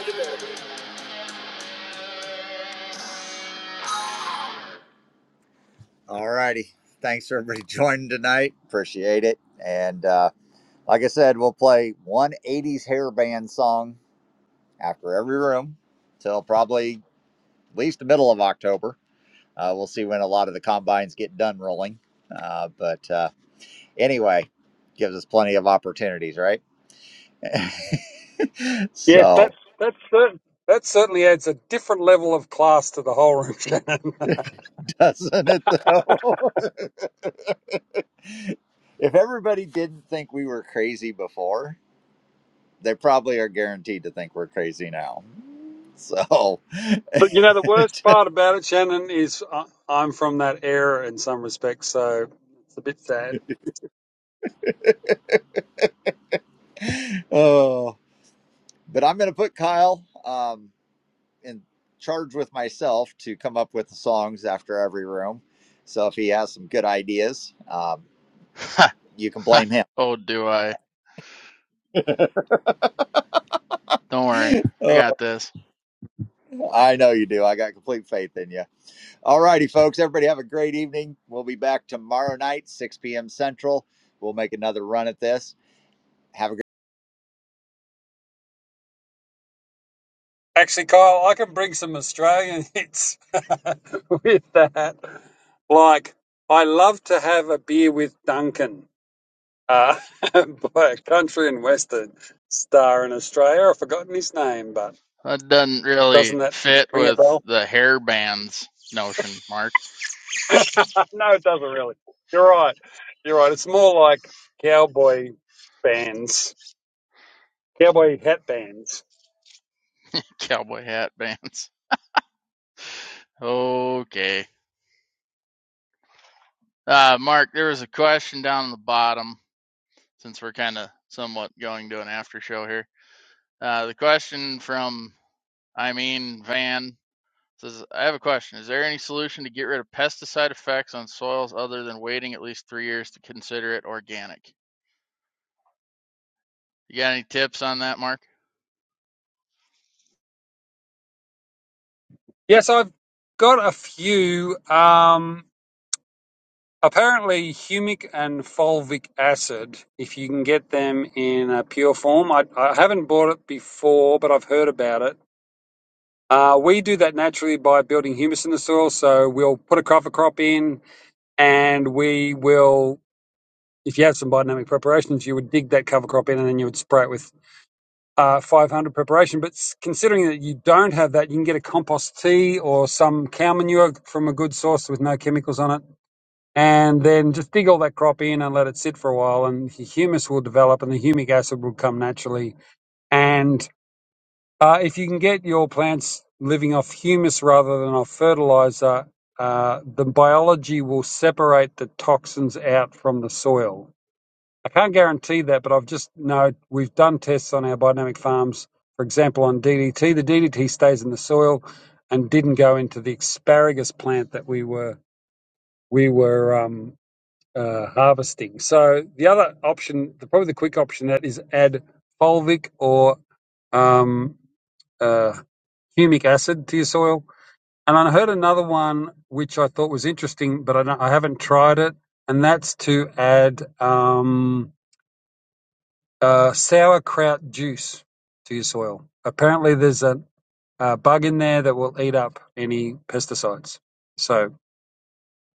Speaker 1: Thank you. All righty. Thanks for everybody joining tonight. Appreciate it. And uh, like I said, we'll play 180s hair band song after every room till probably at least the middle of October. Uh, we'll see when a lot of the combines get done rolling. Uh, but uh, anyway, gives us plenty of opportunities, right?
Speaker 4: Yes,
Speaker 1: So,
Speaker 4: that's that's certain. That certainly adds a different level of class to the whole room, Shannon. but
Speaker 1: doesn't it though? if everybody didn't think we were crazy before, they probably are guaranteed to think we're crazy now. So,
Speaker 4: you know, the worst part about it, Shannon, is I, I'm from that era in some respects, so it's a bit sad.
Speaker 1: oh, but I'm going to put Kyle um, in charge with myself to come up with the songs after every room. So if he has some good ideas, um, you can blame him.
Speaker 6: oh, do I? Don't worry, I got this.
Speaker 1: Oh, I know you do. I got complete faith in you. All righty, folks. Everybody have a great evening. We'll be back tomorrow night, 6 p.m. Central. We'll make another run at this. Have a great
Speaker 4: Actually, Kyle, I can bring some Australian hits with that. Like, I love to have a beer with Duncan, uh, by a country and western star in Australia. I've forgotten his name, but
Speaker 6: That doesn't really
Speaker 4: doesn't that
Speaker 6: fit
Speaker 4: ring a bell?
Speaker 6: with the hair bands notion, Mark.
Speaker 4: no, it doesn't really. You're right. You're right. It's more like cowboy bands, cowboy hat bands.
Speaker 6: Cowboy hat bands. Okay. Uh, Mark, there was a question down on the bottom since we're kind of somewhat going to an after show here. Uh, the question from I mean Van says, "I have a question. Is there any solution to get rid of pesticide effects on soils other than waiting at least three years to consider it organic? You got any tips on that, Mark?"
Speaker 4: Yes, I've got a few. Um, apparently, humic and fulvic acid, if you can get them in a pure form. I, I haven't bought it before, but I've heard about it. Uh, we do that naturally by building humus in the soil. So we'll put a cover crop in and we will if you have some biodynamic preparations, you would dig that cover crop in and then you would spray it with uh, 500 preparation. But considering that you don't have that, you can get a compost tea or some cow manure from a good source with no chemicals on it. And then just dig all that crop in and let it sit for a while, and the humus will develop and the humic acid will come naturally. And uh, if you can get your plants living off humus rather than off fertilizer, uh, the biology will separate the toxins out from the soil I can't guarantee that, but I've just know We've done tests on our biodynamic farms. For example, on DDT, the DDT stays in the soil and didn't go into the asparagus plant that we were we were um, uh, harvesting. So the other option, the, probably the quick option, that is add fulvic or um, uh, humic acid to your soil. And I heard another one which I thought was interesting, but I, don't, I haven't tried it, and that's to add. Um, uh, sauerkraut juice to your soil. Apparently, there's a, a bug in there that will eat up any pesticides. So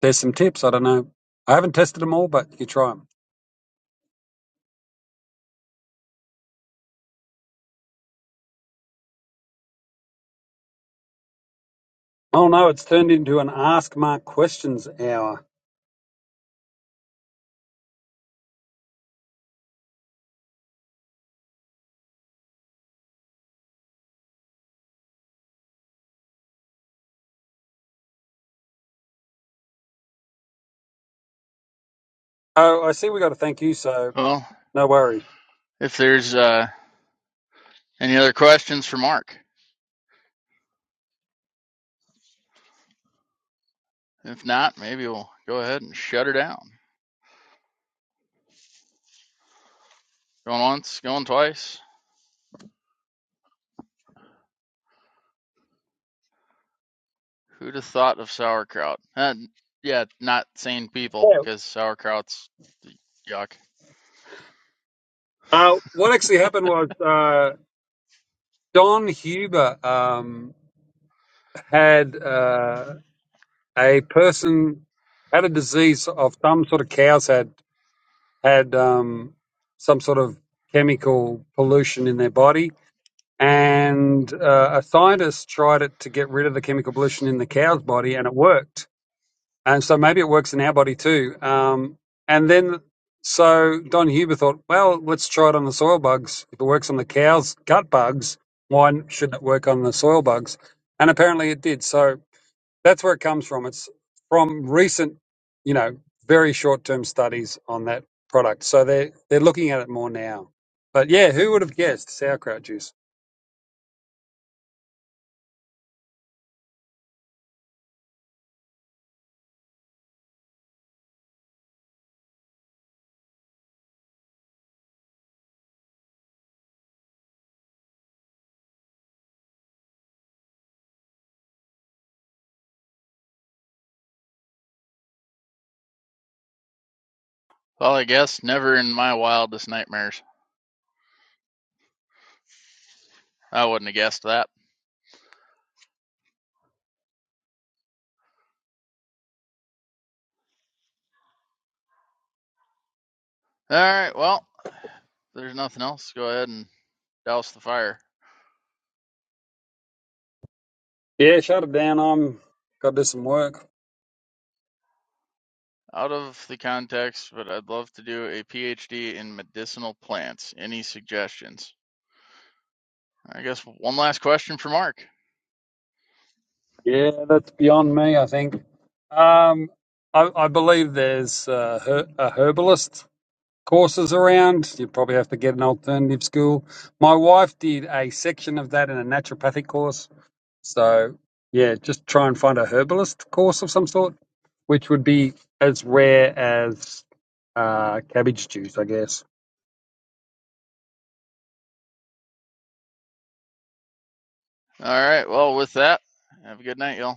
Speaker 4: there's some tips. I don't know. I haven't tested them all, but you try them. Oh no, it's turned into an Ask Mark Questions hour. Oh, I see. We got to thank you, so
Speaker 6: Well,
Speaker 4: no worries.
Speaker 6: if there's uh, any other questions for Mark, if not, maybe we'll go ahead and shut her down. Going once, going twice. Who'd have thought of sauerkraut? Uh, yeah, not sane people,
Speaker 4: Yeah.
Speaker 6: because sauerkraut's yuck.
Speaker 4: Uh, what actually happened was uh, Don Huber um, had uh, a person had a disease of some sort of cows had had um, some sort of chemical pollution in their body. And uh, a scientist tried it to get rid of the chemical pollution in the cow's body, and it worked. And so maybe it works in our body too. Um, and then, so Don Huber thought, well, let's try it on the soil bugs. If it works on the cow's gut bugs, why shouldn't it work on the soil bugs? And apparently it did. So that's where it comes from. It's from recent, you know, very short-term studies on that product. So they are they're looking at it more now. But yeah, who would have guessed sauerkraut juice?
Speaker 6: Well, I guess never in my wildest nightmares. I wouldn't have guessed that. All right, well, there's nothing else. Go ahead and douse the fire.
Speaker 4: Yeah, shut it down. I'm got to do some work.
Speaker 6: Out of the context, but I'd love to do a PhD in medicinal plants. Any suggestions? I guess one last question for Mark.
Speaker 4: Yeah, that's beyond me. I think. Um, I, I believe there's uh, her, a herbalist courses around. You probably have to get an alternative school. My wife did a section of that in a naturopathic course So, yeah, just try and find a herbalist course of some sort, which would be as rare as uh, cabbage juice, I guess.
Speaker 6: All right, well, with that, have a good night, y'all.